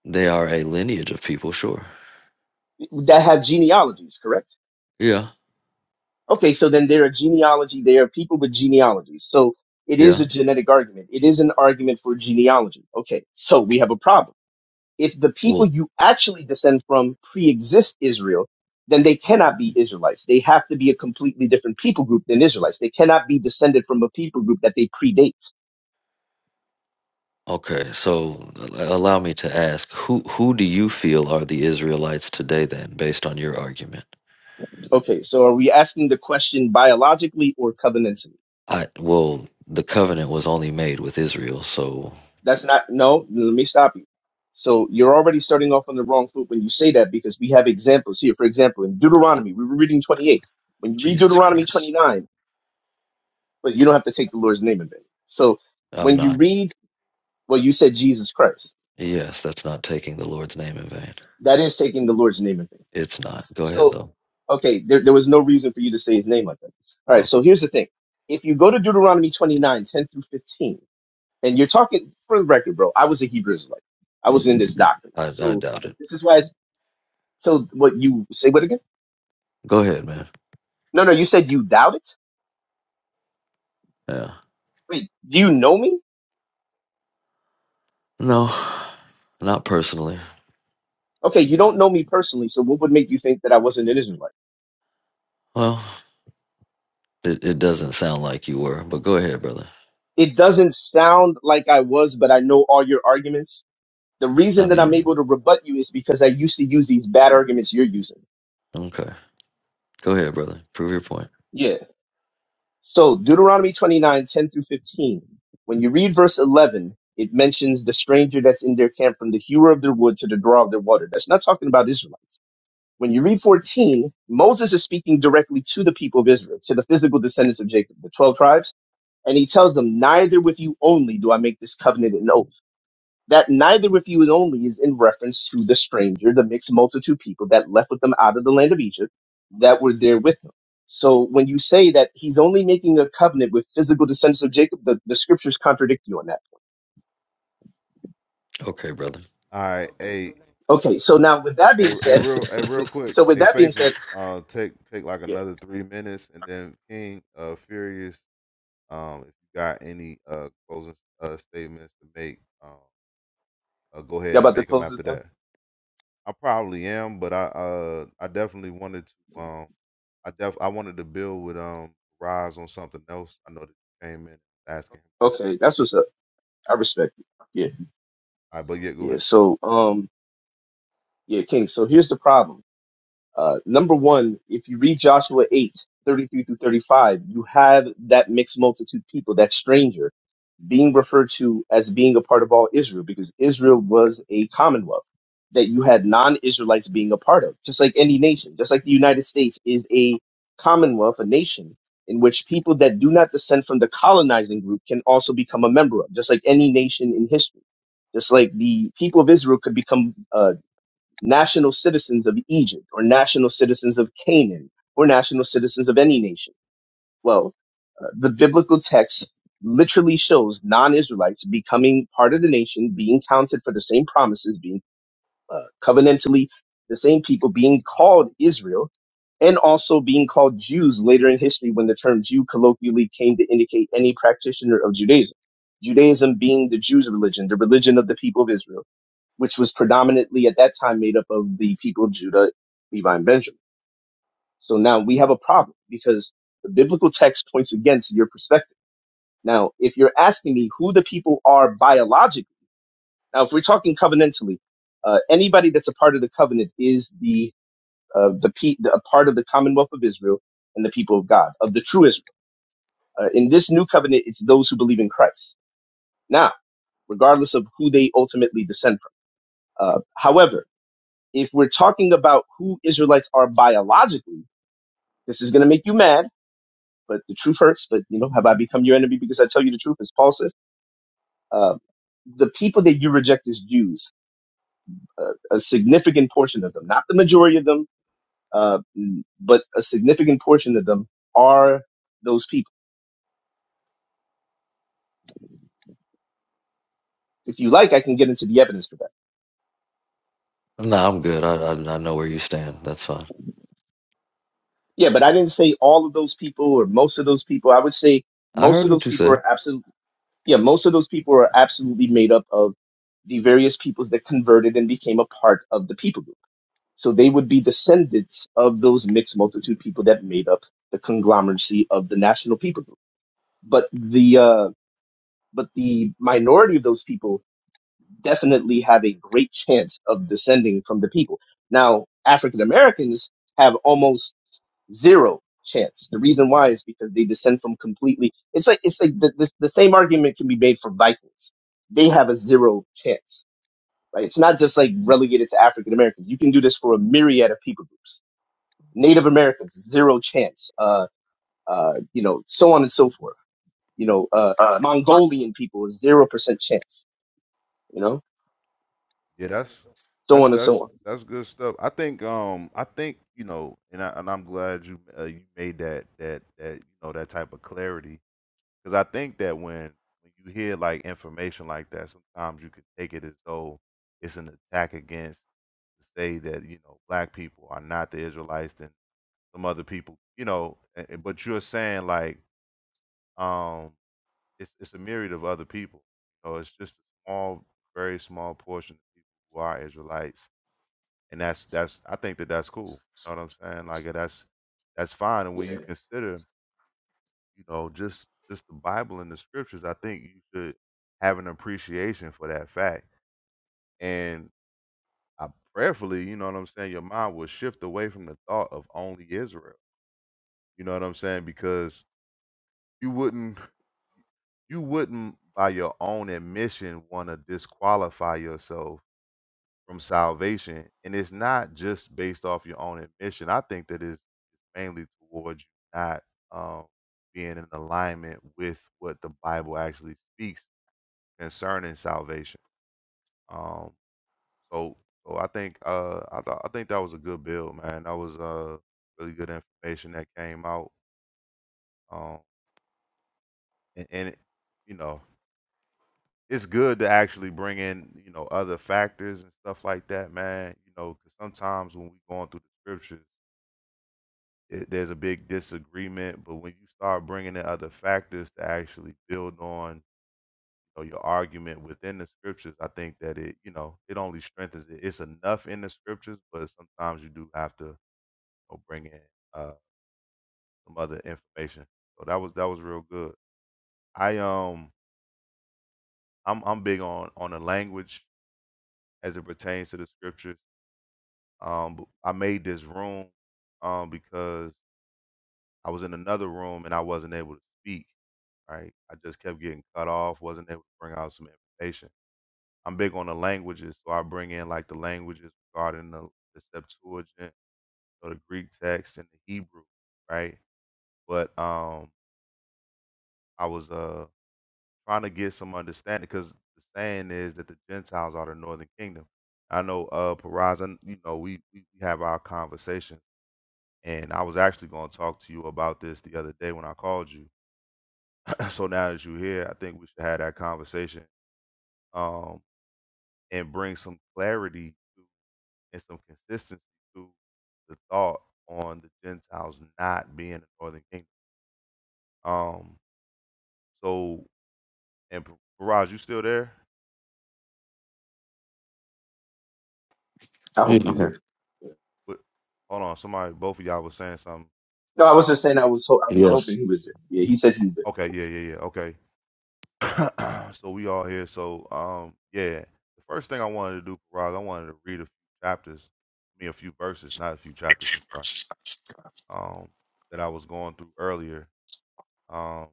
Speaker 3: They are a lineage of people, sure.
Speaker 5: that have genealogies, correct?
Speaker 3: Yeah,
Speaker 5: Okay, so then there are genealogy, there are people with genealogies. So it is
Speaker 3: yeah.
Speaker 5: a genetic argument. It is an argument for genealogy. Okay, so we have a problem. If the people
Speaker 3: Well,
Speaker 5: you actually descend from pre-exist Israel, then they cannot be Israelites. They have to be a completely different people group than Israelites. They cannot be descended from a people group that they predate.
Speaker 3: okay. So a- allow me to ask, who who do you feel are the Israelites today then, based on your argument?
Speaker 5: Okay, so are we asking the question biologically or covenantally?
Speaker 3: I well, the covenant was only made with Israel, so
Speaker 5: That's not, no, let me stop you. So you're already starting off on the wrong foot when you say that because we have examples here. For example, in Deuteronomy, we were reading 28. When you read
Speaker 3: Jesus
Speaker 5: Deuteronomy
Speaker 3: Christ.
Speaker 5: 29, but you don't have to take the Lord's name in vain. So
Speaker 3: I'm
Speaker 5: when you
Speaker 3: not.
Speaker 5: read, well, you said Jesus Christ.
Speaker 3: Yes, that's not taking the Lord's name in vain.
Speaker 5: That is taking the Lord's name in vain.
Speaker 3: It's not. Go ahead
Speaker 5: So,
Speaker 3: though.
Speaker 5: okay, there, there was no reason for you to say his name like that. All right,
Speaker 3: Okay.
Speaker 5: so here's the thing. If you go to Deuteronomy 29, 10 through 15, and you're talking, for the record, bro, I was a Hebrew Israelite. I was in this doctrine.
Speaker 3: I I
Speaker 5: So
Speaker 3: doubt it.
Speaker 5: this is why it's So what you say what again?
Speaker 3: Go ahead, man.
Speaker 5: No, no, you said you doubt it?
Speaker 3: Yeah.
Speaker 5: Wait, do you know me?
Speaker 3: No. Not personally.
Speaker 5: Okay, you don't know me personally, so what would make you think that I wasn't an Israelite?
Speaker 3: Well, It, it doesn't sound like you were, but go ahead, brother.
Speaker 5: It doesn't sound like I was, but I know all your arguments. The
Speaker 3: I
Speaker 5: reason that I'm
Speaker 3: mean,
Speaker 5: able to rebut you is because I used to use these bad arguments you're using.
Speaker 3: okay. Go ahead, brother. Prove your point.
Speaker 5: Yeah. So Deuteronomy 29, 10 through 15. When you read verse 11, it mentions the stranger that's in their camp from the hewer of their wood to the drawer of their water. That's not talking about Israelites. When you read 14, Moses is speaking directly to the people of Israel, to the physical descendants of Jacob, the 12 tribes, and he tells them, Neither with you only do I make this covenant and oath. That neither with you and only is in reference to the stranger, the mixed multitude people that left with them out of the land of Egypt that were there with them. So when you say that he's only making a covenant with physical descendants of Jacob, the, the scriptures contradict you on that.
Speaker 3: Okay, brother.
Speaker 1: All right, a,
Speaker 5: Okay, so now with that
Speaker 1: a,
Speaker 5: being
Speaker 1: a
Speaker 5: said,
Speaker 1: real, a real
Speaker 5: with,
Speaker 1: quick,
Speaker 5: so with
Speaker 1: a
Speaker 5: that being said,
Speaker 1: faithful, uh, take take like
Speaker 5: yeah,
Speaker 1: another three minutes, and then King, uh, furious, Um, if you got any uh, closing uh, statements to make, um, uh, go
Speaker 5: y'all
Speaker 1: ahead and
Speaker 5: about to
Speaker 1: make them
Speaker 5: close this
Speaker 1: after
Speaker 5: down?
Speaker 1: that. I probably am, but I uh, I definitely wanted to um, I def I wanted to build with um Rise on something else. I know that you came in asking him questions.
Speaker 5: Okay, that's what's up. I respect it. Yeah,
Speaker 1: All right, but yeah, go
Speaker 5: yeah.
Speaker 1: ahead.
Speaker 5: So, um, yeah, King. So here's the problem. Uh, number one, if you read Joshua 8 33 through 35, you have that mixed multitude people, that stranger being referred to as being a part of all Israel because Israel was a commonwealth that you had non-Israelites being a part of, just like any nation, just like the United States is a commonwealth, a nation in which people that do not descend from the colonizing group can also become a member of, just like any nation in history Just like the people of Israel could become uh, national citizens of Egypt or national citizens of Canaan or national citizens of any nation. Well, uh, the biblical text literally shows non Israelites becoming part of the nation, being counted for the same promises, being uh, covenantally the same people, being called Israel, and also being called Jews later in history when the term Jew colloquially came to indicate any practitioner of Judaism. Judaism being the Jews' religion, the religion of the people of Israel which was predominantly at that time made up of the people of Judah, Levi, and Benjamin. So now we have a problem because the biblical text points against your perspective. Now, if you're asking me who the people are biologically, now if we're talking covenantally, uh, anybody that's a part of the covenant is the uh, the, pe- the a part of the Commonwealth of Israel and the people of God of the true Israel. Uh, in this new covenant, it's those who believe in Christ. Now, regardless of who they ultimately descend from. Uh, however, if we're talking about who Israelites are biologically, this is going to make you mad, but the truth hurts. But you know, have I become your enemy because I tell you the truth? As Paul says, uh, the people that you reject is Jews, uh, a significant portion of them, not the majority of them, uh, but a significant portion of them are those people. If you like, I can get into the evidence for that.
Speaker 3: no, I'm good. I, I I know where you stand. That's fine.
Speaker 5: Yeah, but I didn't say all of those people or most of those people. I would say
Speaker 3: I
Speaker 5: most
Speaker 3: heard
Speaker 5: of those
Speaker 3: what you
Speaker 5: people
Speaker 3: said.
Speaker 5: are absolutely, yeah, most of those people are absolutely made up of. the various peoples that converted and became a part of the people group. So they would be descendants of those mixed multitude people that made up the conglomeracy of the national people group. But the uh, but the minority of those people definitely have a great chance of descending from the people. Now, African Americans have almost zero chance. The reason why is because they descend from completely. It's like it's like the, the, the same argument can be made for Vikings. They have a zero chance right? It's not just like relegated to African Americans. You can do this for a myriad of people groups. Native Americans, zero chance. Uh, uh, you know, so on and so forth. You know, uh, Mongolian people, zero percent chance. You know,
Speaker 1: Yeah, that's
Speaker 5: so
Speaker 1: that's
Speaker 5: on and
Speaker 1: that's
Speaker 5: so on.
Speaker 1: that's good stuff. I think um I think you know, and I, and I'm glad you uh, you made that that that you know that type of clarity Because I think that when when you hear like information like that, sometimes you can take it as though it's an attack against to say that you know black people are not the Israelites and some other people, you know. a- a- But you're saying like um, it's it's a myriad of other people. So it's just a small, very small portion of people who are Israelites, and that's that's I think that that's cool. You know what I'm saying? Like that's that's fine. And when
Speaker 5: Yeah,
Speaker 1: you consider you know, just just the Bible and the scriptures, I think you should have an appreciation for that fact. And I prayerfully, you know what I'm saying, your mind will shift away from the thought of only Israel. You know what I'm saying? Because you wouldn't you wouldn't by your own admission want to disqualify yourself from salvation. And it's not just based off your own admission. I think that is mainly towards you not um being in alignment with what the Bible actually speaks concerning salvation. Um, so so I think uh I th- I think that was a good build, man. That was uh really good information that came out. Um, and, and it, you know it's good to actually bring in you know other factors and stuff like that, man. You know, 'cause sometimes when we going through the scriptures, it, there's a big disagreement, but when you start bringing in other factors to actually build on know, your argument within the scriptures, I think that it, you know, it only strengthens it. It's enough in the scriptures, but sometimes you do have to you know, bring in uh, some other information. So that was that was real good. I um I'm I'm big on on the language as it pertains to the scriptures. Um, b- I made this room um because I was in another room and I wasn't able to speak. Right, I just kept getting cut off. Wasn't able to bring out some information. I'm big on the languages, so I bring in like the languages regarding the, the Septuagint or the Greek text and the Hebrew, right? But um, I was uh trying to get some understanding because the saying is that the Gentiles are the Northern Kingdom. I know uh Paraz, you know we we we have our conversation, and I was actually going to talk to you about this the other day when I called you. so now that you're here, I think we should have that conversation um and bring some clarity and some consistency to the thought on the Gentiles not being the northern kingdom. Um, so and P- Paraj, you still there?
Speaker 5: I
Speaker 3: Yeah.
Speaker 5: hope he's
Speaker 3: Okay.
Speaker 5: there. Yeah.
Speaker 1: But hold on, somebody, both of y'all was saying something.
Speaker 5: No, I was just saying I was ho- I was
Speaker 3: Yes.
Speaker 5: hoping he was there. Yeah, he said he's there.
Speaker 1: Okay, yeah, yeah, yeah. Okay, so we all here. So um, yeah, the first thing I wanted to do, Paraj, I wanted to read a few chapters, I mean a few verses, not a few chapters. I'm sorry. Um, that I was going through earlier. Um,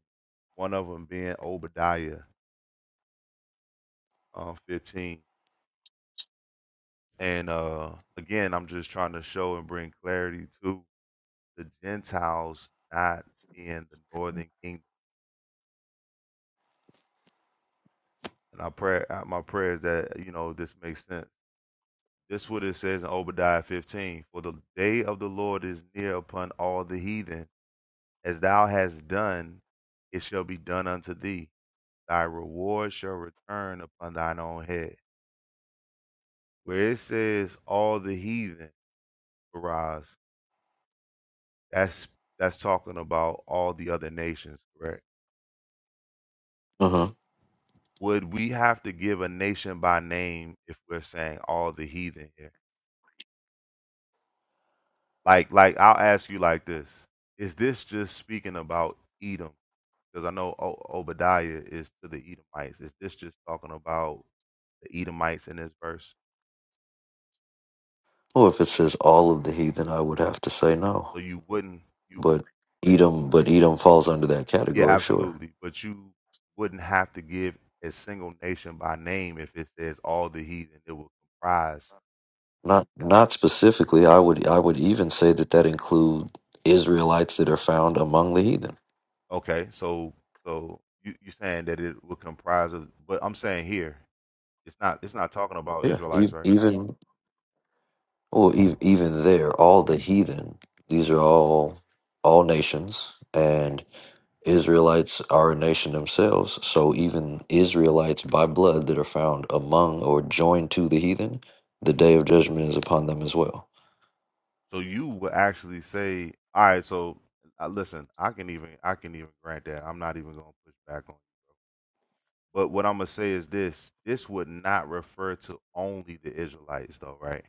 Speaker 1: one of them being Obadiah, um, 15. And uh, again, I'm just trying to show and bring clarity to the Gentiles not being the northern kingdom. And I pray uh, my prayer is that you know this makes sense. This what it says in Obadiah 15: For the day of the Lord is near upon all the heathen. As thou hast done, it shall be done unto thee. Thy reward shall return upon thine own head. Where it says all the heathen, arise, that's that's talking about all the other nations, correct?
Speaker 3: Uh huh.
Speaker 1: would we have to give a nation by name if we're saying all the heathen here? Like, like I'll ask you like this: Is this just speaking about Edom? Because I know o- Obadiah is to the Edomites. Is this just talking about the Edomites in this verse?
Speaker 3: Well, if it says all of the heathen, I would have to say no.
Speaker 1: So you wouldn't, you
Speaker 3: But Edom, but Edom falls under that
Speaker 1: yeah,
Speaker 3: category, sure.
Speaker 1: absolutely, but you wouldn't have to give a single nation by name if it says all the heathen. It will comprise.
Speaker 3: Not not specifically. I would I would even say that that include Israelites that are found among the heathen.
Speaker 1: Okay, so so you you saying that it will comprise of, but I'm saying here. It's not. It's not talking about
Speaker 3: Yeah.
Speaker 1: Israelites,
Speaker 3: ev-
Speaker 1: right?
Speaker 3: Even Well, ev even there, all the heathen, these are all all nations, and Israelites are a nation themselves. So even Israelites by blood that are found among or joined to the heathen, the day of judgment is upon them as well.
Speaker 1: So you would actually say, all right. So uh, listen, I can even. I can even grant that. I'm not even gonna push back on. You. But what I'm gonna say is this: this would not refer to only the Israelites, though, right?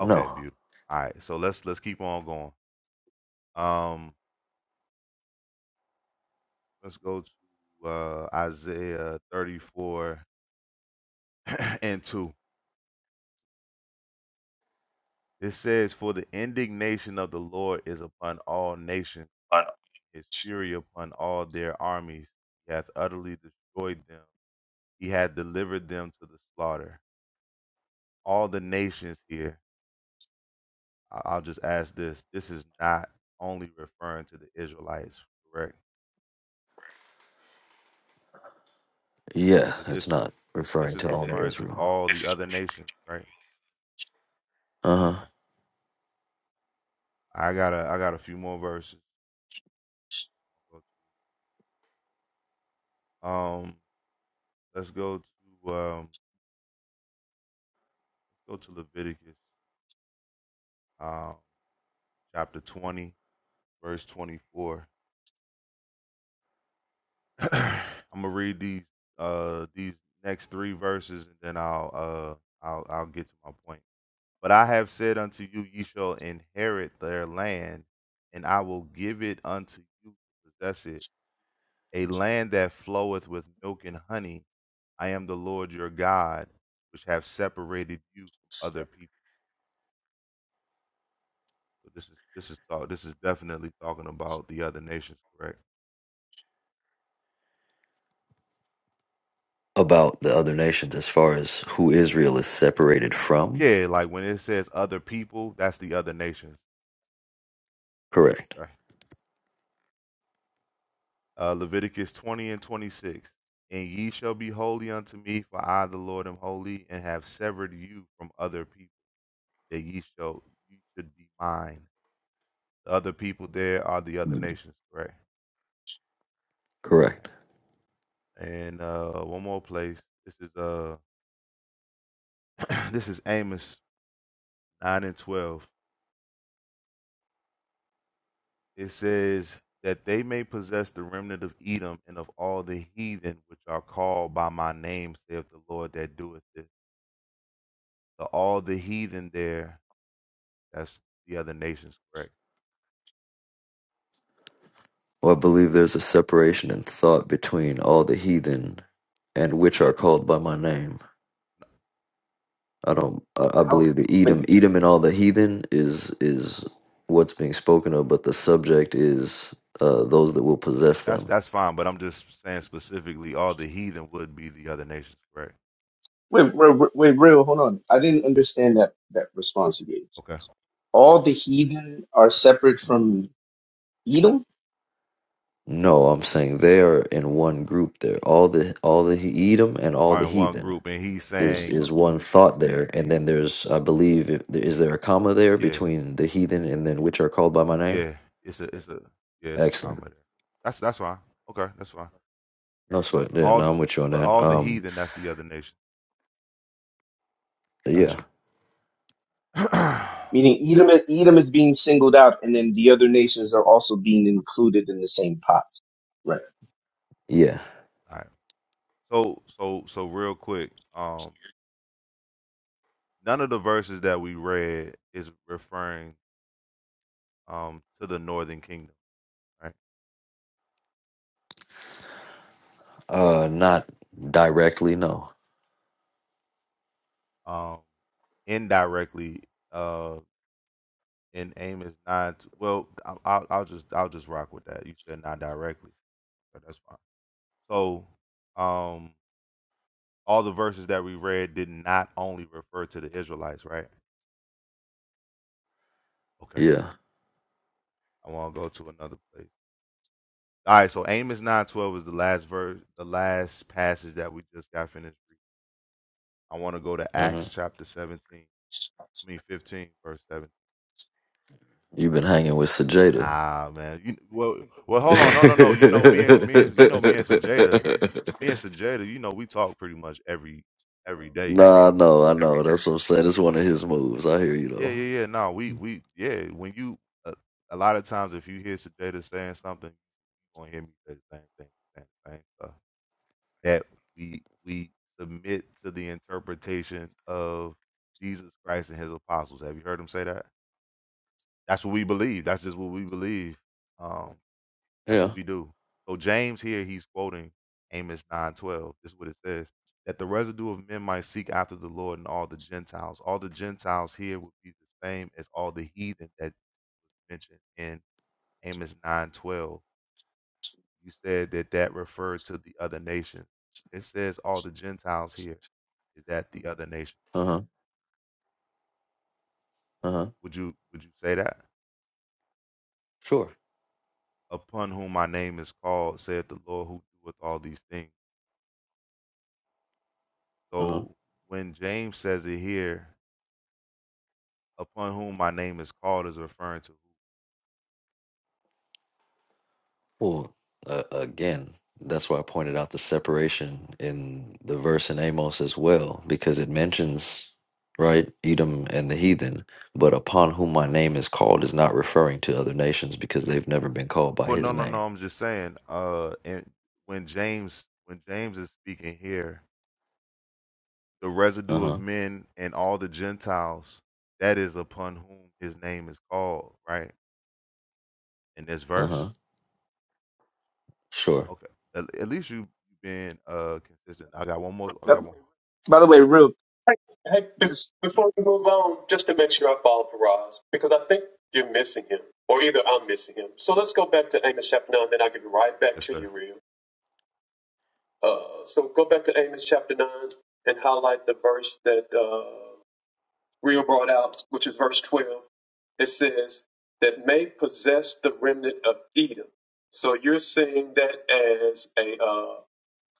Speaker 1: Okay,
Speaker 3: No,
Speaker 1: beautiful. All right. So let's let's keep on going. Um, let's go to uh, Isaiah 34 and two. It says, "For the indignation of the Lord is upon all nations." his fury upon all their armies. He hath utterly destroyed them. He hath delivered them to the slaughter. All the nations here, I- I'll just ask this. This is not only referring to the Israelites, correct?
Speaker 3: yeah,
Speaker 1: Is
Speaker 3: it's
Speaker 1: this
Speaker 3: not
Speaker 1: this
Speaker 3: referring
Speaker 1: is
Speaker 3: to only
Speaker 1: referring to
Speaker 3: Israel.
Speaker 1: all the other nations, right?
Speaker 3: Uh huh.
Speaker 1: Okay. I got a I got a few more verses. Um let's go to um let's go to Leviticus um chapter 20 verse 24. I'm gonna read these uh these next three verses and then I'll uh I'll I'll get to my point. But I have said unto you, ye shall inherit their land, and I will give it unto you to possess it, a land that floweth with milk and honey. I am the Lord your God, which have separated you from other people. So this is this is talk, this is definitely talking about the other nations, correct?
Speaker 3: About the other nations, as far as who Israel is separated from.
Speaker 1: Yeah, like when it says other people, that's the other nations.
Speaker 3: Correct.
Speaker 1: Okay. Uh, Leviticus 20 and 26. And ye shall be holy unto me, for I, the Lord, am holy, and have severed you from other people, that ye shall you should be mine. The other people there are the other nations, Right.
Speaker 3: Correct.
Speaker 1: Alright. And uh, one more place. This is uh, this is Amos 9 and 12. It says that they may possess the remnant of Edom and of all the heathen which are called by my name, saith the Lord that doeth this. So all the heathen there That's the other nations, correct?
Speaker 3: Or believe there is a separation in thought between all the heathen and which are called by my name. I don't. I, I
Speaker 5: How?
Speaker 3: believe the Edom,
Speaker 5: Wait,
Speaker 3: Edom, and all the heathen is is what's being spoken of, but the subject is uh, those that will possess
Speaker 1: That's
Speaker 3: them.
Speaker 1: that's fine, but I'm just saying specifically, all the heathen would be the other nations, correct?
Speaker 5: wait, wait, wait, wait, real. Hold on. I didn't understand that that response you gave.
Speaker 1: Okay,
Speaker 5: All the heathen are separate from Edom.
Speaker 3: No, I'm saying they are in one group. There, all the all the Edom and all
Speaker 1: are
Speaker 3: the
Speaker 1: in one
Speaker 3: heathen
Speaker 1: group, and he's
Speaker 3: is
Speaker 1: saying,
Speaker 3: is one thought there, and then there's I believe if, is there a comma there
Speaker 1: yeah,
Speaker 3: between the heathen and then which are called by my name?
Speaker 1: yeah, it's a, it's a, yeah, it's a
Speaker 3: Excellent.
Speaker 1: comma there. That's that's fine. Okay, that's fine.
Speaker 3: No sweat. Yeah,
Speaker 1: All,
Speaker 3: no,
Speaker 1: the,
Speaker 3: I'm with you on
Speaker 1: but
Speaker 3: that.
Speaker 1: all the
Speaker 3: Um,
Speaker 1: heathen, that's the other nation. Gotcha.
Speaker 3: Yeah,
Speaker 1: all
Speaker 5: Meaning Edom, Edom is being singled out, and then the other nations are also being included in the same pot. Right.
Speaker 3: yeah.
Speaker 1: right. So so so real quick, um, none of the verses that we read is referring um to the northern kingdom, right?
Speaker 3: Uh, not directly, no.
Speaker 1: Um, indirectly. uh, In Amos nine, not well. I'll, I'll I'll just I'll just rock with that. You said not directly, so that's fine. So, um, all the verses that we read did not only refer to the Israelites, right? Okay,
Speaker 3: Yeah.
Speaker 1: I want to go to another place. All right, so Amos nine twelve is the last verse, the last passage that we just got finished. reading. I want to go to
Speaker 3: hmm
Speaker 1: Acts chapter seventeen. I mean fifteen, verse seventeen.
Speaker 3: You've been hanging with Sajada.
Speaker 1: Nah, man. You well, well, hold on. No, no, no. You know, me and me and you know me and Sajada, me and Sajada. You know, we talk pretty much every every day.
Speaker 3: Nah, I know, I know. That's what I'm saying. It's one of his moves. I hear you
Speaker 1: Yeah,
Speaker 3: though.
Speaker 1: yeah, yeah. No, we we yeah. When you uh, a lot of times, if you hear Sajada saying something, you gonna hear me say the same thing, same, same stuff that we we submit to the interpretation of Jesus Christ and His apostles. Have you heard him say that? That's what we believe. That's just what we believe. Um. That's
Speaker 3: Yeah.
Speaker 1: what we do. So James here, he's quoting Amos 9:12. This is what it says: that the residue of men might seek after the Lord and all the Gentiles. All the Gentiles here would be the same as all the heathen that mentioned in Amos 9:12. You said that that referred to the other nations. It says all the Gentiles here is that the other nation.
Speaker 3: Uh huh. Uh huh.
Speaker 1: Would you would you say that?
Speaker 3: Sure.
Speaker 1: Upon whom my name is called, saith the Lord who doeth all these things.
Speaker 3: Uh huh.
Speaker 1: So when James says it here, upon whom my name is called is referring to who.
Speaker 3: Well, uh, again, that's why I pointed out the separation in the verse in Amos as well, because it mentions right Edom and the heathen, but upon whom my name is called is not referring to other nations because they've never been called by
Speaker 1: But
Speaker 3: his
Speaker 1: no, no,
Speaker 3: name.
Speaker 1: no. I'm just saying. Uh, and when James, when James is speaking here, the
Speaker 3: Uh
Speaker 1: residue of
Speaker 3: huh.
Speaker 1: men and all the Gentiles, that is upon whom his name is called, right? In this
Speaker 3: Uh huh.
Speaker 1: verse.
Speaker 3: Sure.
Speaker 1: Okay. At, at least you have been uh consistent. I got one more. I
Speaker 5: Uh,
Speaker 1: got one.
Speaker 5: by the way, real
Speaker 2: Hey, bef-
Speaker 5: just
Speaker 2: before we move on, just to make sure I follow Paraz, because I think you're missing him, or either I'm missing him. So let's go back to Amos chapter 9, then I'll give it right back
Speaker 1: Yes,
Speaker 2: to
Speaker 1: sir.
Speaker 2: you, Real. Uh, so go back to Amos chapter 9 and highlight the verse that uh, Real brought out, which is verse 12. It says, that may possess the remnant of Edom. So you're seeing that as a uh,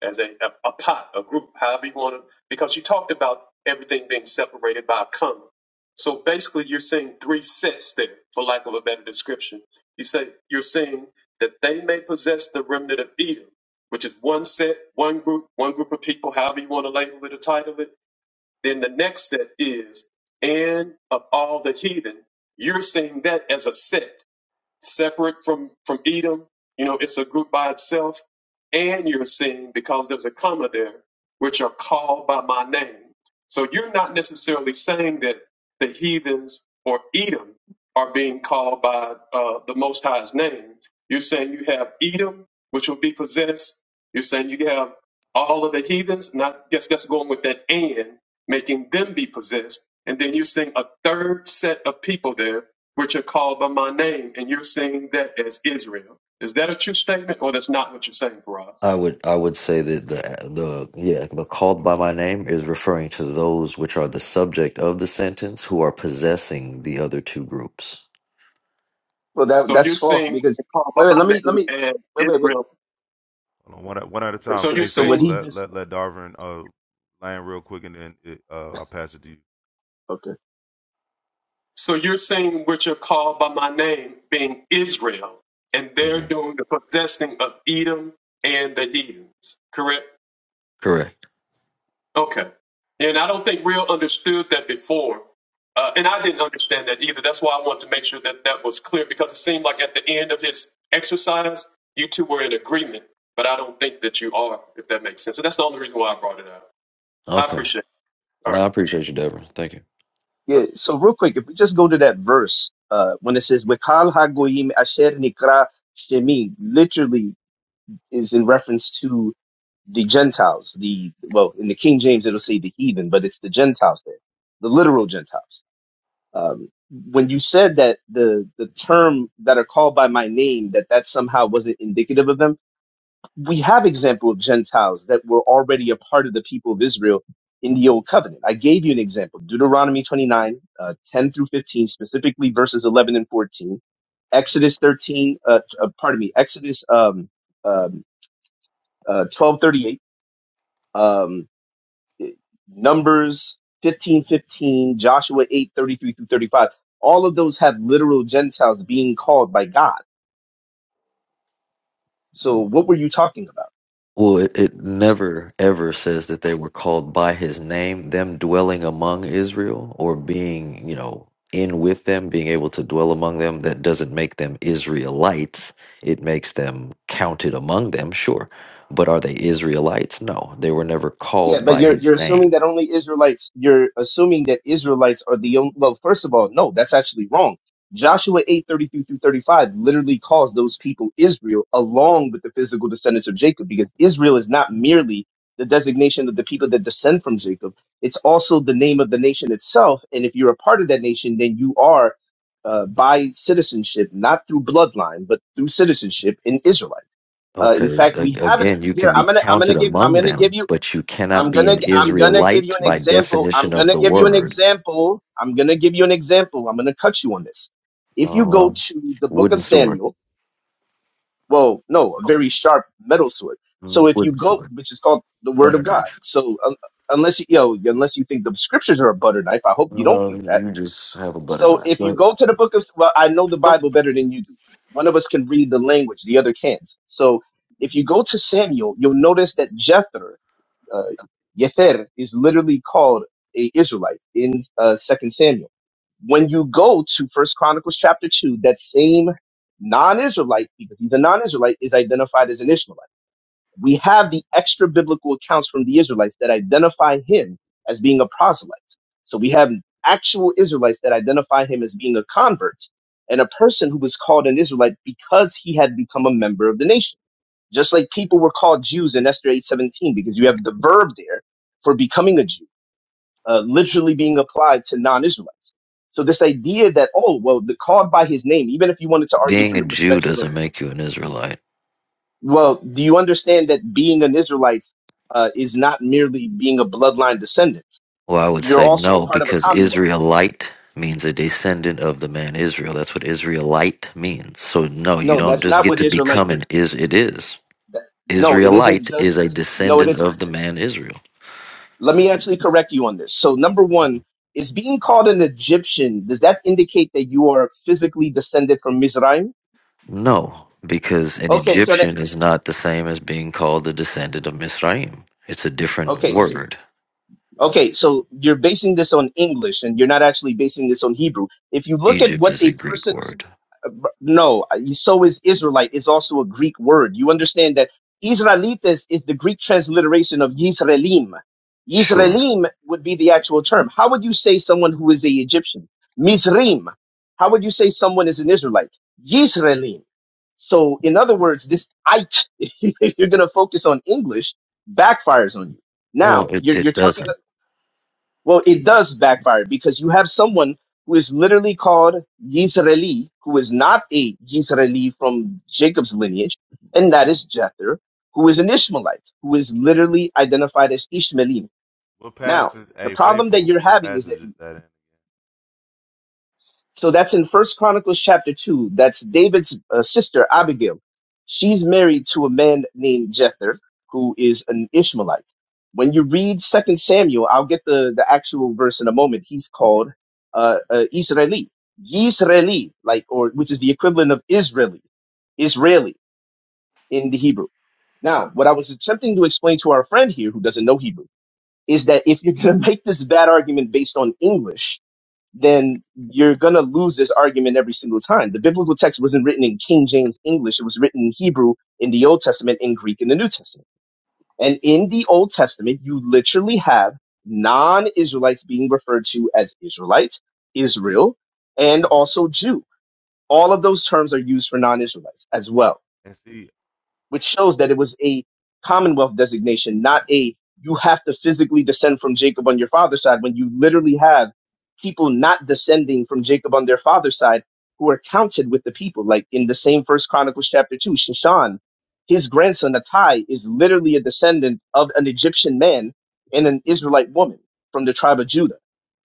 Speaker 2: as a, a, a pot, a group, however you want to, because you talked about everything being separated by a comma. So basically, you're seeing three sets there, for lack of a better description. You say you're saying that they may possess the remnant of Edom, which is one set, one group, one group of people, however you want to label it or title it. Then the next set is, and of all the heathen, you're seeing that as a set separate from from Edom. You know, it's a group by itself. And you're seeing because there's a comma there, which are called by my name. So you're not necessarily saying that the heathens or Edom are being called by uh, the Most High's name. You're saying you have Edom, which will be possessed. You're saying you have all of the heathens, and I guess that's going with that and making them be possessed. And then you're seeing a third set of people there which are called by my name, and you're seeing that as Israel. Is that a true statement, or that's not what you're saying, Faraz?
Speaker 3: I would I would say that the the yeah the called by my name is referring to those which are the subject of the sentence who are possessing the other two groups.
Speaker 5: well that
Speaker 2: So
Speaker 5: that's
Speaker 2: you're
Speaker 5: false
Speaker 2: saying
Speaker 5: because
Speaker 2: called by
Speaker 5: wait, wait let
Speaker 2: my
Speaker 5: me let me
Speaker 2: name as
Speaker 5: wait wait wait
Speaker 2: Israel.
Speaker 1: Hold on. One at, one at a
Speaker 5: wait.
Speaker 1: time.
Speaker 2: So you're
Speaker 5: But
Speaker 1: Hey,
Speaker 5: so what
Speaker 1: faithful.
Speaker 2: saying
Speaker 5: he
Speaker 1: Let
Speaker 5: just
Speaker 1: let let Darvin uh land real quick, and then it, uh I'll pass it to you.
Speaker 5: okay
Speaker 2: so you're saying which are called by my name being Israel, and they're
Speaker 3: hmm
Speaker 2: doing the possessing of Edom and the heathens, correct?
Speaker 3: Correct.
Speaker 2: Okay. And I don't think Real understood that before. Uh, and I didn't understand that either. That's why I wanted to make sure that that was clear because it seemed like at the end of his exercise, you two were in agreement. But I don't think that you are, if that makes sense. So that's the only reason why I brought it up. I
Speaker 3: Okay.
Speaker 2: appreciate it. All
Speaker 3: No,
Speaker 2: right.
Speaker 3: I appreciate you, Deborah. Thank you.
Speaker 2: All right.
Speaker 5: yeah. So real quick, if we just go to that verse uh when it says "Wekal hagoyim asher nikra shemi," literally is in reference to the Gentiles. The well in the King James it'll say the heathen, but it's the Gentiles there, the literal Gentiles. Um, when you said that the the term that are called by my name that that somehow wasn't indicative of them, we have example of Gentiles that were already a part of the people of Israel in the old covenant. I gave you an example, Deuteronomy 29, uh, 10 through 15, specifically verses 11 and 14. Exodus 13, uh, uh, pardon me, Exodus um, um, uh, 12, thirty-eight, um, Numbers 15, 15. Joshua 8, 33 through 35. All of those have literal Gentiles being called by God. So what were you talking about?
Speaker 3: Well, it, it never ever says that they were called by his name, them dwelling among Israel or being, you know, in with them, being able to dwell among them. That doesn't make them Israelites. It makes them counted among them, sure. But are they Israelites? No, they were never
Speaker 5: Yeah,
Speaker 3: called
Speaker 5: but
Speaker 3: by
Speaker 5: you're you're
Speaker 3: his name.
Speaker 5: assuming that only Israelites. You're assuming that Israelites are the only. Well, first of all, no, that's actually wrong. Joshua eight thirty three through thirty five literally calls those people Israel, along with the physical descendants of Jacob, because Israel is not merely the designation of the people that descend from Jacob. It's also the name of the nation itself, and if you're a part of that nation, then you are uh, by citizenship, not through bloodline, but through citizenship, an Israelite. Uh, in
Speaker 3: Okay,
Speaker 5: fact, we
Speaker 3: a-
Speaker 5: have an
Speaker 3: again, you
Speaker 5: here.
Speaker 3: can
Speaker 5: I'm
Speaker 3: be
Speaker 5: gonna I'm gonna
Speaker 3: counted
Speaker 5: give I'm
Speaker 3: among
Speaker 5: gonna give
Speaker 3: them,
Speaker 5: you
Speaker 3: but you cannot
Speaker 5: I'm
Speaker 3: be
Speaker 5: gonna
Speaker 3: an
Speaker 5: I'm gonna give you
Speaker 3: Israelite
Speaker 5: an
Speaker 3: by
Speaker 5: example. I'm
Speaker 3: definition of
Speaker 5: gonna
Speaker 3: the
Speaker 5: give you an
Speaker 3: word.
Speaker 5: example. I'm gonna give you an example. I'm gonna cut you on this. If you
Speaker 3: Oh,
Speaker 5: go
Speaker 3: well,
Speaker 5: to the book
Speaker 3: wooden
Speaker 5: of
Speaker 3: sword,
Speaker 5: Samuel, well, no, a very sharp metal sword. So
Speaker 3: Mm,
Speaker 5: if you
Speaker 3: wooden
Speaker 5: go,
Speaker 3: sword,
Speaker 5: which is called the Word
Speaker 3: butter
Speaker 5: of God.
Speaker 3: knife.
Speaker 5: So un unless you, you know, unless you think the scriptures are a butter knife, I hope you don't
Speaker 3: No,
Speaker 5: think that.
Speaker 3: you just have a butter
Speaker 5: So
Speaker 3: knife.
Speaker 5: if
Speaker 3: Go
Speaker 5: you
Speaker 3: ahead.
Speaker 5: go to the book of, well, I know the Bible better than you do. One of us can read the language, the other can't. So if you go to Samuel, you'll notice that Jethro uh, Yether is literally called a Israelite in uh, Second Samuel. When you go to First Chronicles chapter two, that same non-Israelite, because he's a non-Israelite, is identified as an Ishmaelite. We have the extra biblical accounts from the Israelites that identify him as being a proselyte. So we have actual Israelites that identify him as being a convert and a person who was called an Israelite because he had become a member of the nation. Just like people were called Jews in Esther 8:17 because you have the verb there for becoming a Jew, uh, literally being applied to non-Israelites. So this idea that oh well, the called by his name, even if you wanted to argue
Speaker 3: Being
Speaker 5: from
Speaker 3: a
Speaker 5: the
Speaker 3: Jew
Speaker 5: perspective of
Speaker 3: doesn't make you an Israelite.
Speaker 5: well, do you understand that being an Israelite uh, is not merely being a bloodline descendant?
Speaker 3: Well, I would
Speaker 5: You're
Speaker 3: say
Speaker 5: also a
Speaker 3: no,
Speaker 5: part of a
Speaker 3: because
Speaker 5: commonwealth.
Speaker 3: Israelite means a descendant of the man Israel. That's what Israelite means. So no, you
Speaker 5: No,
Speaker 3: don't
Speaker 5: that's
Speaker 3: just
Speaker 5: not
Speaker 3: get
Speaker 5: what
Speaker 3: to
Speaker 5: Israelite
Speaker 3: become
Speaker 5: means.
Speaker 3: an is it is.
Speaker 5: That- No, it isn't
Speaker 3: Israelite is
Speaker 5: just.
Speaker 3: a
Speaker 5: No, it
Speaker 3: descendant
Speaker 5: isn't.
Speaker 3: of the man Israel.
Speaker 5: Let me actually correct you on this. So, number one, is being called an Egyptian, does that indicate that you are physically descended from Mizraim?
Speaker 3: No, because an
Speaker 5: Okay, so that,
Speaker 3: Egyptian is not the same as being called the descendant of Misraim. It's a different
Speaker 5: okay, s-
Speaker 3: word.
Speaker 5: okay, so you're basing this on English and you're not actually basing this on Hebrew. If you look at
Speaker 3: Egypt
Speaker 5: what
Speaker 3: is a
Speaker 5: a
Speaker 3: Greek
Speaker 5: person
Speaker 3: word.
Speaker 5: But no, I- so is Israelite. It's also a Greek word. You understand that Israelites is the Greek transliteration of Yisraelim.
Speaker 3: Sure.
Speaker 5: Yisraelim would be the actual term. How would you say someone who is a Egyptian? Mizrim. How would you say someone is an Israelite? Yisraelim. So, in other words, this it, if you're going to focus on English, backfires on you.
Speaker 3: Well,
Speaker 5: Now,
Speaker 3: it,
Speaker 5: you're,
Speaker 3: it
Speaker 5: you're talking.
Speaker 3: doesn't.
Speaker 5: Well, it does backfire because you have someone who is literally called Yisraeli, who is not a Yisraeli from Jacob's lineage, and that is Jether, who is an Ishmaelite, who is literally identified as Ishmaelim.
Speaker 1: What
Speaker 5: Now,
Speaker 1: passage?
Speaker 5: the
Speaker 1: Hey,
Speaker 5: problem that
Speaker 1: faithful.
Speaker 5: you're
Speaker 1: What
Speaker 5: having is that
Speaker 1: passage is that in?
Speaker 5: so that's in First Chronicles chapter two. That's David's uh, sister Abigail. She's married to a man named Jether, who is an Ishmaelite. When you read Second Samuel, I'll get the, the actual verse in a moment. He's called uh, uh, Israeli, Yisraeli, like or which is the equivalent of Israeli, Israeli in the Hebrew. Now, what I was attempting to explain to our friend here, who doesn't know Hebrew, is that if you're going to make this bad argument based on English, then you're going to lose this argument every single time. The biblical text wasn't written in King James English, it was written in Hebrew, in the Old Testament, in Greek, in the New Testament. And in the Old Testament, you literally have non Israelites being referred to as Israelite, Israel, and also Jew. All of those terms are used for non Israelites as well
Speaker 1: And see,
Speaker 5: which shows that it was a Commonwealth designation, not a you have to physically descend from Jacob on your father's side when you literally have people not descending from Jacob on their father's side who are counted with the people. Like in the same first Chronicles chapter two, Shashan, his grandson Attai is literally a descendant of an Egyptian man and an Israelite woman from the tribe of Judah.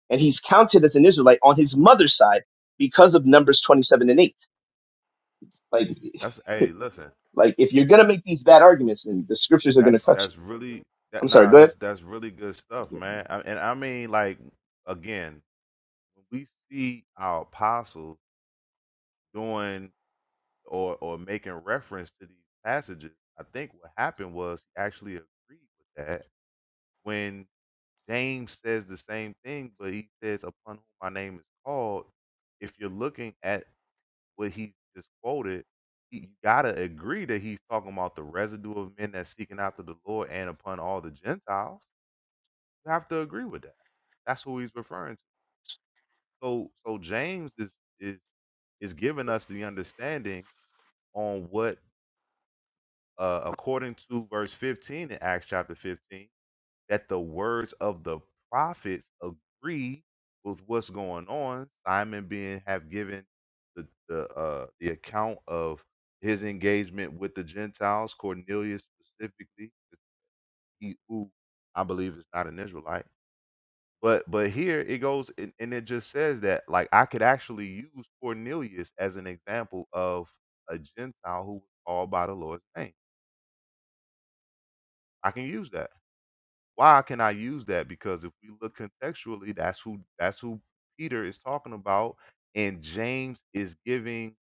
Speaker 5: And he's counted as an Israelite on his mother's side because of Numbers 27 and 8. Like
Speaker 1: that's hey, listen,
Speaker 5: like if you're gonna make these bad arguments, then the scriptures are gonna
Speaker 1: that's
Speaker 5: cut you.
Speaker 1: that's really that
Speaker 5: I'm sorry.
Speaker 1: nah,
Speaker 5: Go ahead.
Speaker 1: that's that's really good stuff, man. I, and I mean, like again, when we see our apostles doing or or making reference to these passages, I think what happened was he actually agreed with that when James says the same thing, but he says, "Upon whom my name is called." If you're looking at what he just quoted, you gotta agree that he's talking about the residue of men that's seeking after the Lord and upon all the Gentiles. You have to agree with that. That's who he's referring to. So so James is is is giving us the understanding on what uh according to verse 15 in Acts chapter 15 that the words of the prophets agree with what's going on. Simon being have given the the uh, the account of his engagement with the Gentiles, Cornelius specifically, he, who I believe is not an Israelite. But but here it goes and, and it just says that like I could actually use Cornelius as an example of a Gentile who was called by the Lord's name. I can use that. Why can I use that? Because if we look contextually, that's who that's who Peter is talking about, and James is giving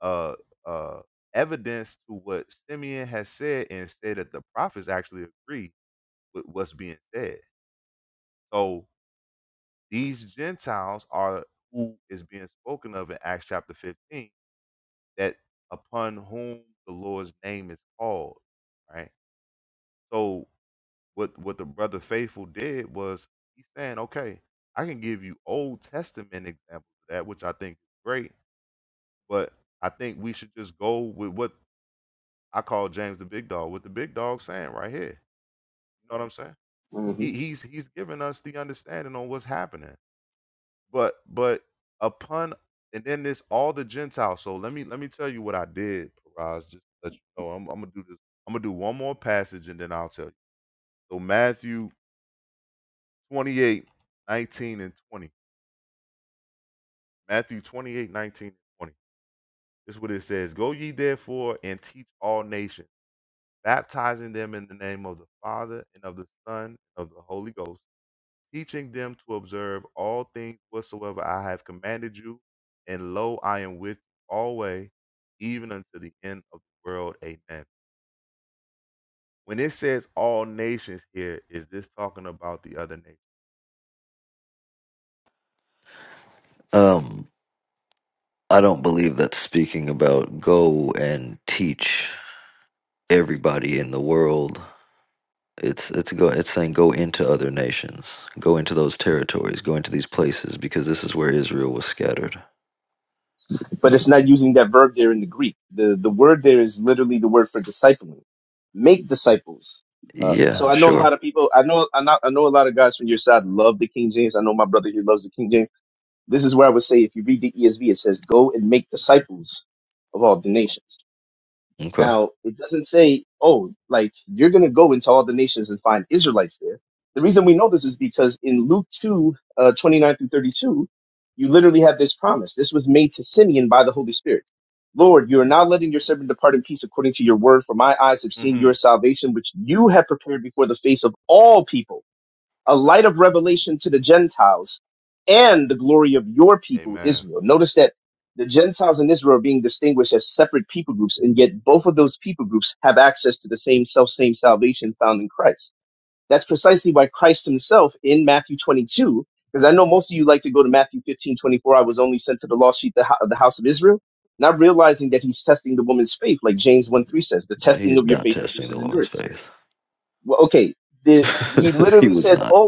Speaker 1: uh uh evidence to what Simeon has said and said that the prophets actually agree with what's being said. So these Gentiles are who is being spoken of in Acts chapter 15, that upon whom the Lord's name is called. Right. So what what the brother faithful did was he's saying, okay, I can give you Old Testament examples of that, which I think is great, but I think we should just go with what I call James the Big Dog, what the Big Dog saying right here. You know what I'm saying?
Speaker 5: hmm
Speaker 1: He, he's he's giving us the understanding on what's happening, but but upon and then this all the Gentiles. So let me let me tell you what I did, Paraz. Just to let you know, I'm, I'm gonna do this. I'm gonna do one more passage and then I'll tell you. So Matthew 28 19 and 20. Matthew 28, 19, and 20. This is what it says. Go ye therefore and teach all nations, baptizing them in the name of the Father and of the Son and of the Holy Ghost, teaching them to observe all things whatsoever I have commanded you. And lo, I am with you always, even unto the end of the world. Amen. When it says all nations here, is this talking about the other nations?
Speaker 3: Um. I don't believe that speaking about go and teach everybody in the world. It's it's go it's saying go into other nations, go into those territories, go into these places because this is where Israel was scattered.
Speaker 5: But it's not using that verb there in the Greek. the The word there is literally the word for discipling. Make disciples. Um,
Speaker 3: Yeah,
Speaker 5: so
Speaker 3: Okay.
Speaker 5: I know a
Speaker 3: sure.
Speaker 5: lot of people. I know I know, I know a lot of guys from your side love the King James. I know my brother here loves the King James. This is where I would say if you read the ESV, it says, "Go and make disciples of all the nations."
Speaker 3: Okay.
Speaker 5: Now, it doesn't say, oh, like you're going to go into all the nations and find Israelites there. The reason we know this is because in Luke 2, uh, 29 through 32, you literally have this promise. This was made to Simeon by the Holy Spirit. Lord, you are now letting your servant depart in peace according to your word, for my eyes have seen your
Speaker 1: hmm
Speaker 5: salvation, which you have prepared before the face of all people a light of revelation to the Gentiles and the glory of your people,
Speaker 1: Amen.
Speaker 5: Israel. Notice that the Gentiles and Israel are being distinguished as separate people groups, and yet both of those people groups have access to the same self same salvation found in Christ. That's precisely why Christ himself in Matthew 22, because I know most of you like to go to Matthew 15:24, I was only sent to the lost sheep of the hou- of the house of Israel, not realizing that he's testing the woman's faith, like James 1 3 says, the testing
Speaker 3: He's
Speaker 5: of your
Speaker 3: not
Speaker 5: faith
Speaker 3: testing
Speaker 5: produces
Speaker 3: the woman's
Speaker 5: endurance.
Speaker 3: faith.
Speaker 5: Well, okay, the, he
Speaker 3: he
Speaker 5: literally
Speaker 3: was
Speaker 5: says,
Speaker 3: not.
Speaker 5: "Oh,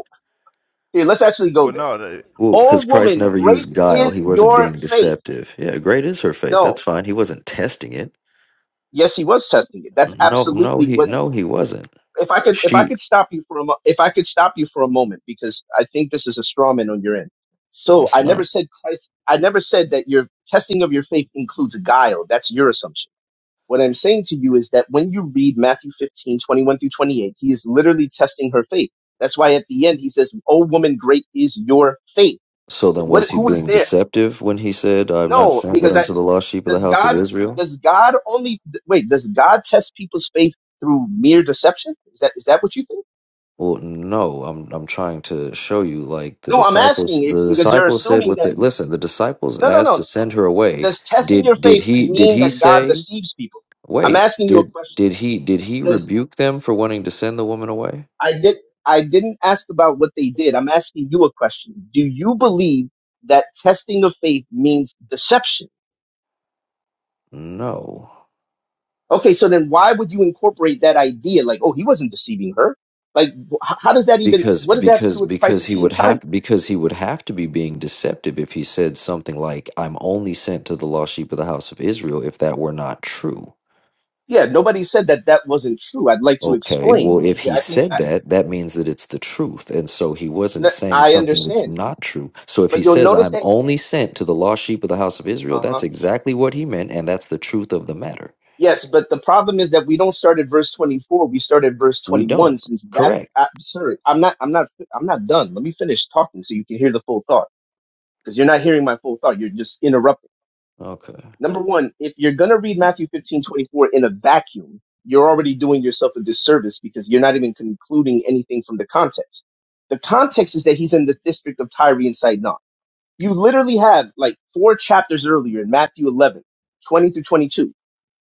Speaker 5: here, let's actually go
Speaker 1: But
Speaker 5: there.
Speaker 1: no, the,
Speaker 3: Well,
Speaker 5: Oh
Speaker 3: because Christ
Speaker 5: woman,
Speaker 3: never
Speaker 5: great
Speaker 3: used guile.
Speaker 5: is
Speaker 3: He wasn't
Speaker 5: your
Speaker 3: being
Speaker 5: faith.
Speaker 3: deceptive. Yeah, great is her faith.
Speaker 5: No,
Speaker 3: That's fine. He wasn't testing it.
Speaker 5: yes, he was testing it. That's
Speaker 3: No, no,
Speaker 5: absolutely
Speaker 3: he
Speaker 5: what.
Speaker 3: no, he wasn't.
Speaker 5: If I could, if I
Speaker 3: She
Speaker 5: could stop you for a, mo- if I could stop you for a moment, because I think this is a straw man on your end. So
Speaker 3: it's
Speaker 5: I never
Speaker 3: not.
Speaker 5: said Christ. I never said that your testing of your faith includes guile. That's your assumption. What I'm saying to you is that when you read Matthew 15, 21 through 28, he is literally testing her faith. That's why at the end he says, "Oh woman, great is your faith."
Speaker 3: So then,
Speaker 5: What?
Speaker 3: was he
Speaker 5: Who was
Speaker 3: being
Speaker 5: there?
Speaker 3: deceptive when he said, "I'm not
Speaker 5: No,
Speaker 3: sent but
Speaker 5: because I.
Speaker 3: unto the lost sheep of the
Speaker 5: does
Speaker 3: house of
Speaker 5: God
Speaker 3: Israel"?
Speaker 5: does God only wait? Does God test people's faith through mere deception? Is that is that what you think?
Speaker 3: Well, no. I'm I'm trying to show you, like the
Speaker 5: No, I'm
Speaker 3: disciples.
Speaker 5: asking it
Speaker 3: The
Speaker 5: because you're
Speaker 3: disciples said,
Speaker 5: assuming
Speaker 3: "What?
Speaker 5: that.
Speaker 3: the listen." The disciples
Speaker 5: No, no,
Speaker 3: asked to
Speaker 5: no.
Speaker 3: send her away.
Speaker 5: Does testing your
Speaker 3: Did did
Speaker 5: faith
Speaker 3: he did
Speaker 5: mean
Speaker 3: he
Speaker 5: that God
Speaker 3: say?
Speaker 5: deceives people? I'm
Speaker 3: Wait
Speaker 5: asking you a
Speaker 3: did
Speaker 5: question.
Speaker 3: did he did he
Speaker 5: Does
Speaker 3: rebuke them for wanting to send the woman away?
Speaker 5: I did I didn't ask about what they did. I'm asking you a question. Do you believe that testing of faith means deception?
Speaker 3: No.
Speaker 5: Okay, so then why would you incorporate that idea? Like, oh, he wasn't deceiving her. Like, wh- how does that even?
Speaker 3: Because
Speaker 5: What does that have to
Speaker 3: because
Speaker 5: do with the price
Speaker 3: because
Speaker 5: of
Speaker 3: he
Speaker 5: tea in
Speaker 3: would
Speaker 5: China?
Speaker 3: have because he would have to be being deceptive if he said something like, "I'm only sent to the lost sheep of the house of Israel," if that were not true
Speaker 5: Yeah, nobody said that that wasn't true. I'd like to
Speaker 3: Okay, well,
Speaker 5: explain
Speaker 3: if
Speaker 5: because
Speaker 3: he
Speaker 5: I think
Speaker 3: said
Speaker 5: I,
Speaker 3: that, that means that it's the truth. And so he wasn't
Speaker 5: no,
Speaker 3: saying
Speaker 5: I
Speaker 3: something that's
Speaker 5: understand.
Speaker 3: not true. So if he
Speaker 5: But you'll
Speaker 3: says,
Speaker 5: notice
Speaker 3: I'm
Speaker 5: that,
Speaker 3: only sent to the lost sheep of the house of Israel,
Speaker 5: uh
Speaker 3: that's
Speaker 5: huh.
Speaker 3: exactly what he meant. And that's the truth of the matter.
Speaker 5: Yes, but the problem is that we don't start at verse 24. We start at verse
Speaker 3: We
Speaker 5: 21
Speaker 3: don't.
Speaker 5: since that's
Speaker 3: Correct.
Speaker 5: absurd. I'm not, I'm not, I'm not done. Let me finish talking so you can hear the full thought because you're not hearing my full thought. You're just interrupting.
Speaker 3: Okay.
Speaker 5: Number one, if you're going to read Matthew 15 24 in a vacuum, you're already doing yourself a disservice because you're not even concluding anything from the context. The context is that he's in the district of Tyre and Sidon You literally have like four chapters earlier in Matthew 11, 20 through 22.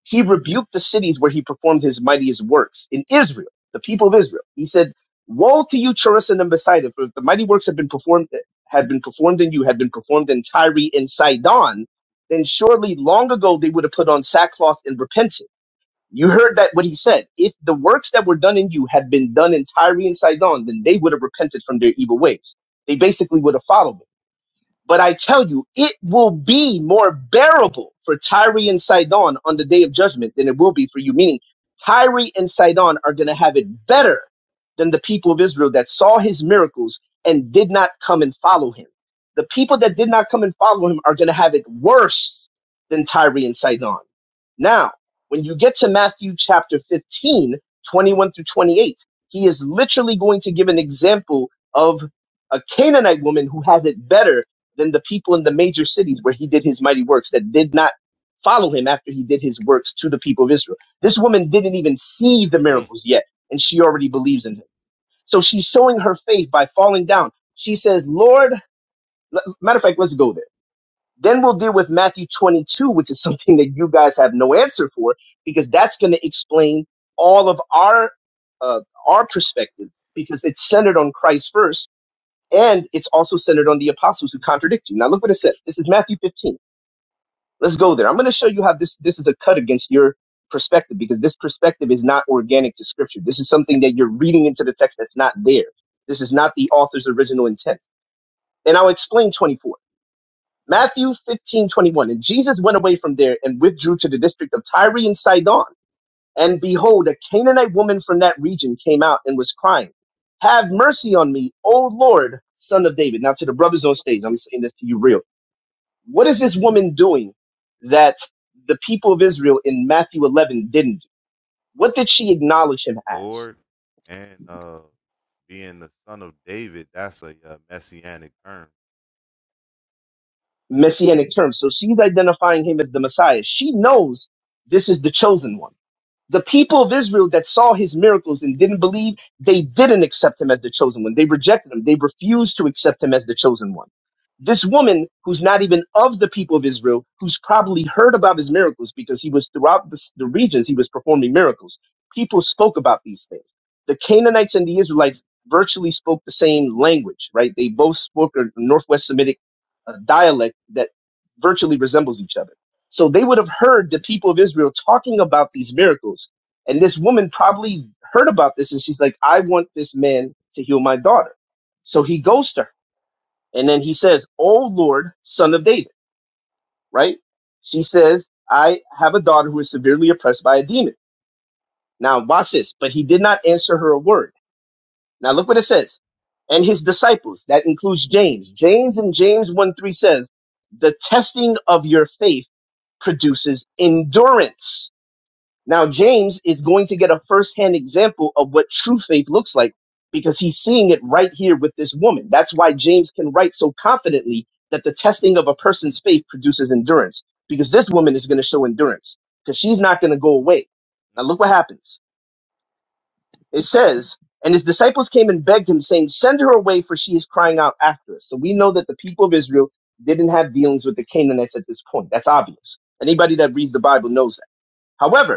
Speaker 5: He rebuked the cities where he performed his mightiest works in Israel, the people of Israel. He said, Woe to you, Jerusalem and Bethsaida, for if the mighty works have been performed, had been performed in you, had been performed in Tyre and Sidon, then surely long ago they would have put on sackcloth and repented. You heard that what he said. If the works that were done in you had been done in Tyre and Sidon, then they would have repented from their evil ways. They basically would have followed him but I tell you, it will be more bearable for Tyre and Sidon on the day of judgment than it will be for you. Meaning, Tyre and Sidon are going to have it better than the people of Israel that saw his miracles and did not come and follow him. The people that did not come and follow him are going to have it worse than Tyre and Sidon. Now, when you get to Matthew chapter 15, 21 through 28, he is literally going to give an example of a Canaanite woman who has it better than the people in the major cities where he did his mighty works that did not follow him after he did his works to the people of Israel. This woman didn't even see the
Speaker 1: mm,
Speaker 5: miracles yet, and she already believes in him. So she's showing her faith by falling down. She says, Lord, l- matter of fact, let's go there. Then we'll deal with Matthew 22, which is something that you guys have no answer for, because that's going to explain all of our uh, our perspective, because it's centered on Christ first and it's also centered on the apostles who contradict you. Now look what it says. This is Matthew 15. Let's go there. I'm going to show you how this, this is a cut against your perspective because this perspective is not organic to scripture. This is something that you're reading into the text that's not there. This is not the author's original intent. And I'll explain 24. Matthew 15:21. And Jesus went away from there and withdrew to the district of Tyre and Sidon. And behold, a Canaanite woman from that region came out and was crying, Have mercy on me, O Lord, son of David. Now, to the brothers on stage, I'm saying this to you real. What is this woman doing that the people of Israel in Matthew 11 didn't do? What did she acknowledge him as?
Speaker 1: Lord and uh Being the son of David, that's a uh, messianic term.
Speaker 5: Messianic terms. So she's identifying him as the Messiah. She knows this is the chosen one The people of Israel that saw his miracles and didn't believe, they didn't accept him as the chosen one. They rejected him. They refused to accept him as the chosen one. This woman, who's not even of the people of Israel, who's probably heard about his miracles because he was throughout the, the regions, he was performing miracles. People spoke about these things. The Canaanites and the Israelites virtually spoke the same language, right? They both spoke a Northwest Semitic uh, dialect that virtually resembles each other so they would have heard the people of Israel talking about these miracles. And this woman probably heard about this and she's like, I want this man to heal my daughter. So he goes to her and then he says, "O Lord, son of David, right? She says, I have a daughter who is severely oppressed by a demon. Now watch this. But he did not answer her a word. Now look what it says. And his disciples, that includes James. James and James 1 3 says, the testing of your faith produces endurance Now, James is going to get a firsthand example of what true faith looks like because he's seeing it right here with this woman. That's why James can write so confidently that the testing of a person's faith produces endurance because this woman is going to show endurance because she's not going to go away. Now, look what happens. It says, and his disciples came and begged him, saying, Send her away, for she is crying out after us. So we know that the people of Israel didn't have dealings with the Canaanites at this point. That's obvious. Anybody that reads the Bible knows that. However,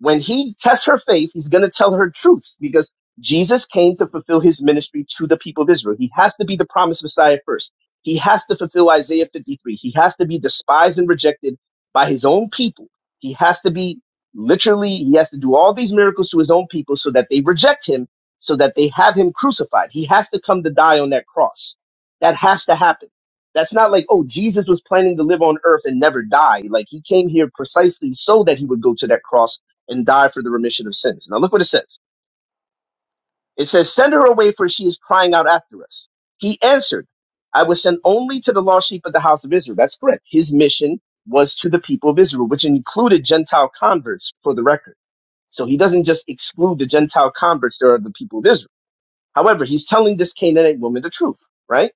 Speaker 5: when he tests her faith, he's going to tell her truth because Jesus came to fulfill his ministry to the people of Israel. He has to be the promised Messiah first. He has to fulfill Isaiah 53. He has to be despised and rejected by his own people. He has to be literally, he has to do all these miracles to his own people so that they reject him, so that they have him crucified. He has to come to die on that cross. That has to happen. That's not like, oh, Jesus was planning to live on earth and never die. Like he came here precisely so that he would go to that cross and die for the remission of sins. Now look what it says. It says, send her away for she is crying out after us. He answered, I was sent only to the lost sheep of the house of Israel. That's correct. His mission was to the people of Israel, which included Gentile converts for the record. So he doesn't just exclude the Gentile converts. There are the people of Israel. However, he's telling this Canaanite woman the truth, right?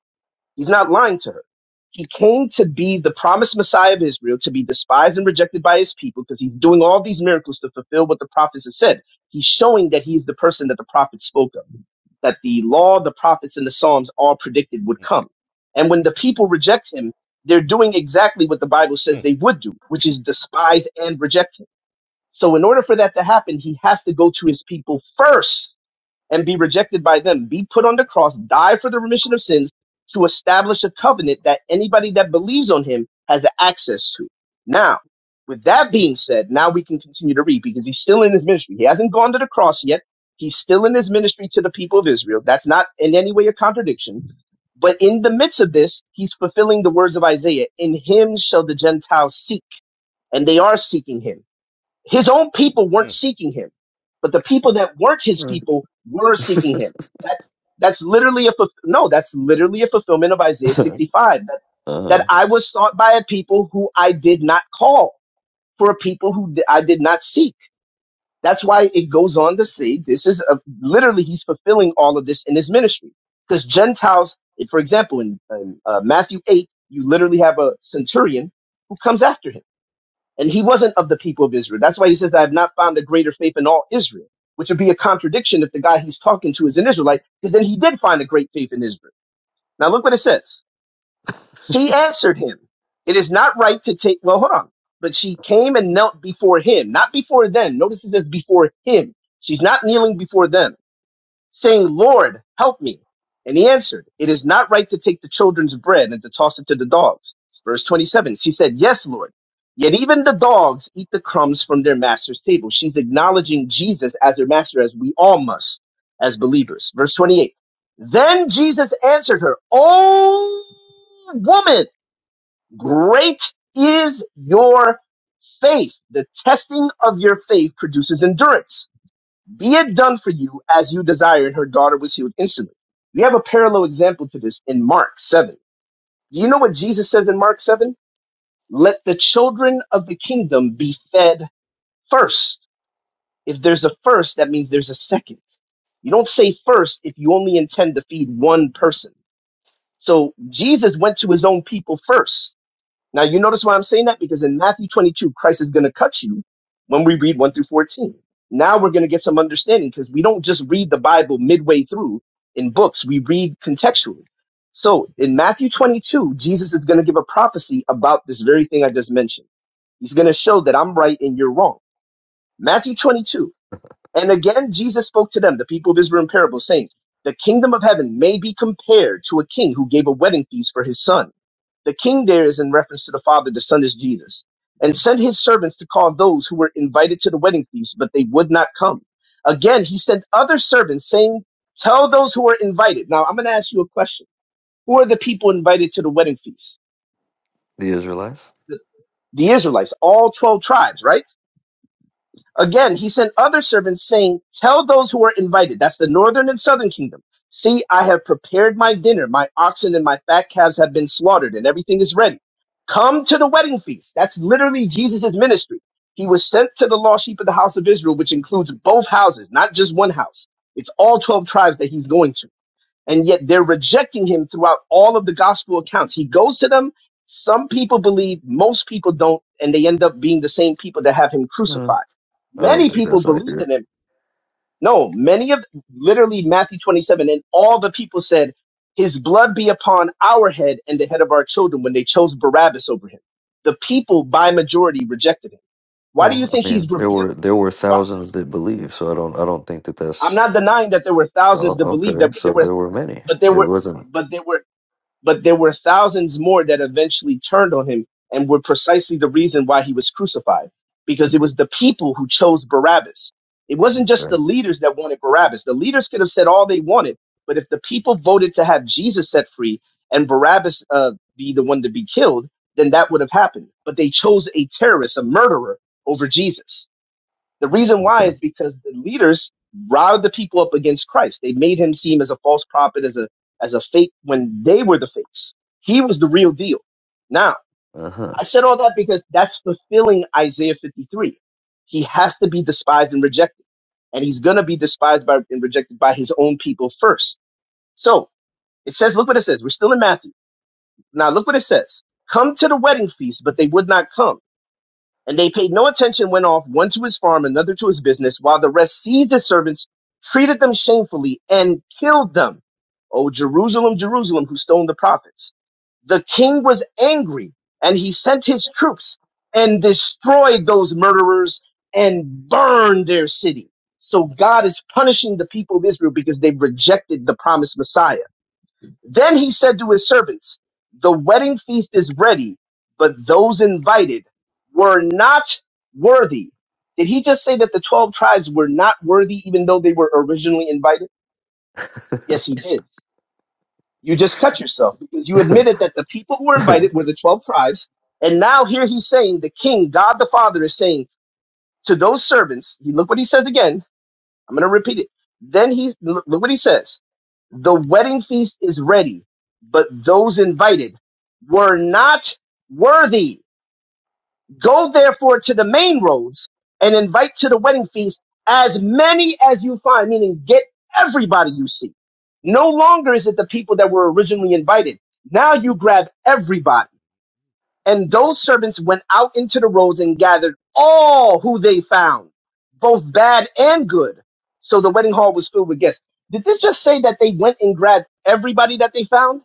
Speaker 5: He's not lying to her. He came to be the promised Messiah of Israel, to be despised and rejected by his people, because he's doing all these miracles to fulfill what the prophets have said. He's showing that he's the person that the prophets spoke of, that the law, the prophets, and the Psalms all predicted would
Speaker 1: Mm, mm,
Speaker 5: come. And when the people reject him, they're doing exactly what the Bible says
Speaker 1: mm,
Speaker 5: they would do, which is despise and reject him. So, in order for that to happen, he has to go to his people first and be rejected by them, be put on the cross, die for the remission of sins to establish a covenant that anybody that believes on him has access to. Now, with that being said, now we can continue to read because he's still in his ministry. He hasn't gone to the cross yet. He's still in his ministry to the people of Israel. That's not in any way a contradiction. But in the midst of this, he's fulfilling the words of Isaiah. In him shall the Gentiles seek, and they are seeking him his own people weren't
Speaker 1: mm.
Speaker 5: seeking him, but the people that weren't his people were seeking him. That that's literally a fulf- no, that's literally a fulfillment of Isaiah 65. That that I was sought by a people who I did not call, for a people who di- I did not seek. That's why it goes on to say this is a, literally he's fulfilling all of this in his ministry because Gentiles, for example, in, in uh, Matthew 8, you literally have a centurion who comes after him and he wasn't of the people of Israel. That's why he says, I have not found a greater faith in all Israel, which would be a contradiction if the guy he's talking to is an Israelite, because then he did find a great faith in Israel. Now look what it says. She answered him, It is not right to take, well, hold on. But she came and knelt before him, not before them. Notice it says before him. She's not kneeling before them saying, Lord, help me. And he answered, It is not right to take the children's bread and to toss it to the dogs. Verse 27, she said, Yes, Lord. Yet even the dogs eat the crumbs from their master's table. She's acknowledging Jesus as their master, as we all must as believers. Verse 28, Then Jesus answered her, "O woman, great is your faith. The testing of your faith produces endurance. Be it done for you as you desire. And her daughter was healed instantly. We have a parallel example to this in Mark 7. Do you know what Jesus says in Mark 7? Let the children of the kingdom be fed first. If there's a first, that means there's a second. You don't say first if you only intend to feed one person. So Jesus went to his own people first now, you notice why I'm saying that? Because in Matthew 22, Christ is going to cut you when we read 1 through 14. Now we're going to get some understanding because we don't just read the Bible midway through in books, we read contextually. So in Matthew 22, Jesus is going to give a prophecy about this very thing I just mentioned. He's going to show that I'm right and you're wrong. Matthew 22. And again, Jesus spoke to them, the people of Israel in parables, saying, The kingdom of heaven may be compared to a king who gave a wedding feast for his son the king there is in reference to the Father, the Son is Jesus. And sent his servants to call those who were invited to the wedding feast, but they would not come. Again, he sent other servants saying, Tell those who are invited. Now, I'm going to ask you a question. Who are the people invited to the wedding feast?
Speaker 3: The Israelites?
Speaker 5: The Israelites, all 12 tribes, right? Again, he sent other servants saying, Tell those who are invited, that's the northern and southern kingdom, see, I have prepared my dinner. My oxen and my fat calves have been slaughtered, and everything is ready. Come to the wedding feast. That's literally Jesus' ministry. He was sent to the lost sheep of the house of Israel, which includes both houses, not just one house. It's all 12 tribes that he's going to and yet they're rejecting him throughout all of the gospel accounts. He goes to them. Some people believe, most people don't, and they end up being the same people that have him
Speaker 3: Mm,
Speaker 5: crucified.
Speaker 3: I don't
Speaker 5: Many
Speaker 3: think
Speaker 5: people
Speaker 3: that's
Speaker 5: believed
Speaker 3: accurate.
Speaker 5: in him. No, many of literally Matthew 27, and all the people said, His blood be upon our head and the head of our children when they chose Barabbas over him. The people by majority rejected him. Why do you
Speaker 3: Well,
Speaker 5: think
Speaker 3: I
Speaker 5: he's
Speaker 3: mean, there
Speaker 5: rebuked?
Speaker 3: were there were
Speaker 5: Why?
Speaker 3: thousands that believed, so I don't I don't think that
Speaker 5: I'm
Speaker 3: that's
Speaker 5: not denying that there were thousands
Speaker 3: oh
Speaker 5: that believed
Speaker 3: okay.
Speaker 5: that, but
Speaker 3: So
Speaker 5: there were,
Speaker 3: there were many.
Speaker 5: but there
Speaker 3: It
Speaker 5: were,
Speaker 3: wasn't
Speaker 5: but there were but there were thousands more that eventually turned on him and were precisely the reason why he was crucified because it was the people who chose Barabbas. It wasn't just
Speaker 3: okay.
Speaker 5: the leaders that wanted Barabbas. The leaders could have said all they wanted, but if the people voted to have Jesus set free and Barabbas uh, be the one to be killed, then that would have happened. But they chose a terrorist, a murderer, over Jesus. The reason why is
Speaker 3: Okay.
Speaker 5: because the leaders riled the people up against Christ. They made him seem as a false prophet, as a as a fake when they were the fakes. He was the real deal. Now,
Speaker 3: Uh
Speaker 5: I said all that because that's fulfilling Isaiah 53. He has to be despised and rejected. And he's gonna be despised by and rejected by his own people first. So it says, look what it says. We're still in Matthew. Now look what it says. Come to the wedding feast, but they would not come and they paid no attention, went off, one to his farm, another to his business, while the rest seized his servants, treated them shamefully, and killed them. O Jerusalem, Jerusalem, who stoned the prophets. The king was angry, and he sent his troops and destroyed those murderers and burned their city. So God is punishing the people of Israel because they've rejected the promised Messiah. Then he said to his servants, The wedding feast is ready, but those invited were not worthy. Did he just say that the 12 tribes were not worthy even though they were originally invited? Yes, he did. You just cut yourself because you admitted that the people who were
Speaker 3: huh.
Speaker 5: invited were the 12 tribes. And now here he's saying, the king, God the Father, is saying to those servants, he- look what he says again. I'm going to repeat it. Then he, look what he says. The wedding feast is ready, but those invited were not worthy. Go therefore to the main roads and invite to the wedding feast as many as you find, meaning get everybody you see. No longer is it the people that were originally invited. Now you grab everybody. And those servants went out into the roads and gathered all who they found, both bad and good. So the wedding hall was filled with guests. Did it just say that they went and grabbed everybody that they found?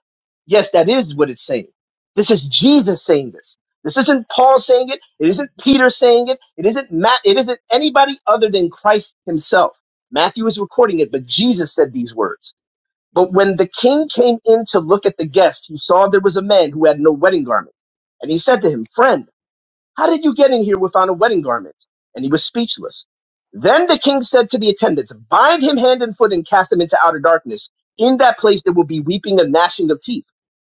Speaker 5: Yes, that is what it's saying. This is Jesus saying this. This isn't Paul saying it. It isn't Peter saying it. It isn't Matt. It isn't anybody other than Christ himself. Matthew is recording it, but Jesus said these words. But when the king came in to look at the guest, he saw there was a man who had no wedding garment. And he said to him, Friend, how did you get in here without a wedding garment? And he was speechless. Then the king said to the attendants, Bind him hand and foot and cast him into outer darkness. In that place there will be weeping and gnashing of teeth.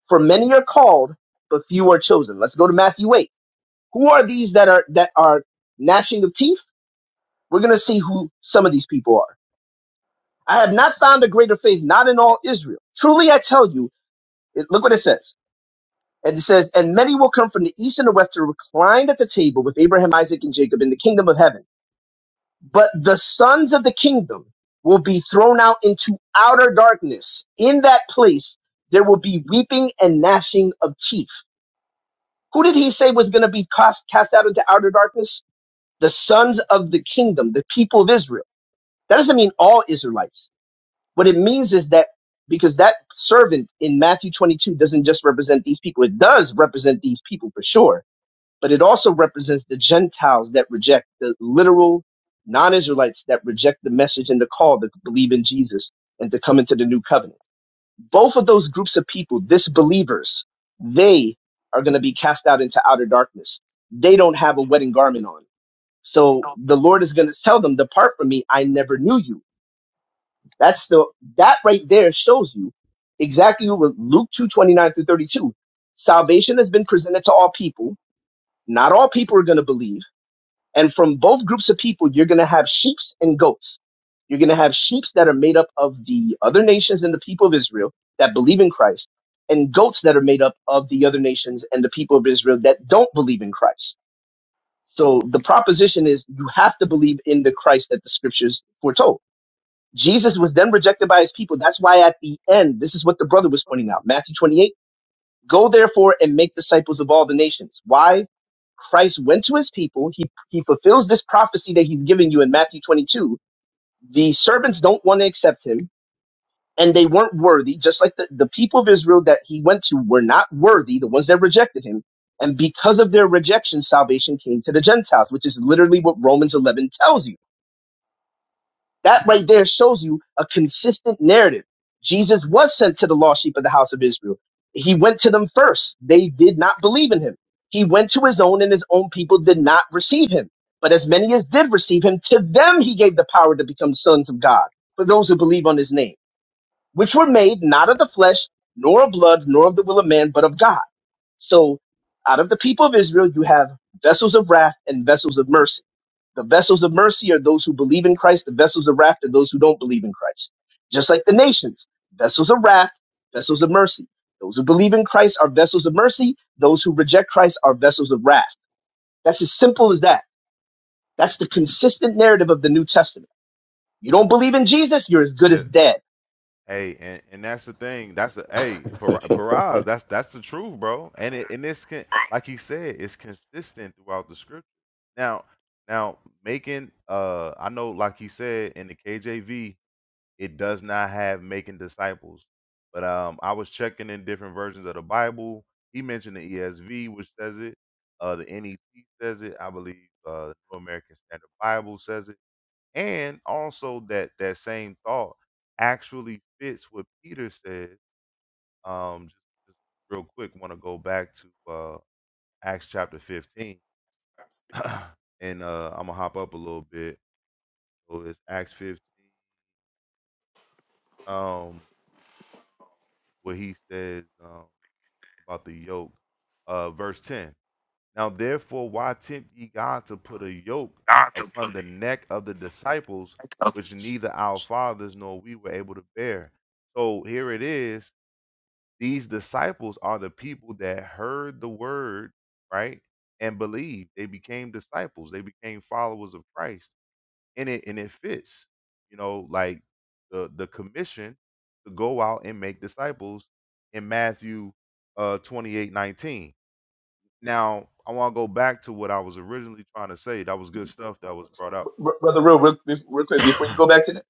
Speaker 5: For many are called, but few are chosen. Let's go to Matthew 8. Who are these that are that are gnashing of teeth? We're gonna see who some of these people are. I have not found a greater faith, not in all Israel. Truly I tell you, it, look what it says. And it says, and many will come from the east and the west to recline at the table with Abraham, Isaac, and Jacob in the kingdom of heaven. But the sons of the kingdom will be thrown out into outer darkness. In that place, there will be weeping and gnashing of teeth. Who did he say was going to be cast, cast out into outer darkness? The sons of the kingdom, the people of Israel. That doesn't mean all Israelites What it means is that because that servant in Matthew 22 doesn't just represent these people, it does represent these people for sure, but it also represents the Gentiles that reject the literal non Israelites that reject the message and the call to believe in Jesus and to come into the new covenant. Both of those groups of people, disbelievers, they are going to be cast out into outer darkness. They don't have a wedding garment on. So the Lord is going to tell them, Depart from me, I never knew you that's the that right there shows you exactly what Luke two twenty nine through thirty two. Salvation has been presented to all people. Not all people are going to believe, and from both groups of people, you're going to have sheep's and goats. You're going to have sheep's that are made up of the other nations and the people of Israel that believe in Christ, and goats that are made up of the other nations and the people of Israel that don't believe in Christ. So the proposition is you have to believe in the Christ that the scriptures foretold Jesus was then rejected by his people. That's why at the end, this is what the brother was pointing out. Matthew 28, go therefore and make disciples of all the nations. Why? Christ went to his people. He, he fulfills this prophecy that he's giving you in Matthew 22. The servants don't want to accept him and they weren't worthy, just like the, the people of Israel that he went to were not worthy, the ones that rejected him. And because of their rejection, salvation came to the Gentiles, which is literally what Romans 11 tells you That right there shows you a consistent narrative. Jesus was sent to the lost sheep of the house of Israel. He went to them first. They did not believe in him. He went to his own, and his own people did not receive him. But as many as did receive him, to them he gave the power to become sons of God, for those who believe on his name, which were made not of the flesh, nor of blood, nor of the will of man, but of God. So out of the people of Israel, you have vessels of wrath and vessels of mercy the vessels of mercy are those who believe in Christ. The vessels of wrath are those who don't believe in Christ. Just like the nations, vessels of wrath, vessels of mercy. Those who believe in Christ are vessels of mercy. Those who reject Christ are vessels of wrath. That's as simple as that. That's the consistent narrative of the New Testament. You don't believe in Jesus, you're as good as
Speaker 1: That's it.
Speaker 5: dead.
Speaker 1: Hey, and, and that's the thing. That's the hey, Par- Paraz. That's that's the truth, bro. And it and it's con- like he said, it's consistent throughout the scripture. Now, now making uh, I know, like he said in the KJV, It does not have making disciples. But um, I was checking in different versions of the Bible. He mentioned the ESV, which says it. Uh, the NET says it. I believe uh, the New American Standard Bible says it. And also that that same thought actually fits what Peter said. Um, just, just real quick, want to go back to uh, Acts chapter 15. and uh, I'm gonna hop up a little bit. So it's Acts 15, um, where he says. um, about the yoke. Uh, verse 10. Now, therefore, why tempt ye God to put a yoke upon the neck of the disciples, which neither our fathers nor we were able to bear? So here it is. These disciples are the people that heard the word, right? And believed. They became disciples. They became followers of Christ. And it and it fits, you know, like the the commission to go out and make disciples in Matthew uh 28, nineteen. Now, I want to go back to what I was originally trying to say. That was good stuff that was brought up.
Speaker 5: Br- Brother, real, real, real quick, before you go back to that,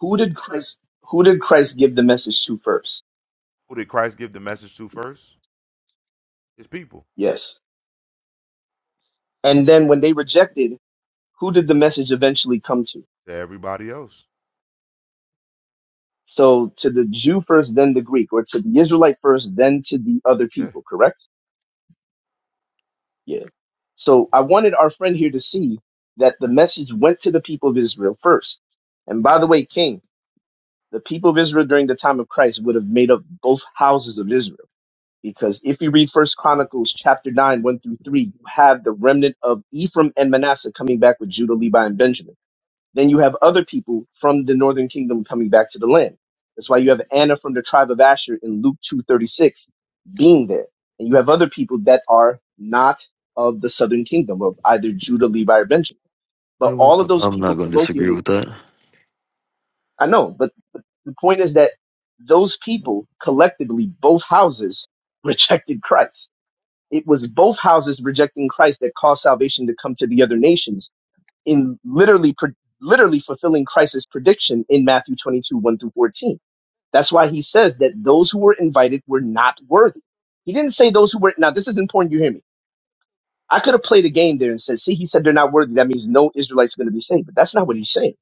Speaker 5: who did Christ, who did Christ give the message to first?
Speaker 1: Who did Christ give the message to first? His people.
Speaker 5: Yes. And then when they rejected, who did the message eventually come to?
Speaker 1: To everybody else.
Speaker 5: So to the Jew first, then the Greek, or to the Israelite first, then to the other
Speaker 1: Yeah,
Speaker 5: people, correct? Yeah. So I wanted our friend here to see that the message went to the people of Israel first. And by the way, King, the people of Israel during the time of Christ would have made up both houses of Israel. Because if you read First Chronicles chapter 9, 1 through 3, you have the remnant of Ephraim and Manasseh coming back with Judah, Levi, and Benjamin. Then you have other people from the northern kingdom coming back to the land. That's why you have Anna from the tribe of Asher in Luke 2:36 being there. And you have other people that are not of the southern kingdom of either Judah, Levi, or Benjamin.
Speaker 3: I
Speaker 5: But
Speaker 3: won't,
Speaker 5: all of those
Speaker 3: I'm not
Speaker 5: people
Speaker 3: going to disagree
Speaker 5: colloquially,
Speaker 3: with that.
Speaker 5: I know, but, but the point is that those people collectively, both houses, rejected Christ. It was both houses rejecting Christ that caused salvation to come to the other nations in literally pre- literally fulfilling Christ's prediction in Matthew 22 1 through 14. That's why he says that those who were invited were not worthy. He didn't say those who were. Now this is important. You hear me? I could have played a game there and said, "See, he said they're not worthy. That means no Israelites are going to be saved." But that's not what he's saying.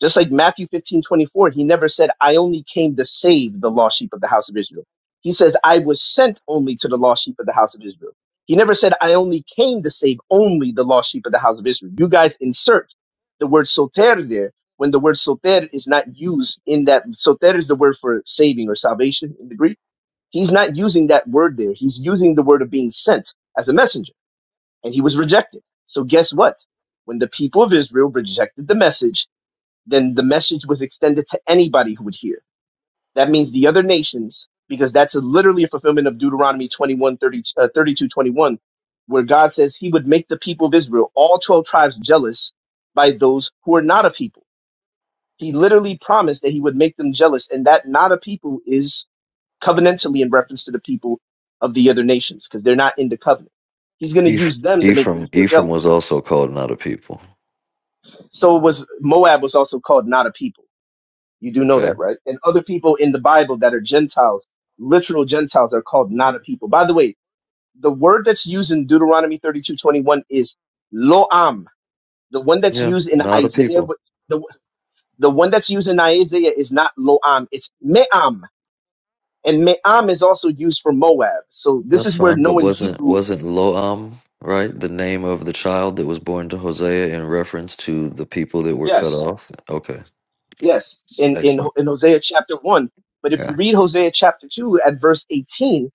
Speaker 5: Just like Matthew 15 24, he never said, I only came to save the lost sheep of the house of Israel. He says, I was sent only to the lost sheep of the house of Israel. He never said, I only came to save only the lost sheep of the house of Israel. You guys insert the word soter there when the word soter is not used in that. Soter is the word for saving or salvation in the Greek. He's not using that word there. He's using the word of being sent as a messenger, and he was rejected. So guess what? When the people of Israel rejected the message, then the message was extended to anybody who would hear. That means the other nations, because that's a, literally a fulfillment of Deuteronomy 21, thirty, uh, 32, twenty-one, where God says he would make the people of Israel, all 12 tribes, jealous by those who are not a people. He literally promised that he would make them jealous, and that not a people is covenantally in reference to the people of the other nations, because they're not in the covenant. He's going to
Speaker 3: Eph-
Speaker 5: use them to make
Speaker 3: Ephraim,
Speaker 5: Israel
Speaker 3: Ephraim was
Speaker 5: jealous.
Speaker 3: also called not a people.
Speaker 5: So it was Moab was also called not a people You do know that,
Speaker 3: Okay,
Speaker 5: right? And other people in the Bible that are Gentiles, literal Gentiles, are called not a people. By the way, the word that's used in Deuteronomy thirty-two twenty-one is loam. The one that's
Speaker 3: yeah,
Speaker 5: used in
Speaker 3: not a
Speaker 5: Isaiah,
Speaker 3: people.
Speaker 5: but the, the one that's used in Isaiah is not loam, it's me'am. And me'am is also used for Moab. So this
Speaker 3: That's
Speaker 5: is where
Speaker 3: fine, but
Speaker 5: knowing
Speaker 3: wasn't
Speaker 5: Hebrew,
Speaker 3: wasn't Loam right the name of the child that was born to Hosea in reference to the people that were cut
Speaker 5: yes,
Speaker 3: off? Okay,
Speaker 5: Yes, in, in,
Speaker 3: excellent.
Speaker 5: in Hosea chapter 1. But if you
Speaker 3: Yeah,
Speaker 5: read Hosea chapter 2 at verse 18,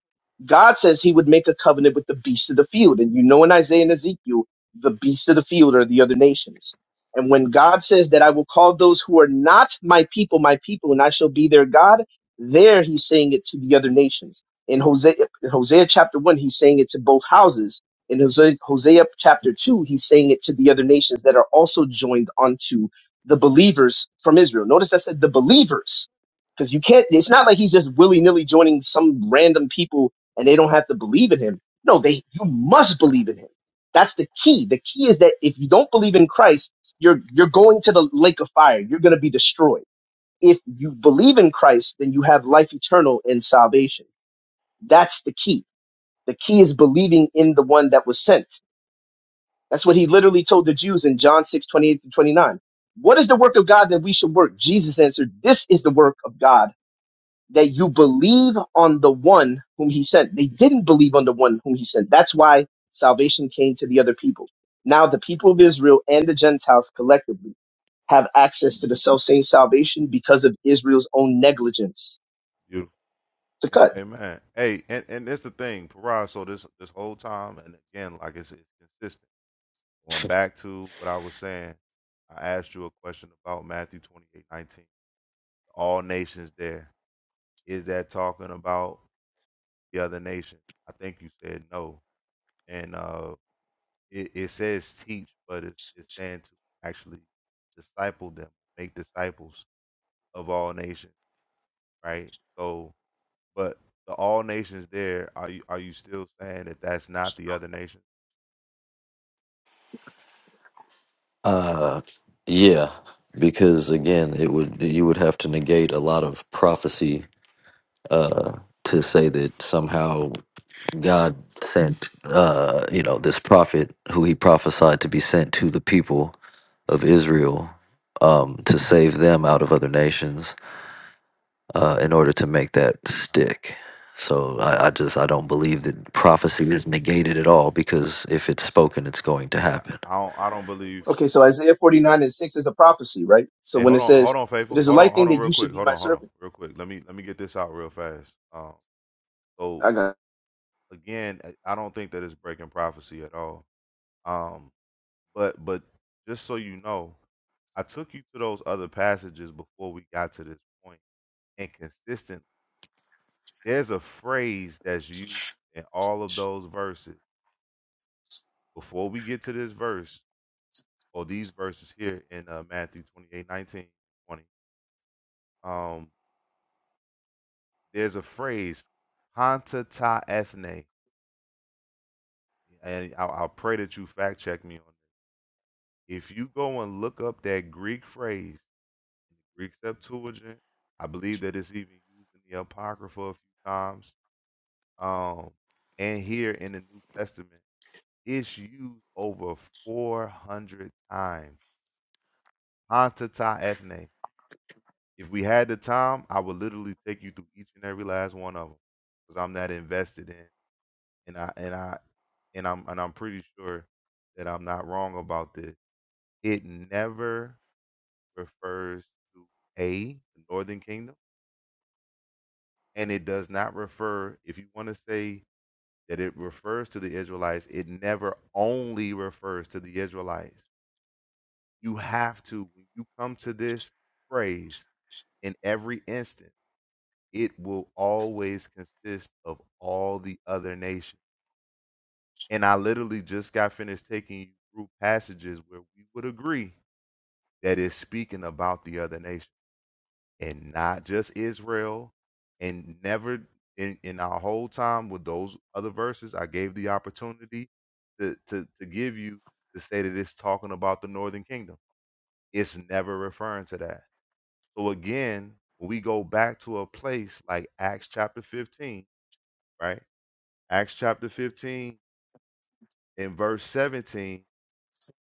Speaker 5: God says he would make a covenant with the beasts of the field. And you know in Isaiah and Ezekiel, the beasts of the field are the other nations. And when God says that I will call those who are not my people, my people, and I shall be their God, there he's saying it to the other nations. In Hosea, in Hosea chapter 1, he's saying it to both houses. In Hosea, Hosea chapter 2, he's saying it to the other nations that are also joined onto the believers from Israel. Notice that said the believers, because you can't, it's not like he's just willy nilly joining some random people and they don't have to believe in him. No, they, you must
Speaker 1: right.
Speaker 5: believe in him. That's the key. The key is that if you don't believe in Christ, you're, you're going to the lake of fire. You're going to be destroyed. If you believe in Christ, then you have life eternal and salvation. That's the key. The key is believing in the one that was sent. That's what he literally told the Jews in John 6 28 to 29. What is the work of God that we should work? Jesus answered, This is the work of God, that you believe on the one whom he sent. They didn't believe on the one whom he sent. That's why salvation came to the other people. Now the people of Israel and the Gentiles collectively have access to the self-same salvation because of Israel's own negligence.
Speaker 1: Beautiful.
Speaker 5: To
Speaker 1: A-
Speaker 5: cut.
Speaker 1: Amen. Hey, and, and that's the thing, Parag. So this this whole time, and again, like I said, it's consistent. Going back to what I was saying, I asked you a question about Matthew 28 19. All nations there. Is that talking about the other nation? I think you said no. And uh it, it says teach, but it's, it's saying to actually disciple them, make disciples of all nations, right? So, but the all nations there, are you are you still saying that that's not the other nations?
Speaker 3: uh, yeah, because again, it would you would have to negate a lot of prophecy uh, to say that somehow God sent, uh, you know, this prophet who he prophesied to be sent to the people of Israel um, to save them out of other nations uh, in order to make that
Speaker 1: All right.
Speaker 3: stick. So I, I just I don't believe that prophecy is negated at all because if it's spoken, it's going to
Speaker 1: Yeah,
Speaker 3: happen.
Speaker 1: I don't I don't believe.
Speaker 5: Okay, so Isaiah 49 and 6 is a prophecy, right? So
Speaker 1: Hey,
Speaker 5: when
Speaker 1: hold
Speaker 5: it
Speaker 1: on,
Speaker 5: says,
Speaker 1: hold on,
Speaker 5: It
Speaker 1: faithful,
Speaker 5: is a
Speaker 1: hold on,
Speaker 5: light
Speaker 1: hold
Speaker 5: thing
Speaker 1: on,
Speaker 5: that
Speaker 1: real
Speaker 5: you should
Speaker 1: quick,
Speaker 5: be
Speaker 1: hold
Speaker 5: my
Speaker 1: on, hold on,
Speaker 5: servant.
Speaker 1: real quick. Let me let me get this out real fast. Um, so
Speaker 5: I got it.
Speaker 1: again, I I don't think that it's breaking prophecy at all. Um, But but just so you know, I took you to those other passages before we got to this point. And consistent, there's a phrase that's used in all of those verses. Before we get to this verse or these verses here in uh, Matthew 28 19 20. um, there's a phrase, "Hanta ta ethne," and I'll, I'll pray that you fact check me on this. If you go and look up that Greek phrase in the Greek Septuagint. I believe that it's even used in the Apocrypha a few times. Um, and here in the New Testament, it's used over 400 times. Hanta ethne. If we had the time, I would literally take you through each and every last one of them because I'm that invested in, and I and I and I'm and I'm pretty sure that I'm not wrong about this. It never refers to a the Northern Kingdom and it does not refer if you want to say that it refers to the israelites it never only refers to the israelites you have to when you come to this phrase in every instance it will always consist of all the other nations and i literally just got finished taking you through passages where we would agree that it's speaking about the other nations and not just Israel, and never in, in our whole time with those other verses, I gave the opportunity to, to to give you to say that it's talking about the northern kingdom. It's never referring to that. So again, when we go back to a place like Acts chapter 15, right? Acts chapter 15 and verse 17,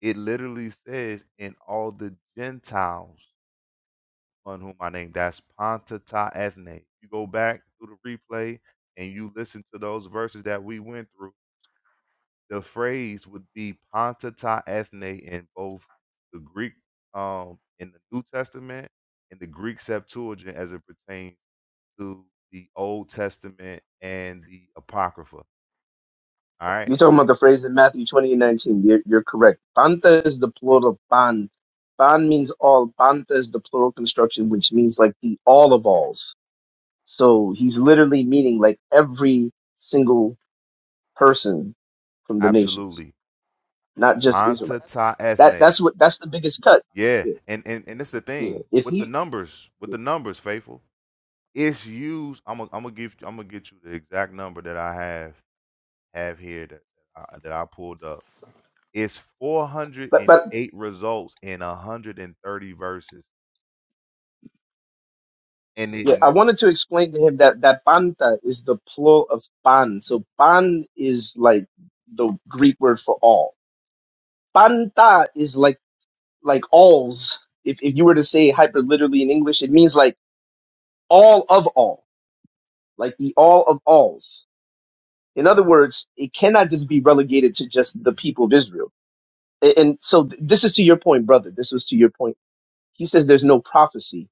Speaker 1: it literally says, and all the Gentiles On whom I named. That's Ponta ta Ethne. You go back through the replay and you listen to those verses that we went through. The phrase would be Ponta ta Ethne in both the Greek um in the New Testament and the Greek Septuagint as it pertains to the Old Testament and the Apocrypha. All right.
Speaker 5: You're talking about the phrase in Matthew 20 and 19. You're, you're correct. Panta is the plural pan. Pan means all. Panta is the plural construction, which means like the all of alls. So he's literally meaning like every single person from the nations,
Speaker 1: Absolutely.
Speaker 5: not just
Speaker 1: Ponta
Speaker 5: Israelites.
Speaker 1: ta
Speaker 5: That
Speaker 1: ethne.
Speaker 5: that's what that's the biggest cut.
Speaker 1: Yeah.
Speaker 5: Yeah,
Speaker 1: And, and and it's the
Speaker 5: yeah.
Speaker 1: thing
Speaker 5: If
Speaker 1: with the
Speaker 5: he,
Speaker 1: numbers, with the numbers, faithful. It's used. I'm gonna I'm gonna give I'm gonna get you the exact number that I have have here that I, that I pulled up. It's
Speaker 5: but but
Speaker 1: 408 results in 130 verses, and it.
Speaker 5: yeah, I
Speaker 1: n-
Speaker 5: wanted to explain to him that that panta is the plural of pan. So pan is like the Greek word for all. Panta is like like alls. If if you were to say hyper literally in English, it means like all of all, like the all of alls. In other words, it cannot just be relegated to just the people of Israel. A- And, so th- this is to your point, brother. This was to your point. He says there's no prophecy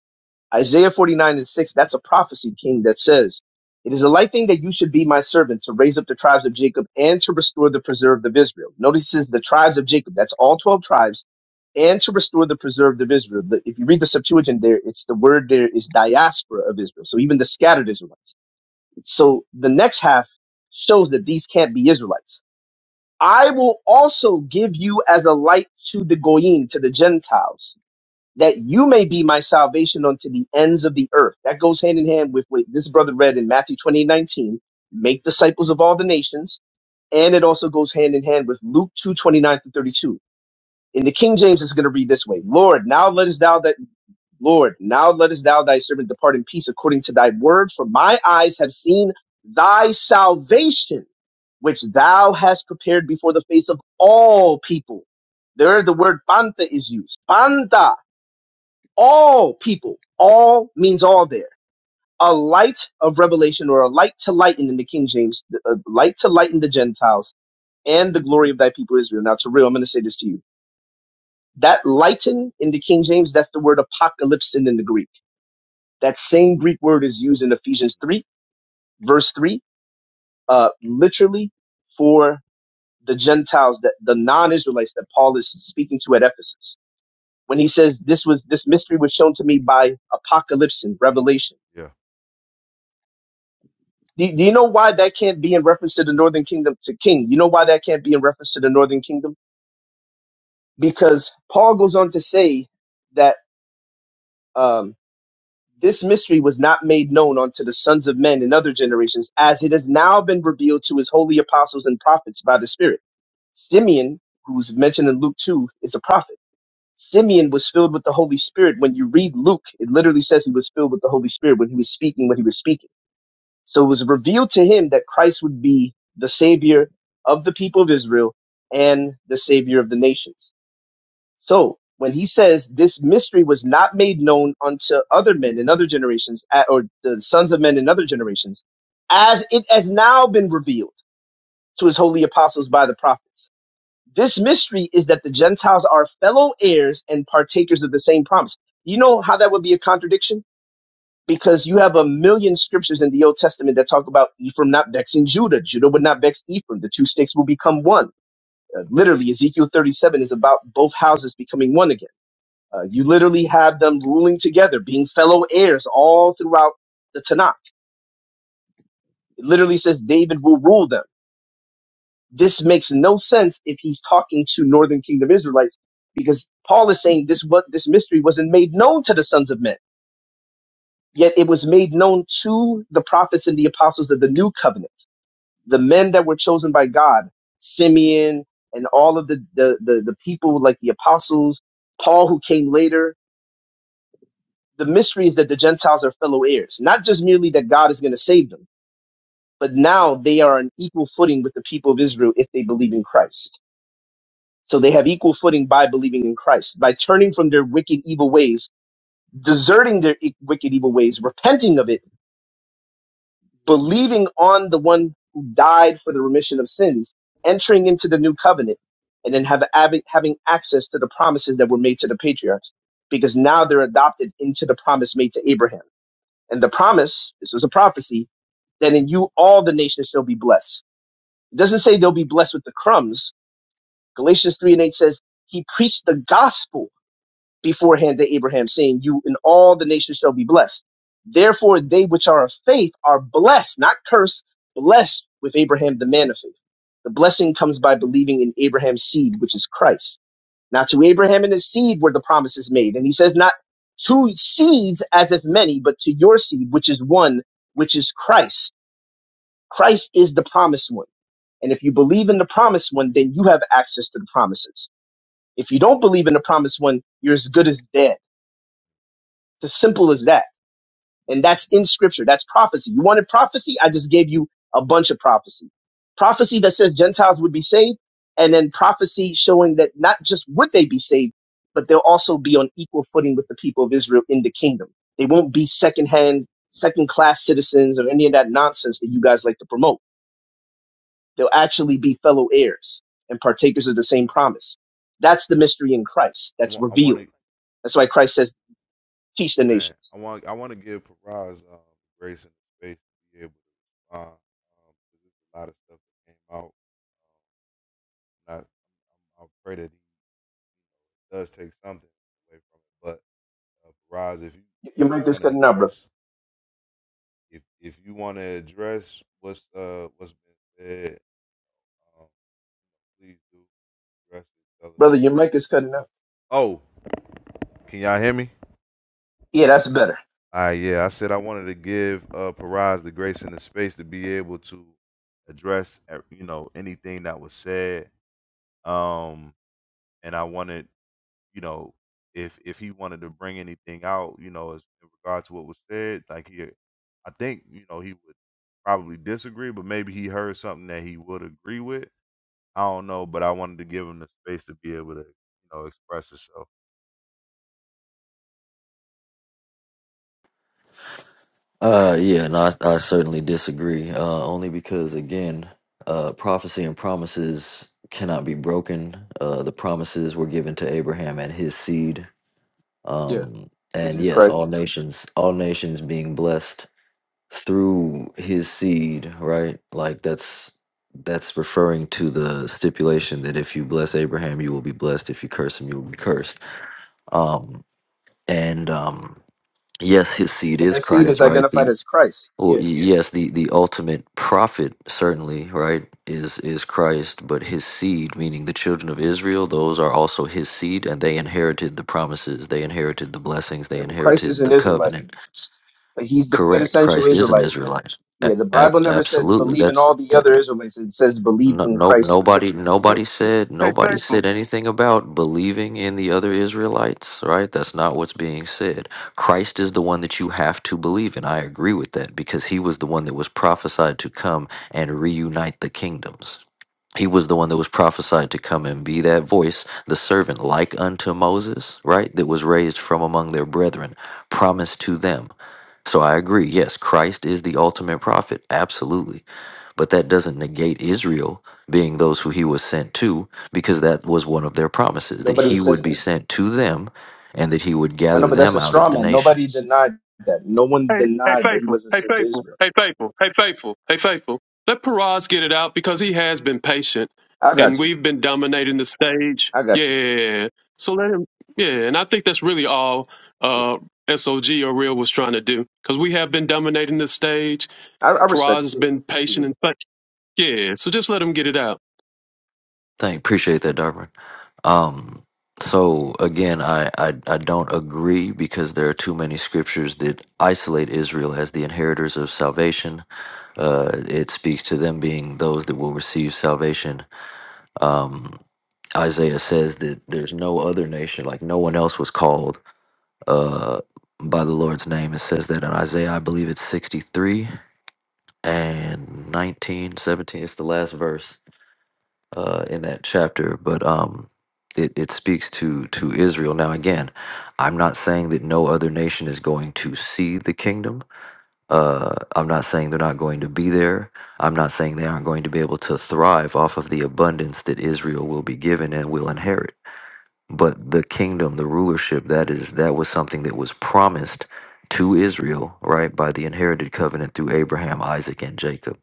Speaker 5: Isaiah 49 and 6, that's a prophecy, King, that says, It is a light thing that you should be my servant to raise up the tribes of Jacob and to restore the preserved of Israel. Notice this, the tribes of Jacob, that's all 12 tribes, and to restore the preserved of Israel. The- if you read the Septuagint there, it's the word there is diaspora of Israel. So even the scattered Israelites. So the next half shows that these can't be Israelites. I will also give you as a light to the Goyim, to the Gentiles that you may be my salvation unto the ends of the earth. That goes hand in hand with what this brother read in Matthew twenty nineteen, make disciples of all the nations. And it also goes hand in hand with Luke two twenty nine 29 to 32. In the King James, it's going to read this way. Lord, now lettest thou that, Lord, now lettest thou thy servant depart in peace according to thy word, for my eyes have seen thy salvation, which thou hast prepared before the face of all people. There, the word panta is used. Panta all people. All means all there. A light of revelation or a light to lighten in the King James, a light to lighten the Gentiles and the glory of thy people Israel. Now, to real, I'm going to say this to you. That lighten in the King James, that's the word apocalypse in the Greek. That same Greek word is used in Ephesians 3, verse 3, uh, literally for the Gentiles, that the non-Israelites that Paul is speaking to at Ephesus. When he says this was this mystery was shown to me by apocalypse and
Speaker 1: Mm,
Speaker 5: revelation
Speaker 1: yeah,
Speaker 5: Do, do you know why that can't be in reference to the northern kingdom to king? You know why that can't be in reference to the northern kingdom? Because Paul goes on to say that um, this mystery was not made known unto the sons of men in other generations, as it has now been revealed to his holy apostles and prophets by the Spirit. Simeon, who's mentioned in Luke 2, is a prophet. Simeon was filled with the Holy Spirit. When you read Luke, it literally says he was filled with the Holy Spirit when he was speaking, when he was speaking. So it was revealed to him that Christ would be the savior of the people of Israel and the savior of the nations. So when he says this mystery was not made known unto other men in other generations, a- or the sons of men in other generations, as it has now been revealed to his holy apostles by the prophets. This mystery is that the Gentiles are fellow heirs and partakers of the same promise. You know how that would be a contradiction? because you have a million scriptures in the Old Testament that talk about Ephraim not vexing Judah. Judah would not vex Ephraim. The two sticks will become one. Uh, literally, Ezekiel 37 is about both houses becoming one again. Uh, you literally have them ruling together, being fellow heirs all throughout the Tanakh. It literally says David will rule them. This makes no sense if he's talking to Northern Kingdom Israelites, because Paul is saying this what this mystery wasn't made known to the sons of men, yet it was made known to the prophets and the apostles of the new covenant the men that were chosen by God, Simeon and all of the, the, the, the people like the apostles, Paul who came later, the mystery is that the Gentiles are fellow heirs. Not just merely that God is going to save them, but now they are on equal footing with the people of Israel if they believe in Christ. So they have equal footing by believing in Christ, by turning from their wicked, evil ways, deserting their e- wicked, evil ways, repenting of it believing on the one who died for the remission of sins, entering into the new covenant, and then have, having having access to the promises that were made to the patriarchs, because now they're adopted into the promise made to Abraham. And the promise, this was a prophecy, that in you all the nations shall be blessed. It doesn't say they'll be blessed with the crumbs. Galatians 3 and 8 says, He preached the gospel beforehand to Abraham, saying, You and all the nations shall be blessed. Therefore, they which are of faith are blessed, not cursed, blessed with Abraham, the man of faith. The blessing comes by believing in Abraham's seed, which is Christ. Now, to Abraham and his seed were the promises made. And he says, Not to seeds as if many, but to your seed, which is one, which is Christ. Christ is the promised one. And if you believe in the promised one, then you have access to the promises. If you don't believe in the promised one, you're as good as dead it's as simple as that. And that's in scripture. That's prophecy. You wanted prophecy? I just gave you a bunch of prophecy. Prophecy that says Gentiles would be saved, and then prophecy showing that not just would they be saved, but they'll also be on equal footing with the people of Israel in the kingdom. They won't be secondhand, second class citizens or any of that nonsense that you guys like to promote. They'll actually be fellow heirs and partakers of the
Speaker 1: all
Speaker 5: same
Speaker 1: right.
Speaker 5: promise. That's the mystery in Christ.
Speaker 1: I
Speaker 5: That's
Speaker 1: want I want
Speaker 5: revealed.
Speaker 1: to
Speaker 5: That's why Christ says, teach the
Speaker 1: man.
Speaker 5: nations.
Speaker 1: I want I want to give Paraz um, grace and space to be able to respond. Um, 'cause there's a lot of stuff that came out. Um, I, I pray that he does take something away from it. But uh, Faraz, if you if
Speaker 5: Your mic
Speaker 1: you
Speaker 5: is
Speaker 1: want to
Speaker 5: cutting out, brother.
Speaker 1: address If if you want to address what's uh what's been said, um, please do address it, fellas.
Speaker 5: Brother, your mic is cutting out.
Speaker 1: Oh, can y'all hear me?
Speaker 5: Yeah, that's better.
Speaker 1: All right, yeah. I said I wanted to give uh Paraz the grace and the space to be able to address uh, you know anything that was said. Um, and I wanted you know if if he wanted to bring anything out, you know, as in regard to what was said, like he, I think you know he would probably disagree, but maybe he heard something that he would agree with. I don't know, but I wanted to give him the space to be able to, you know, express himself.
Speaker 3: Uh, yeah, and I, I certainly disagree. Uh, only because again, uh, prophecy and promises cannot be broken. Uh, the promises were given to Abraham and his seed.
Speaker 5: Yeah,
Speaker 3: Um,
Speaker 5: which
Speaker 3: and
Speaker 5: is
Speaker 3: yes,
Speaker 5: Christ.
Speaker 3: all nations, all nations being blessed through his seed, right? Like that's that's referring to the stipulation that if you bless Abraham, you will be blessed. If you curse him, you will be cursed. Um, and um, yes, his seed
Speaker 5: But
Speaker 3: is
Speaker 5: that seed
Speaker 3: Christ,
Speaker 5: is
Speaker 3: right?
Speaker 5: identified
Speaker 3: The
Speaker 5: as Christ.
Speaker 3: well,
Speaker 5: Yeah,
Speaker 3: y- yes, the, the ultimate prophet certainly, right, is is Christ, but his seed, meaning the children of Israel, those are also his seed, and they inherited the promises, they inherited the blessings, they
Speaker 5: yeah, but Christ is
Speaker 3: inherited
Speaker 5: an
Speaker 3: the
Speaker 5: Israelite.
Speaker 3: covenant.
Speaker 5: Like he's the
Speaker 3: Correct.
Speaker 5: quintessential
Speaker 3: Christ is an
Speaker 5: Israelite.
Speaker 3: Israelite.
Speaker 5: Yeah,
Speaker 3: A-
Speaker 5: the
Speaker 3: ab-
Speaker 5: Bible never says
Speaker 3: absolutely.
Speaker 5: believe in
Speaker 3: That's
Speaker 5: all the
Speaker 3: that.
Speaker 5: other Israelites. It says believe
Speaker 3: No,
Speaker 5: in
Speaker 3: no,
Speaker 5: Christ
Speaker 3: nobody,
Speaker 5: specifically.
Speaker 3: nobody said,
Speaker 2: Hey,
Speaker 3: nobody
Speaker 2: thankful.
Speaker 3: said anything about believing in the other Israelites, right? That's not what's being said. Christ is the one that you have to believe in. I agree with that because he was the one that was prophesied to come and reunite the kingdoms. He was the one that was prophesied to come and be that voice, the servant like unto Moses, right? That was raised from among their brethren, promised to them. So I agree. Yes, Christ is the ultimate prophet. Absolutely. But that doesn't negate Israel being those who he was sent to, because that was one of their promises that
Speaker 5: Nobody
Speaker 3: he would
Speaker 5: said
Speaker 3: be
Speaker 5: that.
Speaker 3: sent to them and that he would
Speaker 5: I know,
Speaker 3: gather
Speaker 5: but that's
Speaker 3: them
Speaker 5: a
Speaker 3: out
Speaker 5: straw
Speaker 3: of the
Speaker 5: man. Nobody
Speaker 3: nations.
Speaker 5: denied that. No one
Speaker 2: Hey, hey,
Speaker 5: denied that he
Speaker 2: faithful.
Speaker 5: wasn't
Speaker 2: Hey,
Speaker 5: sent to
Speaker 2: faithful.
Speaker 5: Israel.
Speaker 2: Hey, faithful. Hey, faithful. Hey, faithful. Let Paraz get it out because he has been patient,
Speaker 5: I
Speaker 2: and
Speaker 5: got you.
Speaker 2: we've been dominating the stage.
Speaker 5: I got you.
Speaker 2: Yeah. So let him. Yeah, and I think that's really all uh, SOG or Real was trying to do because we have been dominating the stage.
Speaker 5: I, I respect
Speaker 2: Paraz has
Speaker 5: you.
Speaker 2: been
Speaker 5: Yeah.
Speaker 2: patient and such. Yeah. So just let him get it out.
Speaker 3: Thank appreciate that, Darwin. Um so again, I, I I don't agree because there are too many scriptures that isolate Israel as the inheritors of salvation. Uh, it speaks to them being those that will receive salvation. Um, Isaiah says that there's no other nation, like no one else was called uh, by the Lord's name. It says that in Isaiah, I believe it's 63 and 19, 17. It's the last verse uh, in that chapter, but um, it, it speaks to, to Israel. Now, again, I'm not saying that no other nation is going to see the kingdom. Uh, I'm not saying they're not going to be there. I'm not saying they aren't going to be able to thrive off of the abundance that Israel will be given and will inherit but the kingdom the rulership that is that was something that was promised to Israel right by the inherited covenant through Abraham Isaac and Jacob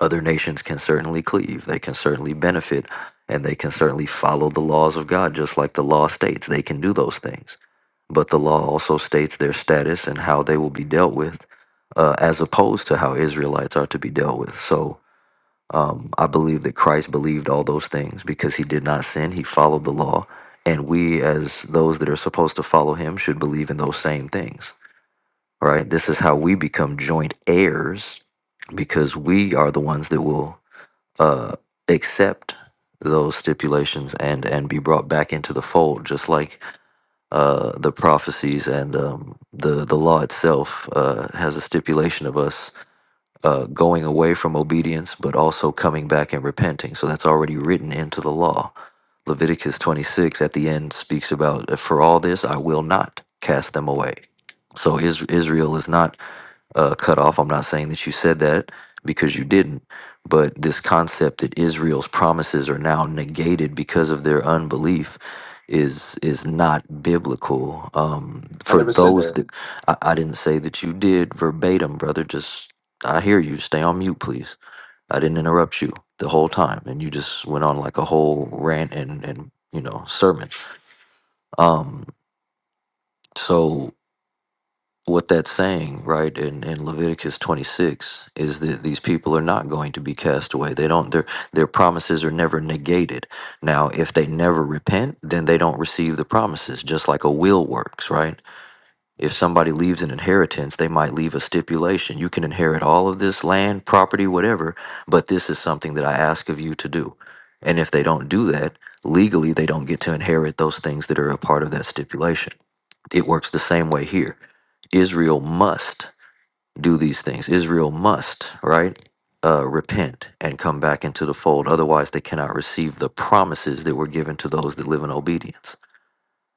Speaker 3: other nations can certainly cleave they can certainly benefit and they can certainly follow the laws of God just like the law states they can do those things but the law also states their status and how they will be dealt with uh, as opposed to how Israelites are to be dealt with so um, I believe that Christ believed all those things because he did not sin. He followed the law. And we, as those that are supposed to follow him, should believe in those same things, right? This is how we become joint heirs because we are the ones that will uh, accept those stipulations and and be brought back into the fold just like uh the prophecies and um the the law itself uh has a stipulation of us uh, going away from obedience, but also coming back and repenting. So that's already written into the law. Leviticus 26 at the end speaks about, for all this I will not cast them away. So is, Israel is not uh, cut off. I'm not saying that you said that because you didn't, but this concept that Israel's promises are now negated because of their unbelief is is not biblical. Um,
Speaker 5: I
Speaker 3: for
Speaker 5: never said
Speaker 3: those
Speaker 5: that.
Speaker 3: that I, I didn't say that you did verbatim, brother. Just I hear you. Stay on mute, please. I didn't interrupt you the whole time, and you just went on like a whole rant and and you know sermon. Um, so what that's saying, right, in, in Leviticus 26 is that these people are not going to be cast away. They don't their their promises are never negated. Now, if they never repent, then they don't receive the promises, just like a will works, right? If somebody leaves an inheritance, they might leave a stipulation. You can inherit all of this land, property, whatever, but this is something that I ask of you to do. And if they don't do that, legally, they don't get to inherit those things that are a part of that stipulation. It works the same way here. Israel must do these things. Israel must, right? Uh, repent and come back into the fold. Otherwise, they cannot receive the promises that were given to those that live in obedience.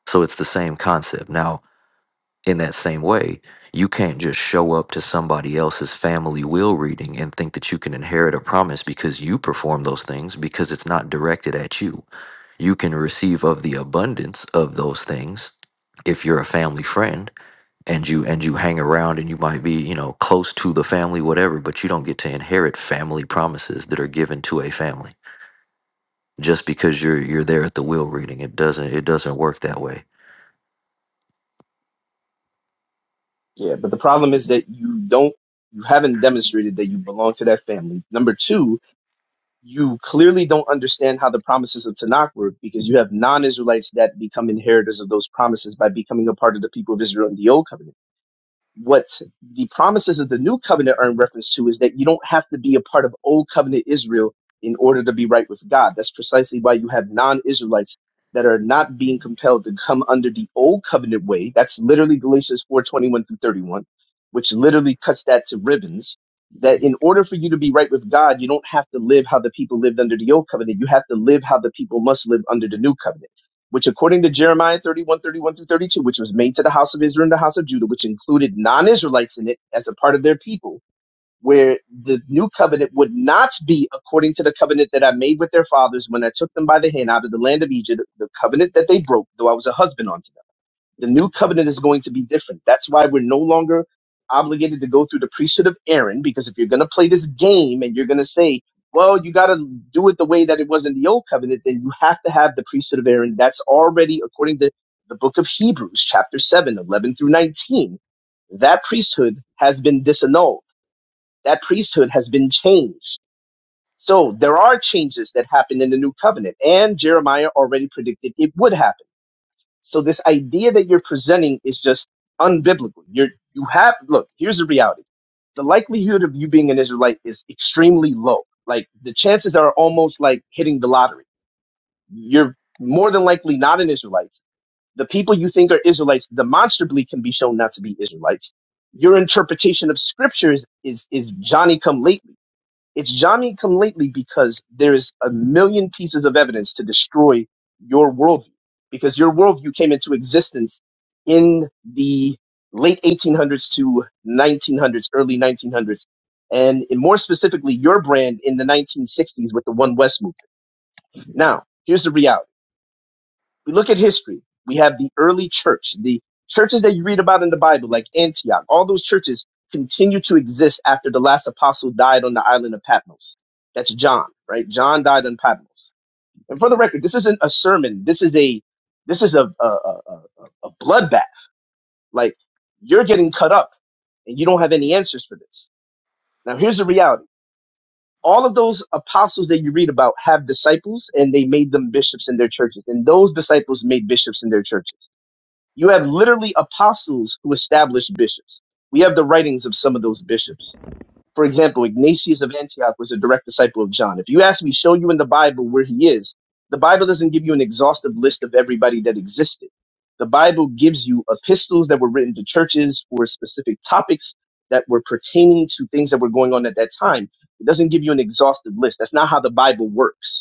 Speaker 3: So it's the same concept. Now, in that same way, you can't just show up to somebody else's family will reading and think that you can inherit a promise because you perform those things because it's not directed at you. You can receive of the abundance of those things if you're a family friend and you and you hang around and you might be, you know, close to the family whatever, but you don't get to inherit family promises that are given to a family just because you're you're there at the will reading. It doesn't it doesn't work that way.
Speaker 5: Yeah, but the problem is that you don't, you haven't demonstrated that you belong to that family. Number two, you clearly don't understand how the promises of Tanakh work because you have non Israelites that become inheritors of those promises by becoming a part of the people of Israel in the Old Covenant what the promises of the new covenant are in reference to is that you don't have to be a part of old covenant Israel in order to be right with God. That's precisely why you have non Israelites that are not being compelled to come under the old covenant way. That's literally Galatians four twenty one through 31, which literally cuts that to ribbons. That in order for you to be right with God, you don't have to live how the people lived under the old covenant. You have to live how the people must live under the new covenant which according to Jeremiah 31 31 through 32, which was made to the house of Israel and the house of Judah, which included non-Israelites in it as a part of their people, where the new covenant would not be according to the covenant that I made with their fathers when I took them by the hand out of the land of Egypt, the covenant that they broke, though I was a husband unto them. The new covenant is going to be different. That's why we're no longer obligated to go through the priesthood of Aaron, because if you're going to play this game and you're going to say, well, you got to do it the way that it was in the old covenant, then you have to have the priesthood of Aaron. That's already, according to the book of Hebrews, chapter 7, 11 through 19, that priesthood has been disannulled. That priesthood has been changed. So there are changes that happen in the new covenant, and Jeremiah already predicted it would happen. So this idea that you're presenting is just unbiblical. You're you have look, here's the reality. The likelihood of you being an Israelite is extremely low. Like the chances are almost like hitting the lottery. You're more than likely not an Israelite. The people you think are Israelites demonstrably can be shown not to be Israelites. Your interpretation of scriptures is is Johnny come lately it's Johnny come lately because there's a million pieces of evidence to destroy your worldview because your worldview came into existence in the late 1800s to 1900s, early 1900s. And more specifically, your brand in the 1960s with the One West movement. Now, here's the reality. We look at history. We have the early church, the churches that you read about in the Bible, like Antioch. All those churches continue to exist after the last apostle died on the island of Patmos. That's John, right? John died on Patmos. And for the record, this isn't a sermon. This is a this is a a, a, a, a bloodbath. Like you're getting cut up, and you don't have any answers for this. Now, here's the reality. All of those apostles that you read about have disciples, and they made them bishops in their churches. And those disciples made bishops in their churches you had literally apostles who established bishops. We have the writings of some of those bishops. For example, Ignatius of Antioch was a direct disciple of John. If you ask me, show you in the Bible where he is, the Bible doesn't give you an exhaustive list of everybody that existed. The Bible gives you epistles that were written to churches for specific topics that were pertaining to things that were going on at that time. It doesn't give you an exhaustive list. That's not how the Bible works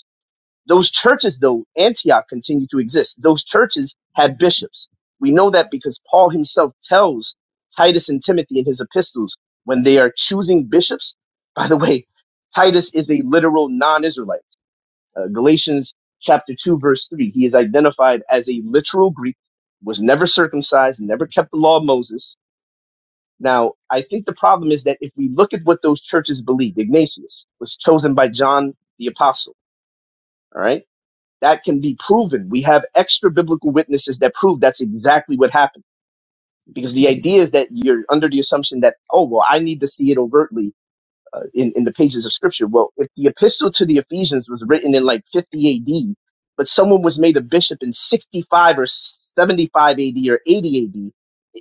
Speaker 5: those churches, though, Antioch continue to exist. Those churches had bishops. We know that because Paul himself tells Titus and Timothy in his epistles when they are choosing bishops. By the way, Titus is a literal non Israelite. Uh, Galatians chapter 2, verse 3, he is identified as a literal Greek, was never circumcised, never kept the law of Moses. Now, I think the problem is that if we look at what those churches believed, Ignatius was chosen by John the Apostle, all right? That can be proven. We have extra biblical witnesses that prove that's exactly what happened. Because the idea is that you're under the assumption that, oh, well, I need to see it overtly uh, in, in the pages of scripture. Well, if the epistle to the Ephesians was written in like 50 AD, but someone was made a bishop in 65 or 75 AD or 80 AD,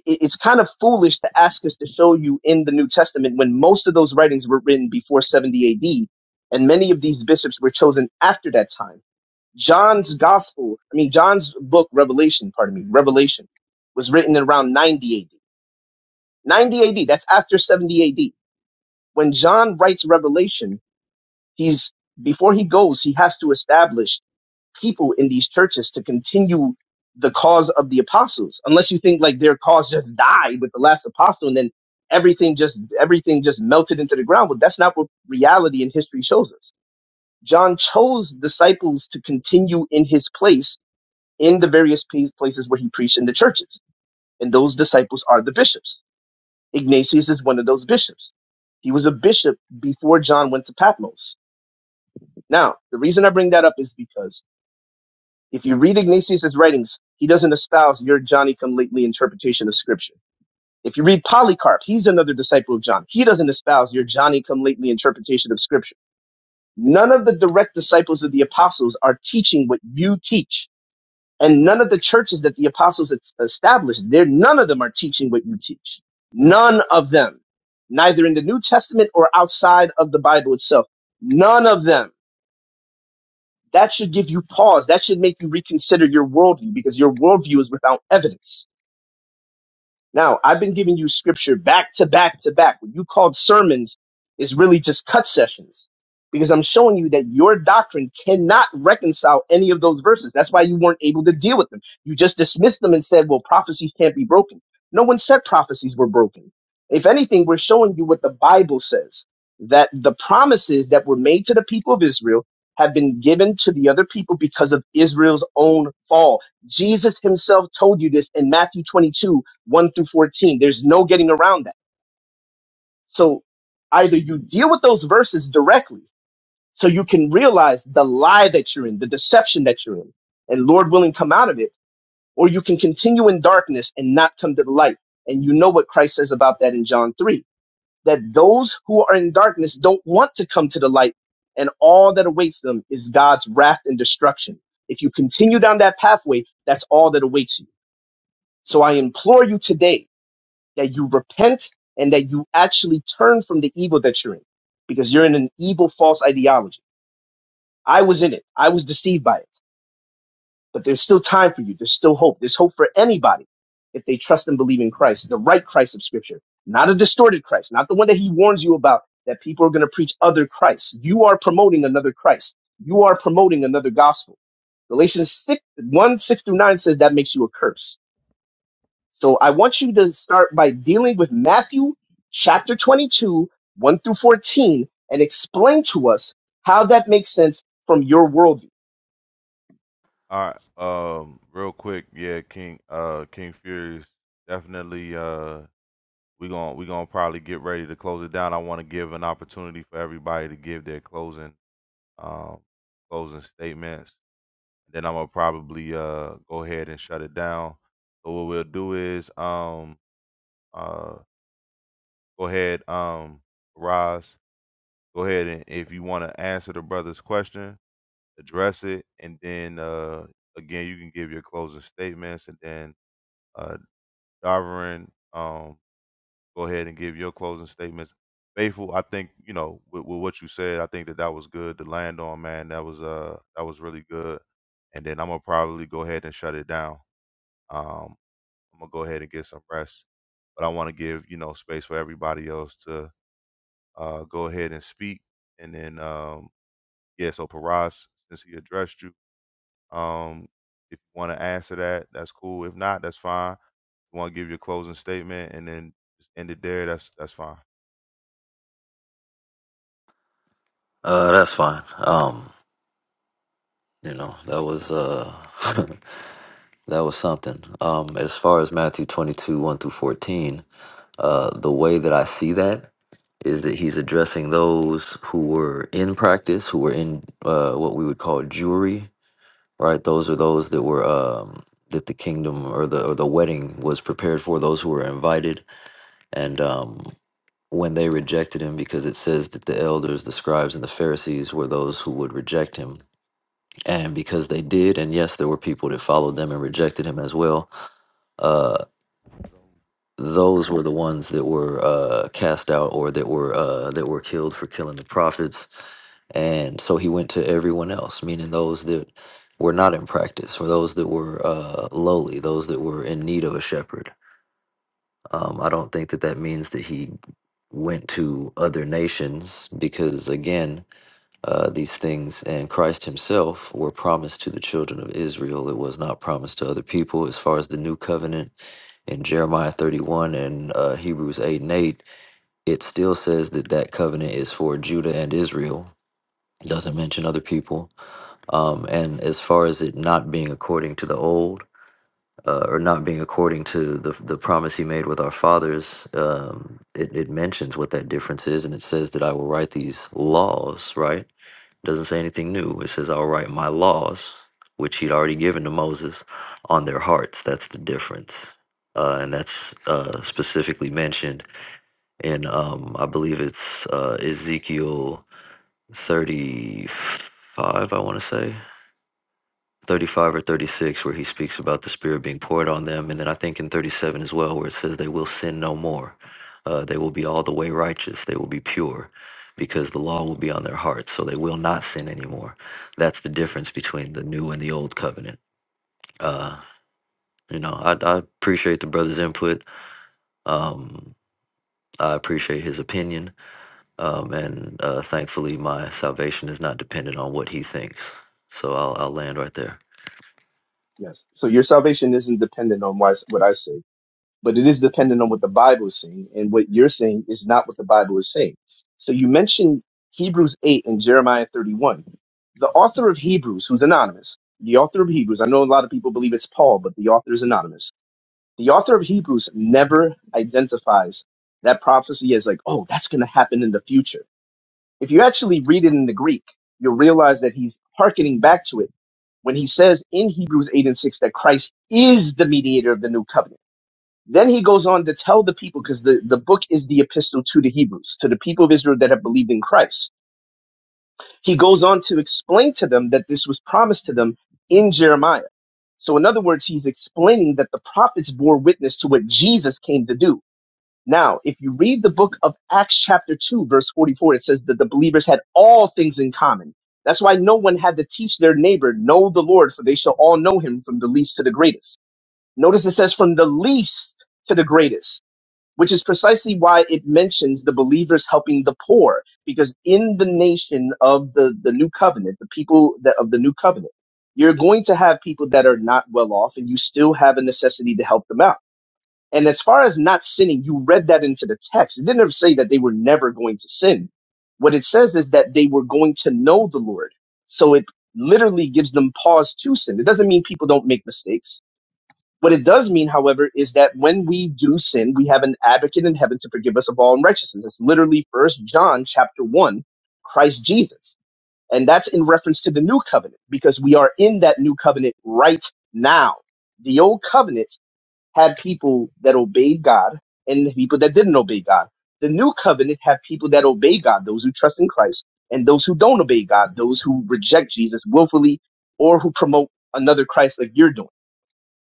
Speaker 5: it- it's kind of foolish to ask us to show you in the New Testament when most of those writings were written before 70 AD, and many of these bishops were chosen after that time. John's gospel, I mean, John's book, Revelation, pardon me, Revelation, was written in around 90 AD. 90 AD, that's after 70 AD. When John writes Revelation, he's, before he goes, he has to establish people in these churches to continue the cause of the apostles. Unless you think like their cause just died with the last apostle and then everything just, everything just melted into the ground. But that's not what reality and history shows us. John chose disciples to continue in his place in the various places where he preached in the churches. And those disciples are the bishops. Ignatius is one of those bishops. He was a bishop before John went to Patmos. Now, the reason I bring that up is because if you read Ignatius's writings, he doesn't espouse your Johnny come lately interpretation of scripture. If you read Polycarp, he's another disciple of John. He doesn't espouse your Johnny come lately interpretation of scripture. None of the direct disciples of the apostles are teaching what you teach And none of the churches that the apostles es- established, there none of them are teaching what you teach. None of them, neither in the New Testament or outside of the Bible itself. None of them. That should give you pause. That should make you reconsider your worldview because your worldview is without evidence. Now, I've been giving you scripture back to back to back. What you called sermons is really just cut sessions because I'm showing you that your doctrine cannot reconcile any of those verses. That's why you weren't able to deal with them. You just dismissed them and said, well, prophecies can't be broken. No one said prophecies were broken. If anything, we're showing you what the Bible says that the promises that were made to the people of Israel have been given to the other people because of Israel's own fall. Jesus himself told you this in Matthew 22 1 through 14. There's no getting around that. So either you deal with those verses directly so you can realize the lie that you're in, the deception that you're in, and Lord willing, come out of it, or you can continue in darkness and not come to the light. And you know what Christ says about that in John 3 that those who are in darkness don't want to come to the light, and all that awaits them is God's wrath and destruction. If you continue down that pathway, that's all that awaits you. So I implore you today that you repent and that you actually turn from the evil that you're in because you're in an evil false ideology. I was in it. I was deceived by it. But there's still time for you. There's still hope. There's hope for anybody if they trust and believe in Christ, the right Christ of scripture, not a distorted Christ, not the one that he warns you about that people are going to preach other Christ. You are promoting another Christ. You are promoting another gospel. Galatians six one six through 9 says that makes you a curse So I want you to start by dealing with Matthew chapter 22, 1 through 14, and explain to us how that makes sense from your worldview.
Speaker 1: All right, um, real quick, yeah, King, uh, King Furious, definitely, uh, we gon' we gonna probably get ready to close it down. I want to give an opportunity for everybody to give their closing, um, closing statements. Then I'm gonna probably uh go ahead and shut it down. So what we'll do is, um, uh, go ahead, um, Roz, go ahead and if you want to answer the brother's question address it, and then uh, again you can give your closing statements, and then uh, Darvin, um, go ahead and give your closing statements. Faithful, I think you know with, with what you said, I think that that was good to land on, man. That was uh that was really good, and then I'm gonna probably go ahead and shut it down. Um, I'm gonna go ahead and get some rest, but I want to give you know space for everybody else to uh go ahead and speak, and then um yeah, so Paras, since he addressed you. Um, if you want to answer that, that's cool. If not, that's fine. If you want to give your closing statement and then just end it there, that's that's fine.
Speaker 3: Uh that's fine. Um. You know, that was uh that was something. Um as far as Matthew 22, 1 through 14, uh the way that I see that is that he's addressing those who were in practice, who were in uh what we would call jury, right? Those are those that were um that the kingdom or the or the wedding was prepared for, those who were invited and um when they rejected him because it says that the elders, the scribes and the Pharisees were those who would reject him and because they did and yes there were people that followed them and rejected him as well uh those were the ones that were uh cast out or that were uh that were killed for killing the prophets and so he went to everyone else meaning those that were not in practice or those that were uh lowly those that were in need of a shepherd um i don't think that that means that he went to other nations because again uh, these things and Christ himself were promised to the children of Israel. It was not promised to other people. As far as the new covenant in Jeremiah 31 and uh, Hebrews 8 and 8, it still says that that covenant is for Judah and Israel. It doesn't mention other people. Um, and as far as it not being according to the old, uh, or not being according to the, the promise he made with our fathers, um, it, it mentions what that difference is, and it says that I will write these laws, right? Doesn't say anything new. It says, I'll write my laws, which he'd already given to Moses, on their hearts. That's the difference. Uh, and that's uh, specifically mentioned in, um, I believe it's uh, Ezekiel 35, I want to say. 35 or 36 where he speaks about the spirit being poured on them and then i think in 37 as well where it says they will sin no more uh, they will be all the way righteous they will be pure because the law will be on their hearts so they will not sin anymore that's the difference between the new and the old covenant uh, you know I, I appreciate the brother's input um, i appreciate his opinion um, and uh, thankfully my salvation is not dependent on what he thinks so i'll, I'll land right there
Speaker 5: Yes. So your salvation isn't dependent on why- what I say, but it is dependent on what the Bible is saying. And what you're saying is not what the Bible is saying. So you mentioned Hebrews 8 and Jeremiah 31. The author of Hebrews, who's anonymous, the author of Hebrews, I know a lot of people believe it's Paul, but the author is anonymous The author of Hebrews never identifies that prophecy as like, oh, that's going to happen in the future. If you actually read it in the Greek, you'll realize that he's hearkening back to it when he says in Hebrews 8 and 6 that Christ is the mediator of the new covenant. Then he goes on to tell the people, because the, the book is the epistle to the Hebrews, to the people of Israel that have believed in Christ. He goes on to explain to them that this was promised to them in Jeremiah. So, in other words, he's explaining that the prophets bore witness to what Jesus came to do now, if you read the book of Acts, chapter 2, verse 44, it says that the believers had all things in common. That's why no one had to teach their neighbor, Know the Lord, for they shall all know him from the least to the greatest. Notice it says from the least to the greatest, which is precisely why it mentions the believers helping the poor, because in the nation of the, the new covenant, the people that of the new covenant, you're going to have people that are not well off, and you still have a necessity to help them out and as far as not sinning, you read that into the text. It didn't ever say that they were never going to sin. What it says is that they were going to know the Lord. So it literally gives them pause to sin. It doesn't mean people don't make mistakes. What it does mean, however, is that when we do sin, we have an advocate in heaven to forgive us of all unrighteousness. It's literally First John chapter one, Christ Jesus. And that's in reference to the new covenant because we are in that new covenant right now. The old covenant had people that obeyed God and the people that didn't obey God. The new covenant had people that obey God, those who trust in Christ, and those who don't obey God, those who reject Jesus willfully or who promote another Christ like you're doing.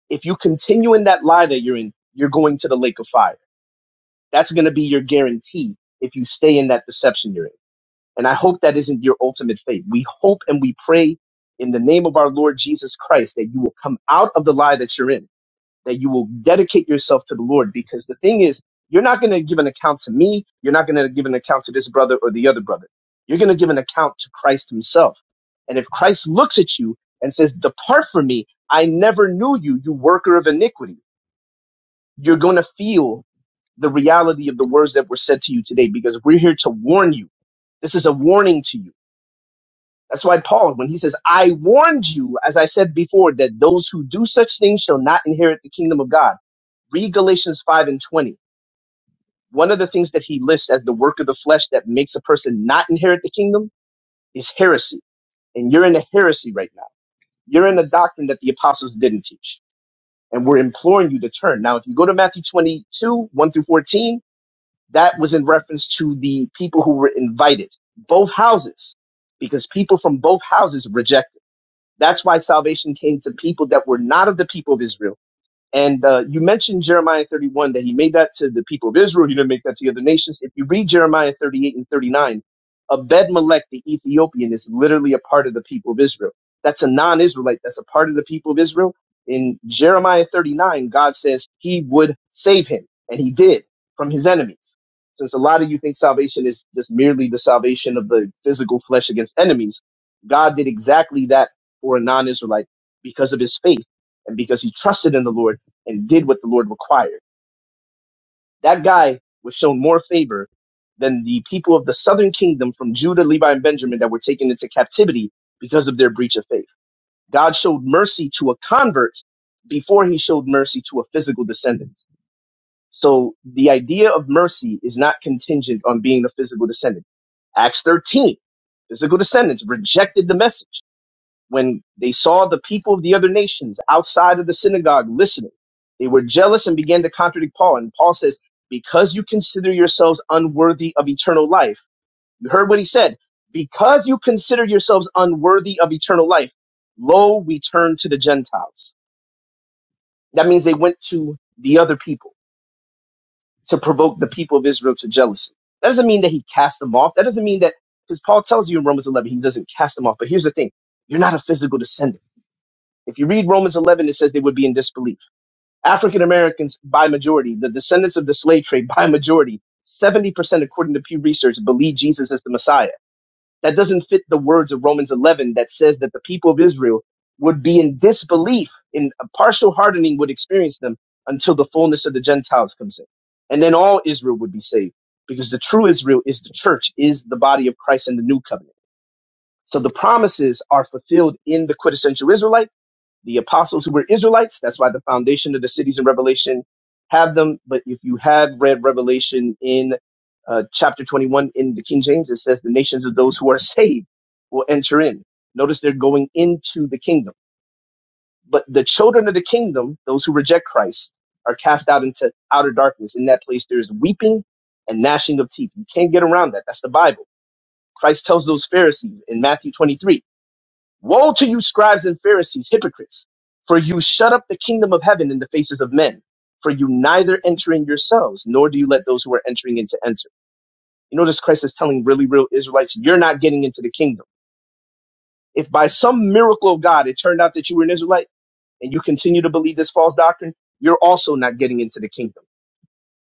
Speaker 5: If you continue in that lie that you're in, you're going to the lake of fire. That's going to be your guarantee if you stay in that deception you're in. And I hope that isn't your ultimate fate. We hope and we pray in the name of our Lord Jesus Christ that you will come out of the lie that you're in that you will dedicate yourself to the Lord. Because the thing is, you're not going to give an account to me. You're not going to give an account to this brother or the other brother. You're going to give an account to Christ himself. And if Christ looks at you and says, Depart from me, I never knew you, you worker of iniquity, you're going to feel the reality of the words that were said to you today because we're here to warn you. This is a warning to you. That's why Paul, when he says, I warned you, as I said before, that those who do such things shall not inherit the kingdom of God Read Galatians 5 and 20. One of the things that he lists as the work of the flesh that makes a person not inherit the kingdom is heresy. And you're in a heresy right now. You're in a doctrine that the apostles didn't teach. And we're imploring you to turn. Now, if you go to Matthew 22, 1 through 14, that was in reference to the people who were invited, both houses, because people from both houses rejected. That's why salvation came to people that were not of the people of Israel And uh, you mentioned Jeremiah 31 that he made that to the people of Israel. He didn't make that to the other nations. If you read Jeremiah 38 and 39, Abed-Melech, the Ethiopian, is literally a part of the people of Israel. That's a non-Israelite. That's a part of the people of Israel. In Jeremiah 39, God says he would save him, and he did from his enemies. Since a lot of you think salvation is just merely the salvation of the physical flesh against enemies, God did exactly that for a non-Israelite because of his faith and because he trusted in the Lord and did what the Lord required. That guy was shown more favor than the people of the southern kingdom from Judah, Levi, and Benjamin that were taken into captivity because of their breach of faith. God showed mercy to a convert before he showed mercy to a physical descendant. So the idea of mercy is not contingent on being a physical descendant. Acts 13, physical descendants rejected the message when they saw the people of the other nations outside of the synagogue listening, they were jealous and began to contradict Paul. And Paul says, Because you consider yourselves unworthy of eternal life, you heard what he said, because you consider yourselves unworthy of eternal life, lo, we turn to the Gentiles. That means they went to the other people to provoke the people of Israel to jealousy. That doesn't mean that he cast them off. That doesn't mean that, because Paul tells you in Romans 11, he doesn't cast them off. But here's the thing you're not a physical descendant If you read Romans 11, it says they would be in disbelief. African Americans by majority, the descendants of the slave trade by majority, 70% according to Pew Research believe Jesus is the Messiah. That doesn't fit the words of Romans 11 that says that the people of Israel would be in disbelief, in a partial hardening would experience them until the fullness of the Gentiles comes in. And then all Israel would be saved because the true Israel is the church, is the body of Christ in the new covenant. So the promises are fulfilled in the quintessential Israelite the apostles who were Israelites. That's why the foundation of the cities in Revelation have them. But if you have read Revelation in uh, chapter 21 in the King James, it says the nations of those who are saved will enter in. Notice they're going into the kingdom. But the children of the kingdom, those who reject Christ, are cast out into outer darkness. In that place, there's weeping and gnashing of teeth. You can't get around that. That's the Bible. Christ tells those Pharisees in Matthew 23 Woe to you, scribes and Pharisees, hypocrites! For you shut up the kingdom of heaven in the faces of men, for you neither enter in yourselves, nor do you let those who are entering in to enter. You notice Christ is telling really real Israelites, you're not getting into the kingdom. If by some miracle of God it turned out that you were an Israelite and you continue to believe this false doctrine, you're also not getting into the kingdom.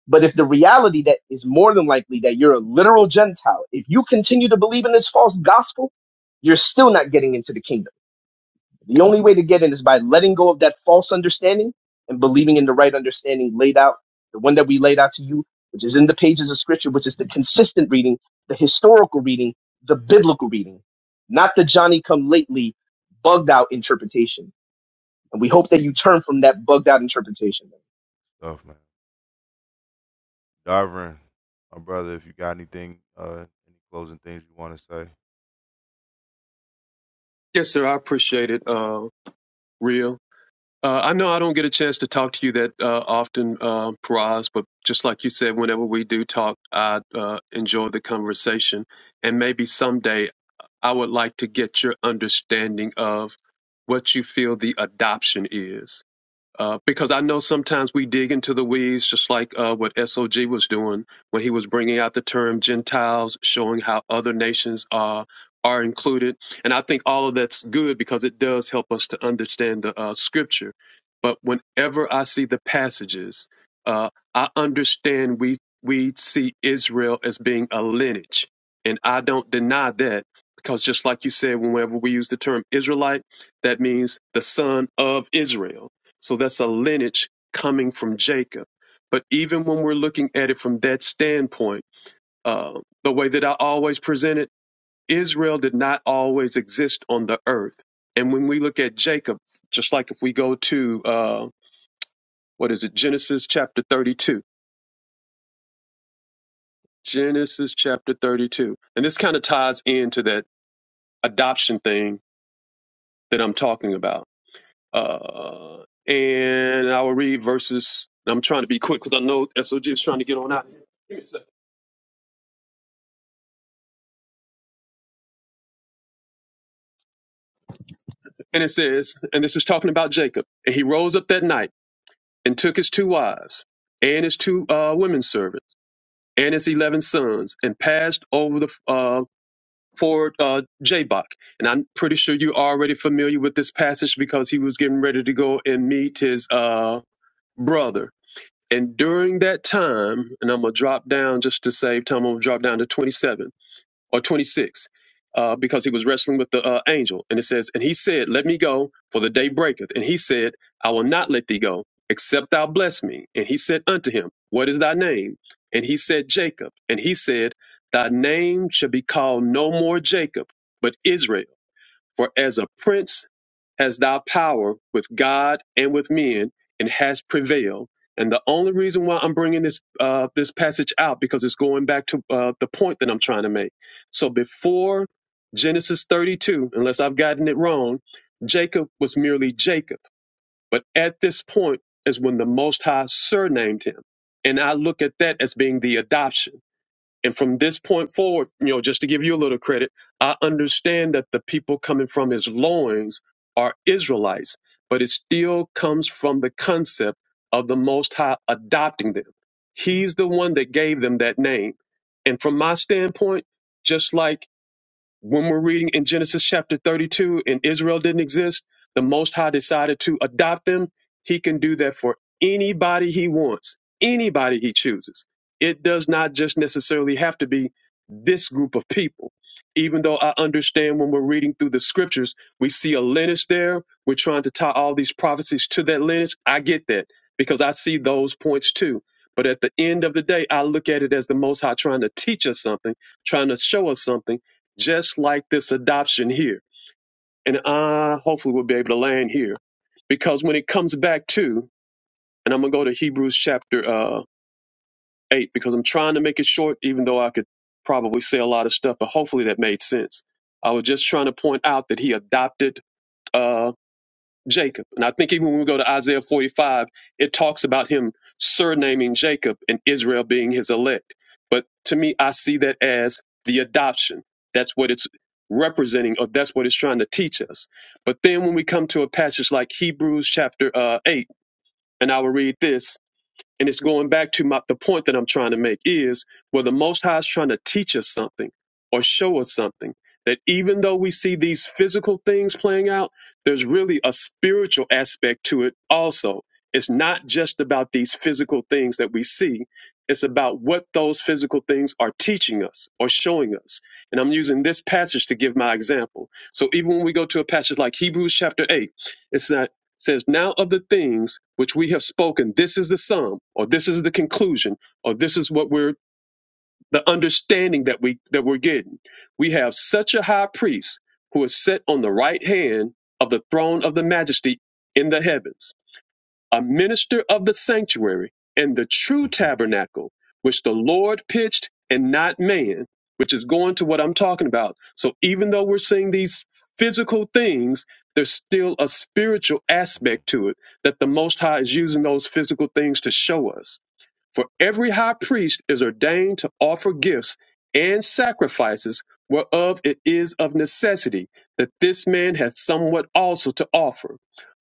Speaker 5: But if the reality that is more than likely that you're a literal Gentile, if you continue to believe in this false gospel, you're still not getting into the kingdom The only way to get in is by letting go of that false understanding and believing in the right understanding laid out, the one that we laid out to you, which is in the pages of scripture, which is the consistent reading, the historical reading, the biblical reading, not the Johnny come lately bugged out interpretation. And we hope that you turn from that bugged out interpretation.
Speaker 1: Stuff, man. Darvin, my brother, if you got anything, uh, any closing things you want to say.
Speaker 2: Yes, sir. I appreciate it, uh, Real. Uh, I know I don't get a chance to talk to you that uh, often, uh, Paraz, but just like you said, whenever we do talk, I uh, enjoy the conversation. And maybe someday I would like to get your understanding of what you feel the adoption is. Uh, because I know sometimes we dig into the weeds, just like uh, what SOG was doing when he was bringing out the term Gentiles, showing how other nations are are included. And I think all of that's good because it does help us to understand the uh, scripture. But whenever I see the passages, uh, I understand we we see Israel as being a lineage, and I don't deny that because just like you said, whenever we use the term Israelite, that means the son of Israel so that's a lineage coming from Jacob. But even when we're looking at it from that standpoint, uh, the way that I always present it, Israel did not always exist on the earth. And when we look at Jacob, just like if we go to, uh, what is it, Genesis chapter 32, Genesis chapter 32. And this kind of ties into that adoption thing that I'm talking about. Uh, and I will read verses. I'm trying to be quick because I know SOG is trying to get on out. of here. Give me a second. And it says, and this is talking about Jacob. And he rose up that night and took his two wives and his two uh, women servants and his 11 sons and passed over the uh, ford uh, Jabbok. And I'm pretty sure you're already familiar with this passage because he was getting ready to go and meet his uh, brother. And during that time, and I'm going to drop down just to save time, I'm going to drop down to 27 or 26, uh, because he was wrestling with the uh, angel. And it says, And he said, Let me go, for the day breaketh. And he said, I will not let thee go, except thou bless me. And he said unto him, What is thy name? And he said, Jacob. And he said, Thy name shall be called no more Jacob, but Israel for as a prince has thou power with God and with men, and has prevailed. And the only reason why I'm bringing this uh, this passage out because it's going back to uh, the point that I'm trying to make. So before Genesis 32, unless I've gotten it wrong, Jacob was merely Jacob. But at this point is when the Most High surnamed him, and I look at that as being the adoption. And from this point forward, you know, just to give you a little credit, I understand that the people coming from his loins are Israelites, but it still comes from the concept of the Most High adopting them. He's the one that gave them that name. And from my standpoint, just like when we're reading in Genesis chapter 32, and Israel didn't exist, the Most High decided to adopt them. He can do that for anybody he wants, anybody he chooses. It does not just necessarily have to be this group of people. Even though I understand when we're reading through the scriptures, we see a lineage there. We're trying to tie all these prophecies to that lineage. I get that because I see those points too. But at the end of the day, I look at it as the Most High trying to teach us something, trying to show us something just like this adoption here. And I hopefully will be able to land here because when it comes back to, and I'm going to go to Hebrews chapter uh, 8 because I'm trying to make it short, even though I could probably say a lot of stuff, but hopefully that made sense. I was just trying to point out that he adopted uh, Jacob. And I think even when we go to Isaiah 45, it talks about him surnaming Jacob and Israel being his elect. But to me, I see that as the adoption. That's what it's representing, or that's what it's trying to teach us. But then when we come to a passage like Hebrews chapter uh, 8, and I will read this and it's going back to my, the point that I'm trying to make is where the Most High is trying to teach us something or show us something that even though we see these physical things playing out, there's really a spiritual aspect to it also. It's not just about these physical things that we see. It's about what those physical things are teaching us or showing us. And I'm using this passage to give my example. So even when we go to a passage like Hebrews chapter 8, it's not says, Now of the things which we have spoken, this is the sum, or this is the conclusion, or this is what we're the understanding that we that we're getting. We have such a high priest who is set on the right hand of the throne of the majesty in the heavens a minister of the sanctuary and the true
Speaker 1: hmm
Speaker 2: tabernacle, which the Lord pitched and not man, which is going to what I'm talking about. So even though we're seeing these physical things, there's still a spiritual aspect to it that the Most High is using those physical things to show us. For every high priest is ordained to offer gifts and sacrifices, whereof it is of necessity that this man hath somewhat also to offer.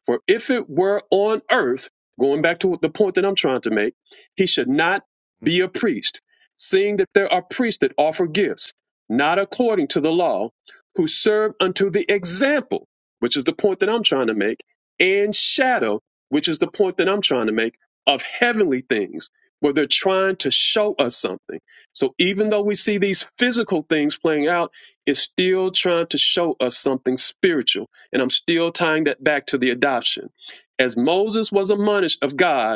Speaker 2: For if it were on earth, going back to the point that I'm trying to make, he should not
Speaker 1: hmm
Speaker 2: be a priest, seeing that there are priests that offer gifts, not according to the law, who serve unto the example, which is the point that I'm trying to make, and shadow, which is the point that I'm trying to make, of heavenly things where they're trying to show us something. So even though we see these physical things playing out, it's still trying to show us something spiritual. And I'm still tying that back to the adoption. As Moses was admonished of God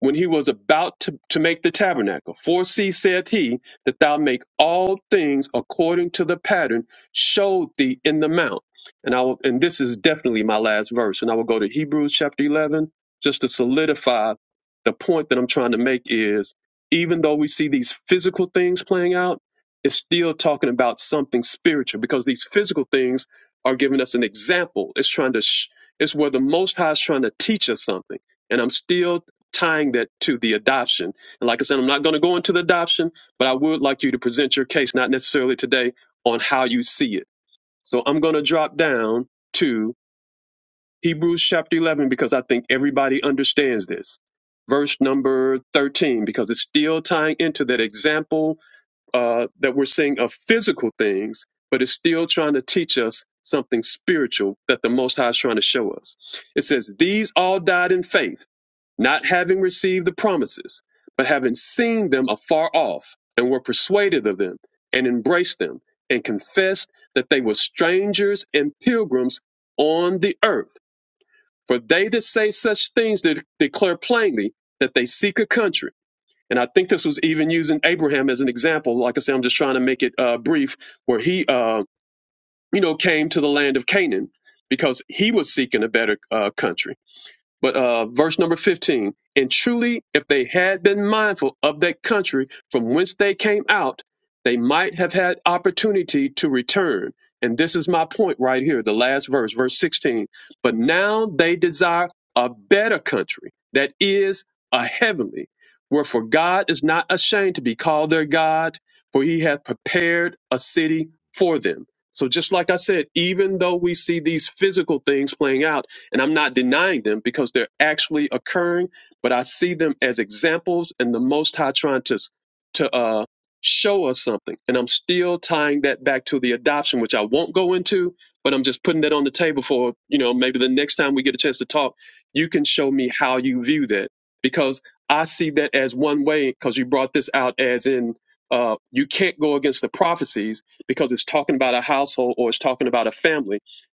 Speaker 2: when he was about to, to make the tabernacle. Foresee, saith he, that thou make all things according to the pattern showed thee in the mount. And I will, and this is definitely my last verse. And I will go to Hebrews chapter eleven just to solidify the point that I'm trying to make is even though we see these physical things playing out, it's still talking about something spiritual because these physical things are giving us an example. It's trying to, sh- it's where the Most High is trying to teach us something and I'm still tying that to the adoption. And like I said, I'm not going to go into the adoption, but I would like you to present your case, not necessarily today, on how you see it. So I'm going to drop down to Hebrews chapter 11 because I think everybody understands this. Verse number 13, because it's still tying into that example uh, that we're seeing of physical things, but it's still trying to teach us something spiritual that the Most High is trying to show us. It says, These all died in faith not having received the promises, but having seen them afar off, and were persuaded of them, and embraced them, and confessed that they were strangers and pilgrims on the earth. For they that say such things de- declare plainly that they seek a country. And I think this was even using Abraham as an example. Like I said, I'm just trying to make it uh, brief, where he, uh, you know, came to the land of Canaan because he was seeking a better uh, country but uh, verse number 15, and truly, if they had been mindful of that country from whence they came out, they might have had opportunity to return. And this is my point right here, the last verse, verse 16. But now they desire a better country that is a heavenly, wherefore God is not ashamed to be called their God, for he hath prepared a city for them. So just like I said, even though we see these physical things playing out, and I'm not denying them because they're actually occurring, but I see them as examples and the Most High trying to, to uh, show us something. And I'm still tying that back to the adoption, which I won't go into, but I'm just putting that on the table for, you know, maybe the next time we get a chance to talk, you can show me how you view that because I see that as one way because you brought this out as in uh, you can't go against the prophecies because it's talking about a household or it's talking about a family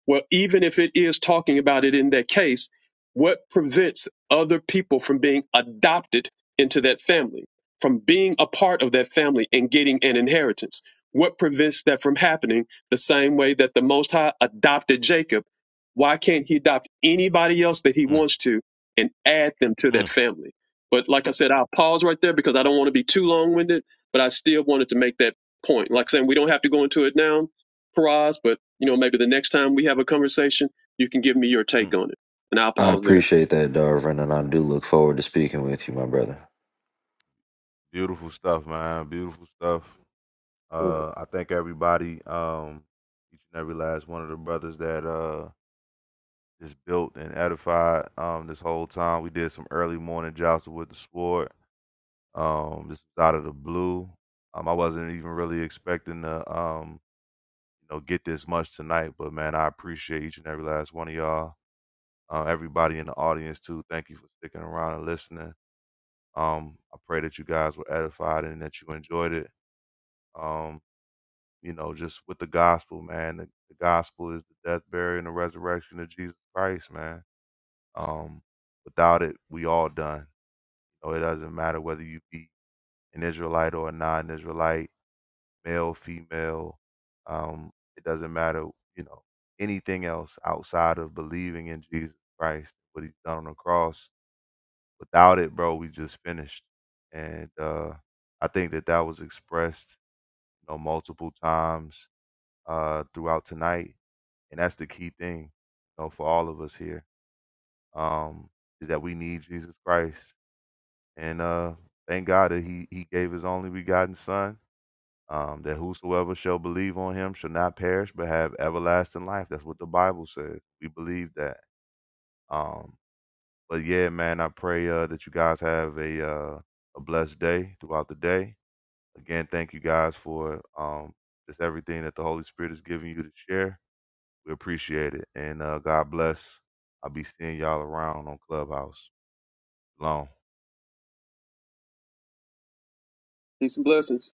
Speaker 2: well, even if it is talking about it in that case, what prevents other people from being adopted into that family, from being a part of that family and getting an inheritance? What prevents that from happening the same way that the Most High adopted Jacob? Why can't he adopt anybody else that he
Speaker 1: mm
Speaker 2: wants to and add them to that
Speaker 1: mm
Speaker 2: family? But like I said, I'll pause right there because I don't want to be too long winded, but I still wanted to make that point. Like saying we don't have to go into it now Faraz, but you know, maybe the next time we have a conversation, you can give me your
Speaker 1: mm
Speaker 2: take on it. And I'll
Speaker 3: I
Speaker 2: pause there.
Speaker 3: appreciate that, Darvin, and I do look forward to speaking with you, my brother.
Speaker 1: Beautiful stuff, man. Beautiful stuff. Uh, I thank everybody, um, each and every last one of the brothers that uh just built and edified um this whole time. We did some early morning jostle with the sword Um, this was out of the blue. Um, I wasn't even really expecting to, um, you know, get this much tonight. But man, I appreciate each and every last one of y'all. Uh, everybody in the audience too. Thank you for sticking around and listening. Um, I pray that you guys were edified and that you enjoyed it. Um, you know, just with the gospel, man. The, the gospel is the death, burial, and the resurrection of Jesus Christ, man. Um, without it, we all done. You know, it doesn't matter whether you be an Israelite or a non-Israelite male, female, um, it doesn't matter, you know, anything else outside of believing in Jesus Christ, what he's done on the cross. Without it, bro, we just finished. And uh I think that that was expressed, you know, multiple times uh throughout tonight, and that's the key thing, you know, for all of us here. Um is that we need Jesus Christ. And uh thank God that he he gave his only begotten son um, that whosoever shall believe on him shall not perish but have everlasting life. That's what the Bible says. We believe that. Um, but yeah, man, I pray uh, that you guys have a uh, a blessed day throughout the day. Again, thank you guys for um, just everything that the Holy Spirit is giving you to share. We appreciate it, and uh, God bless. I'll be seeing y'all around on Clubhouse. Long.
Speaker 2: Peace and blessings.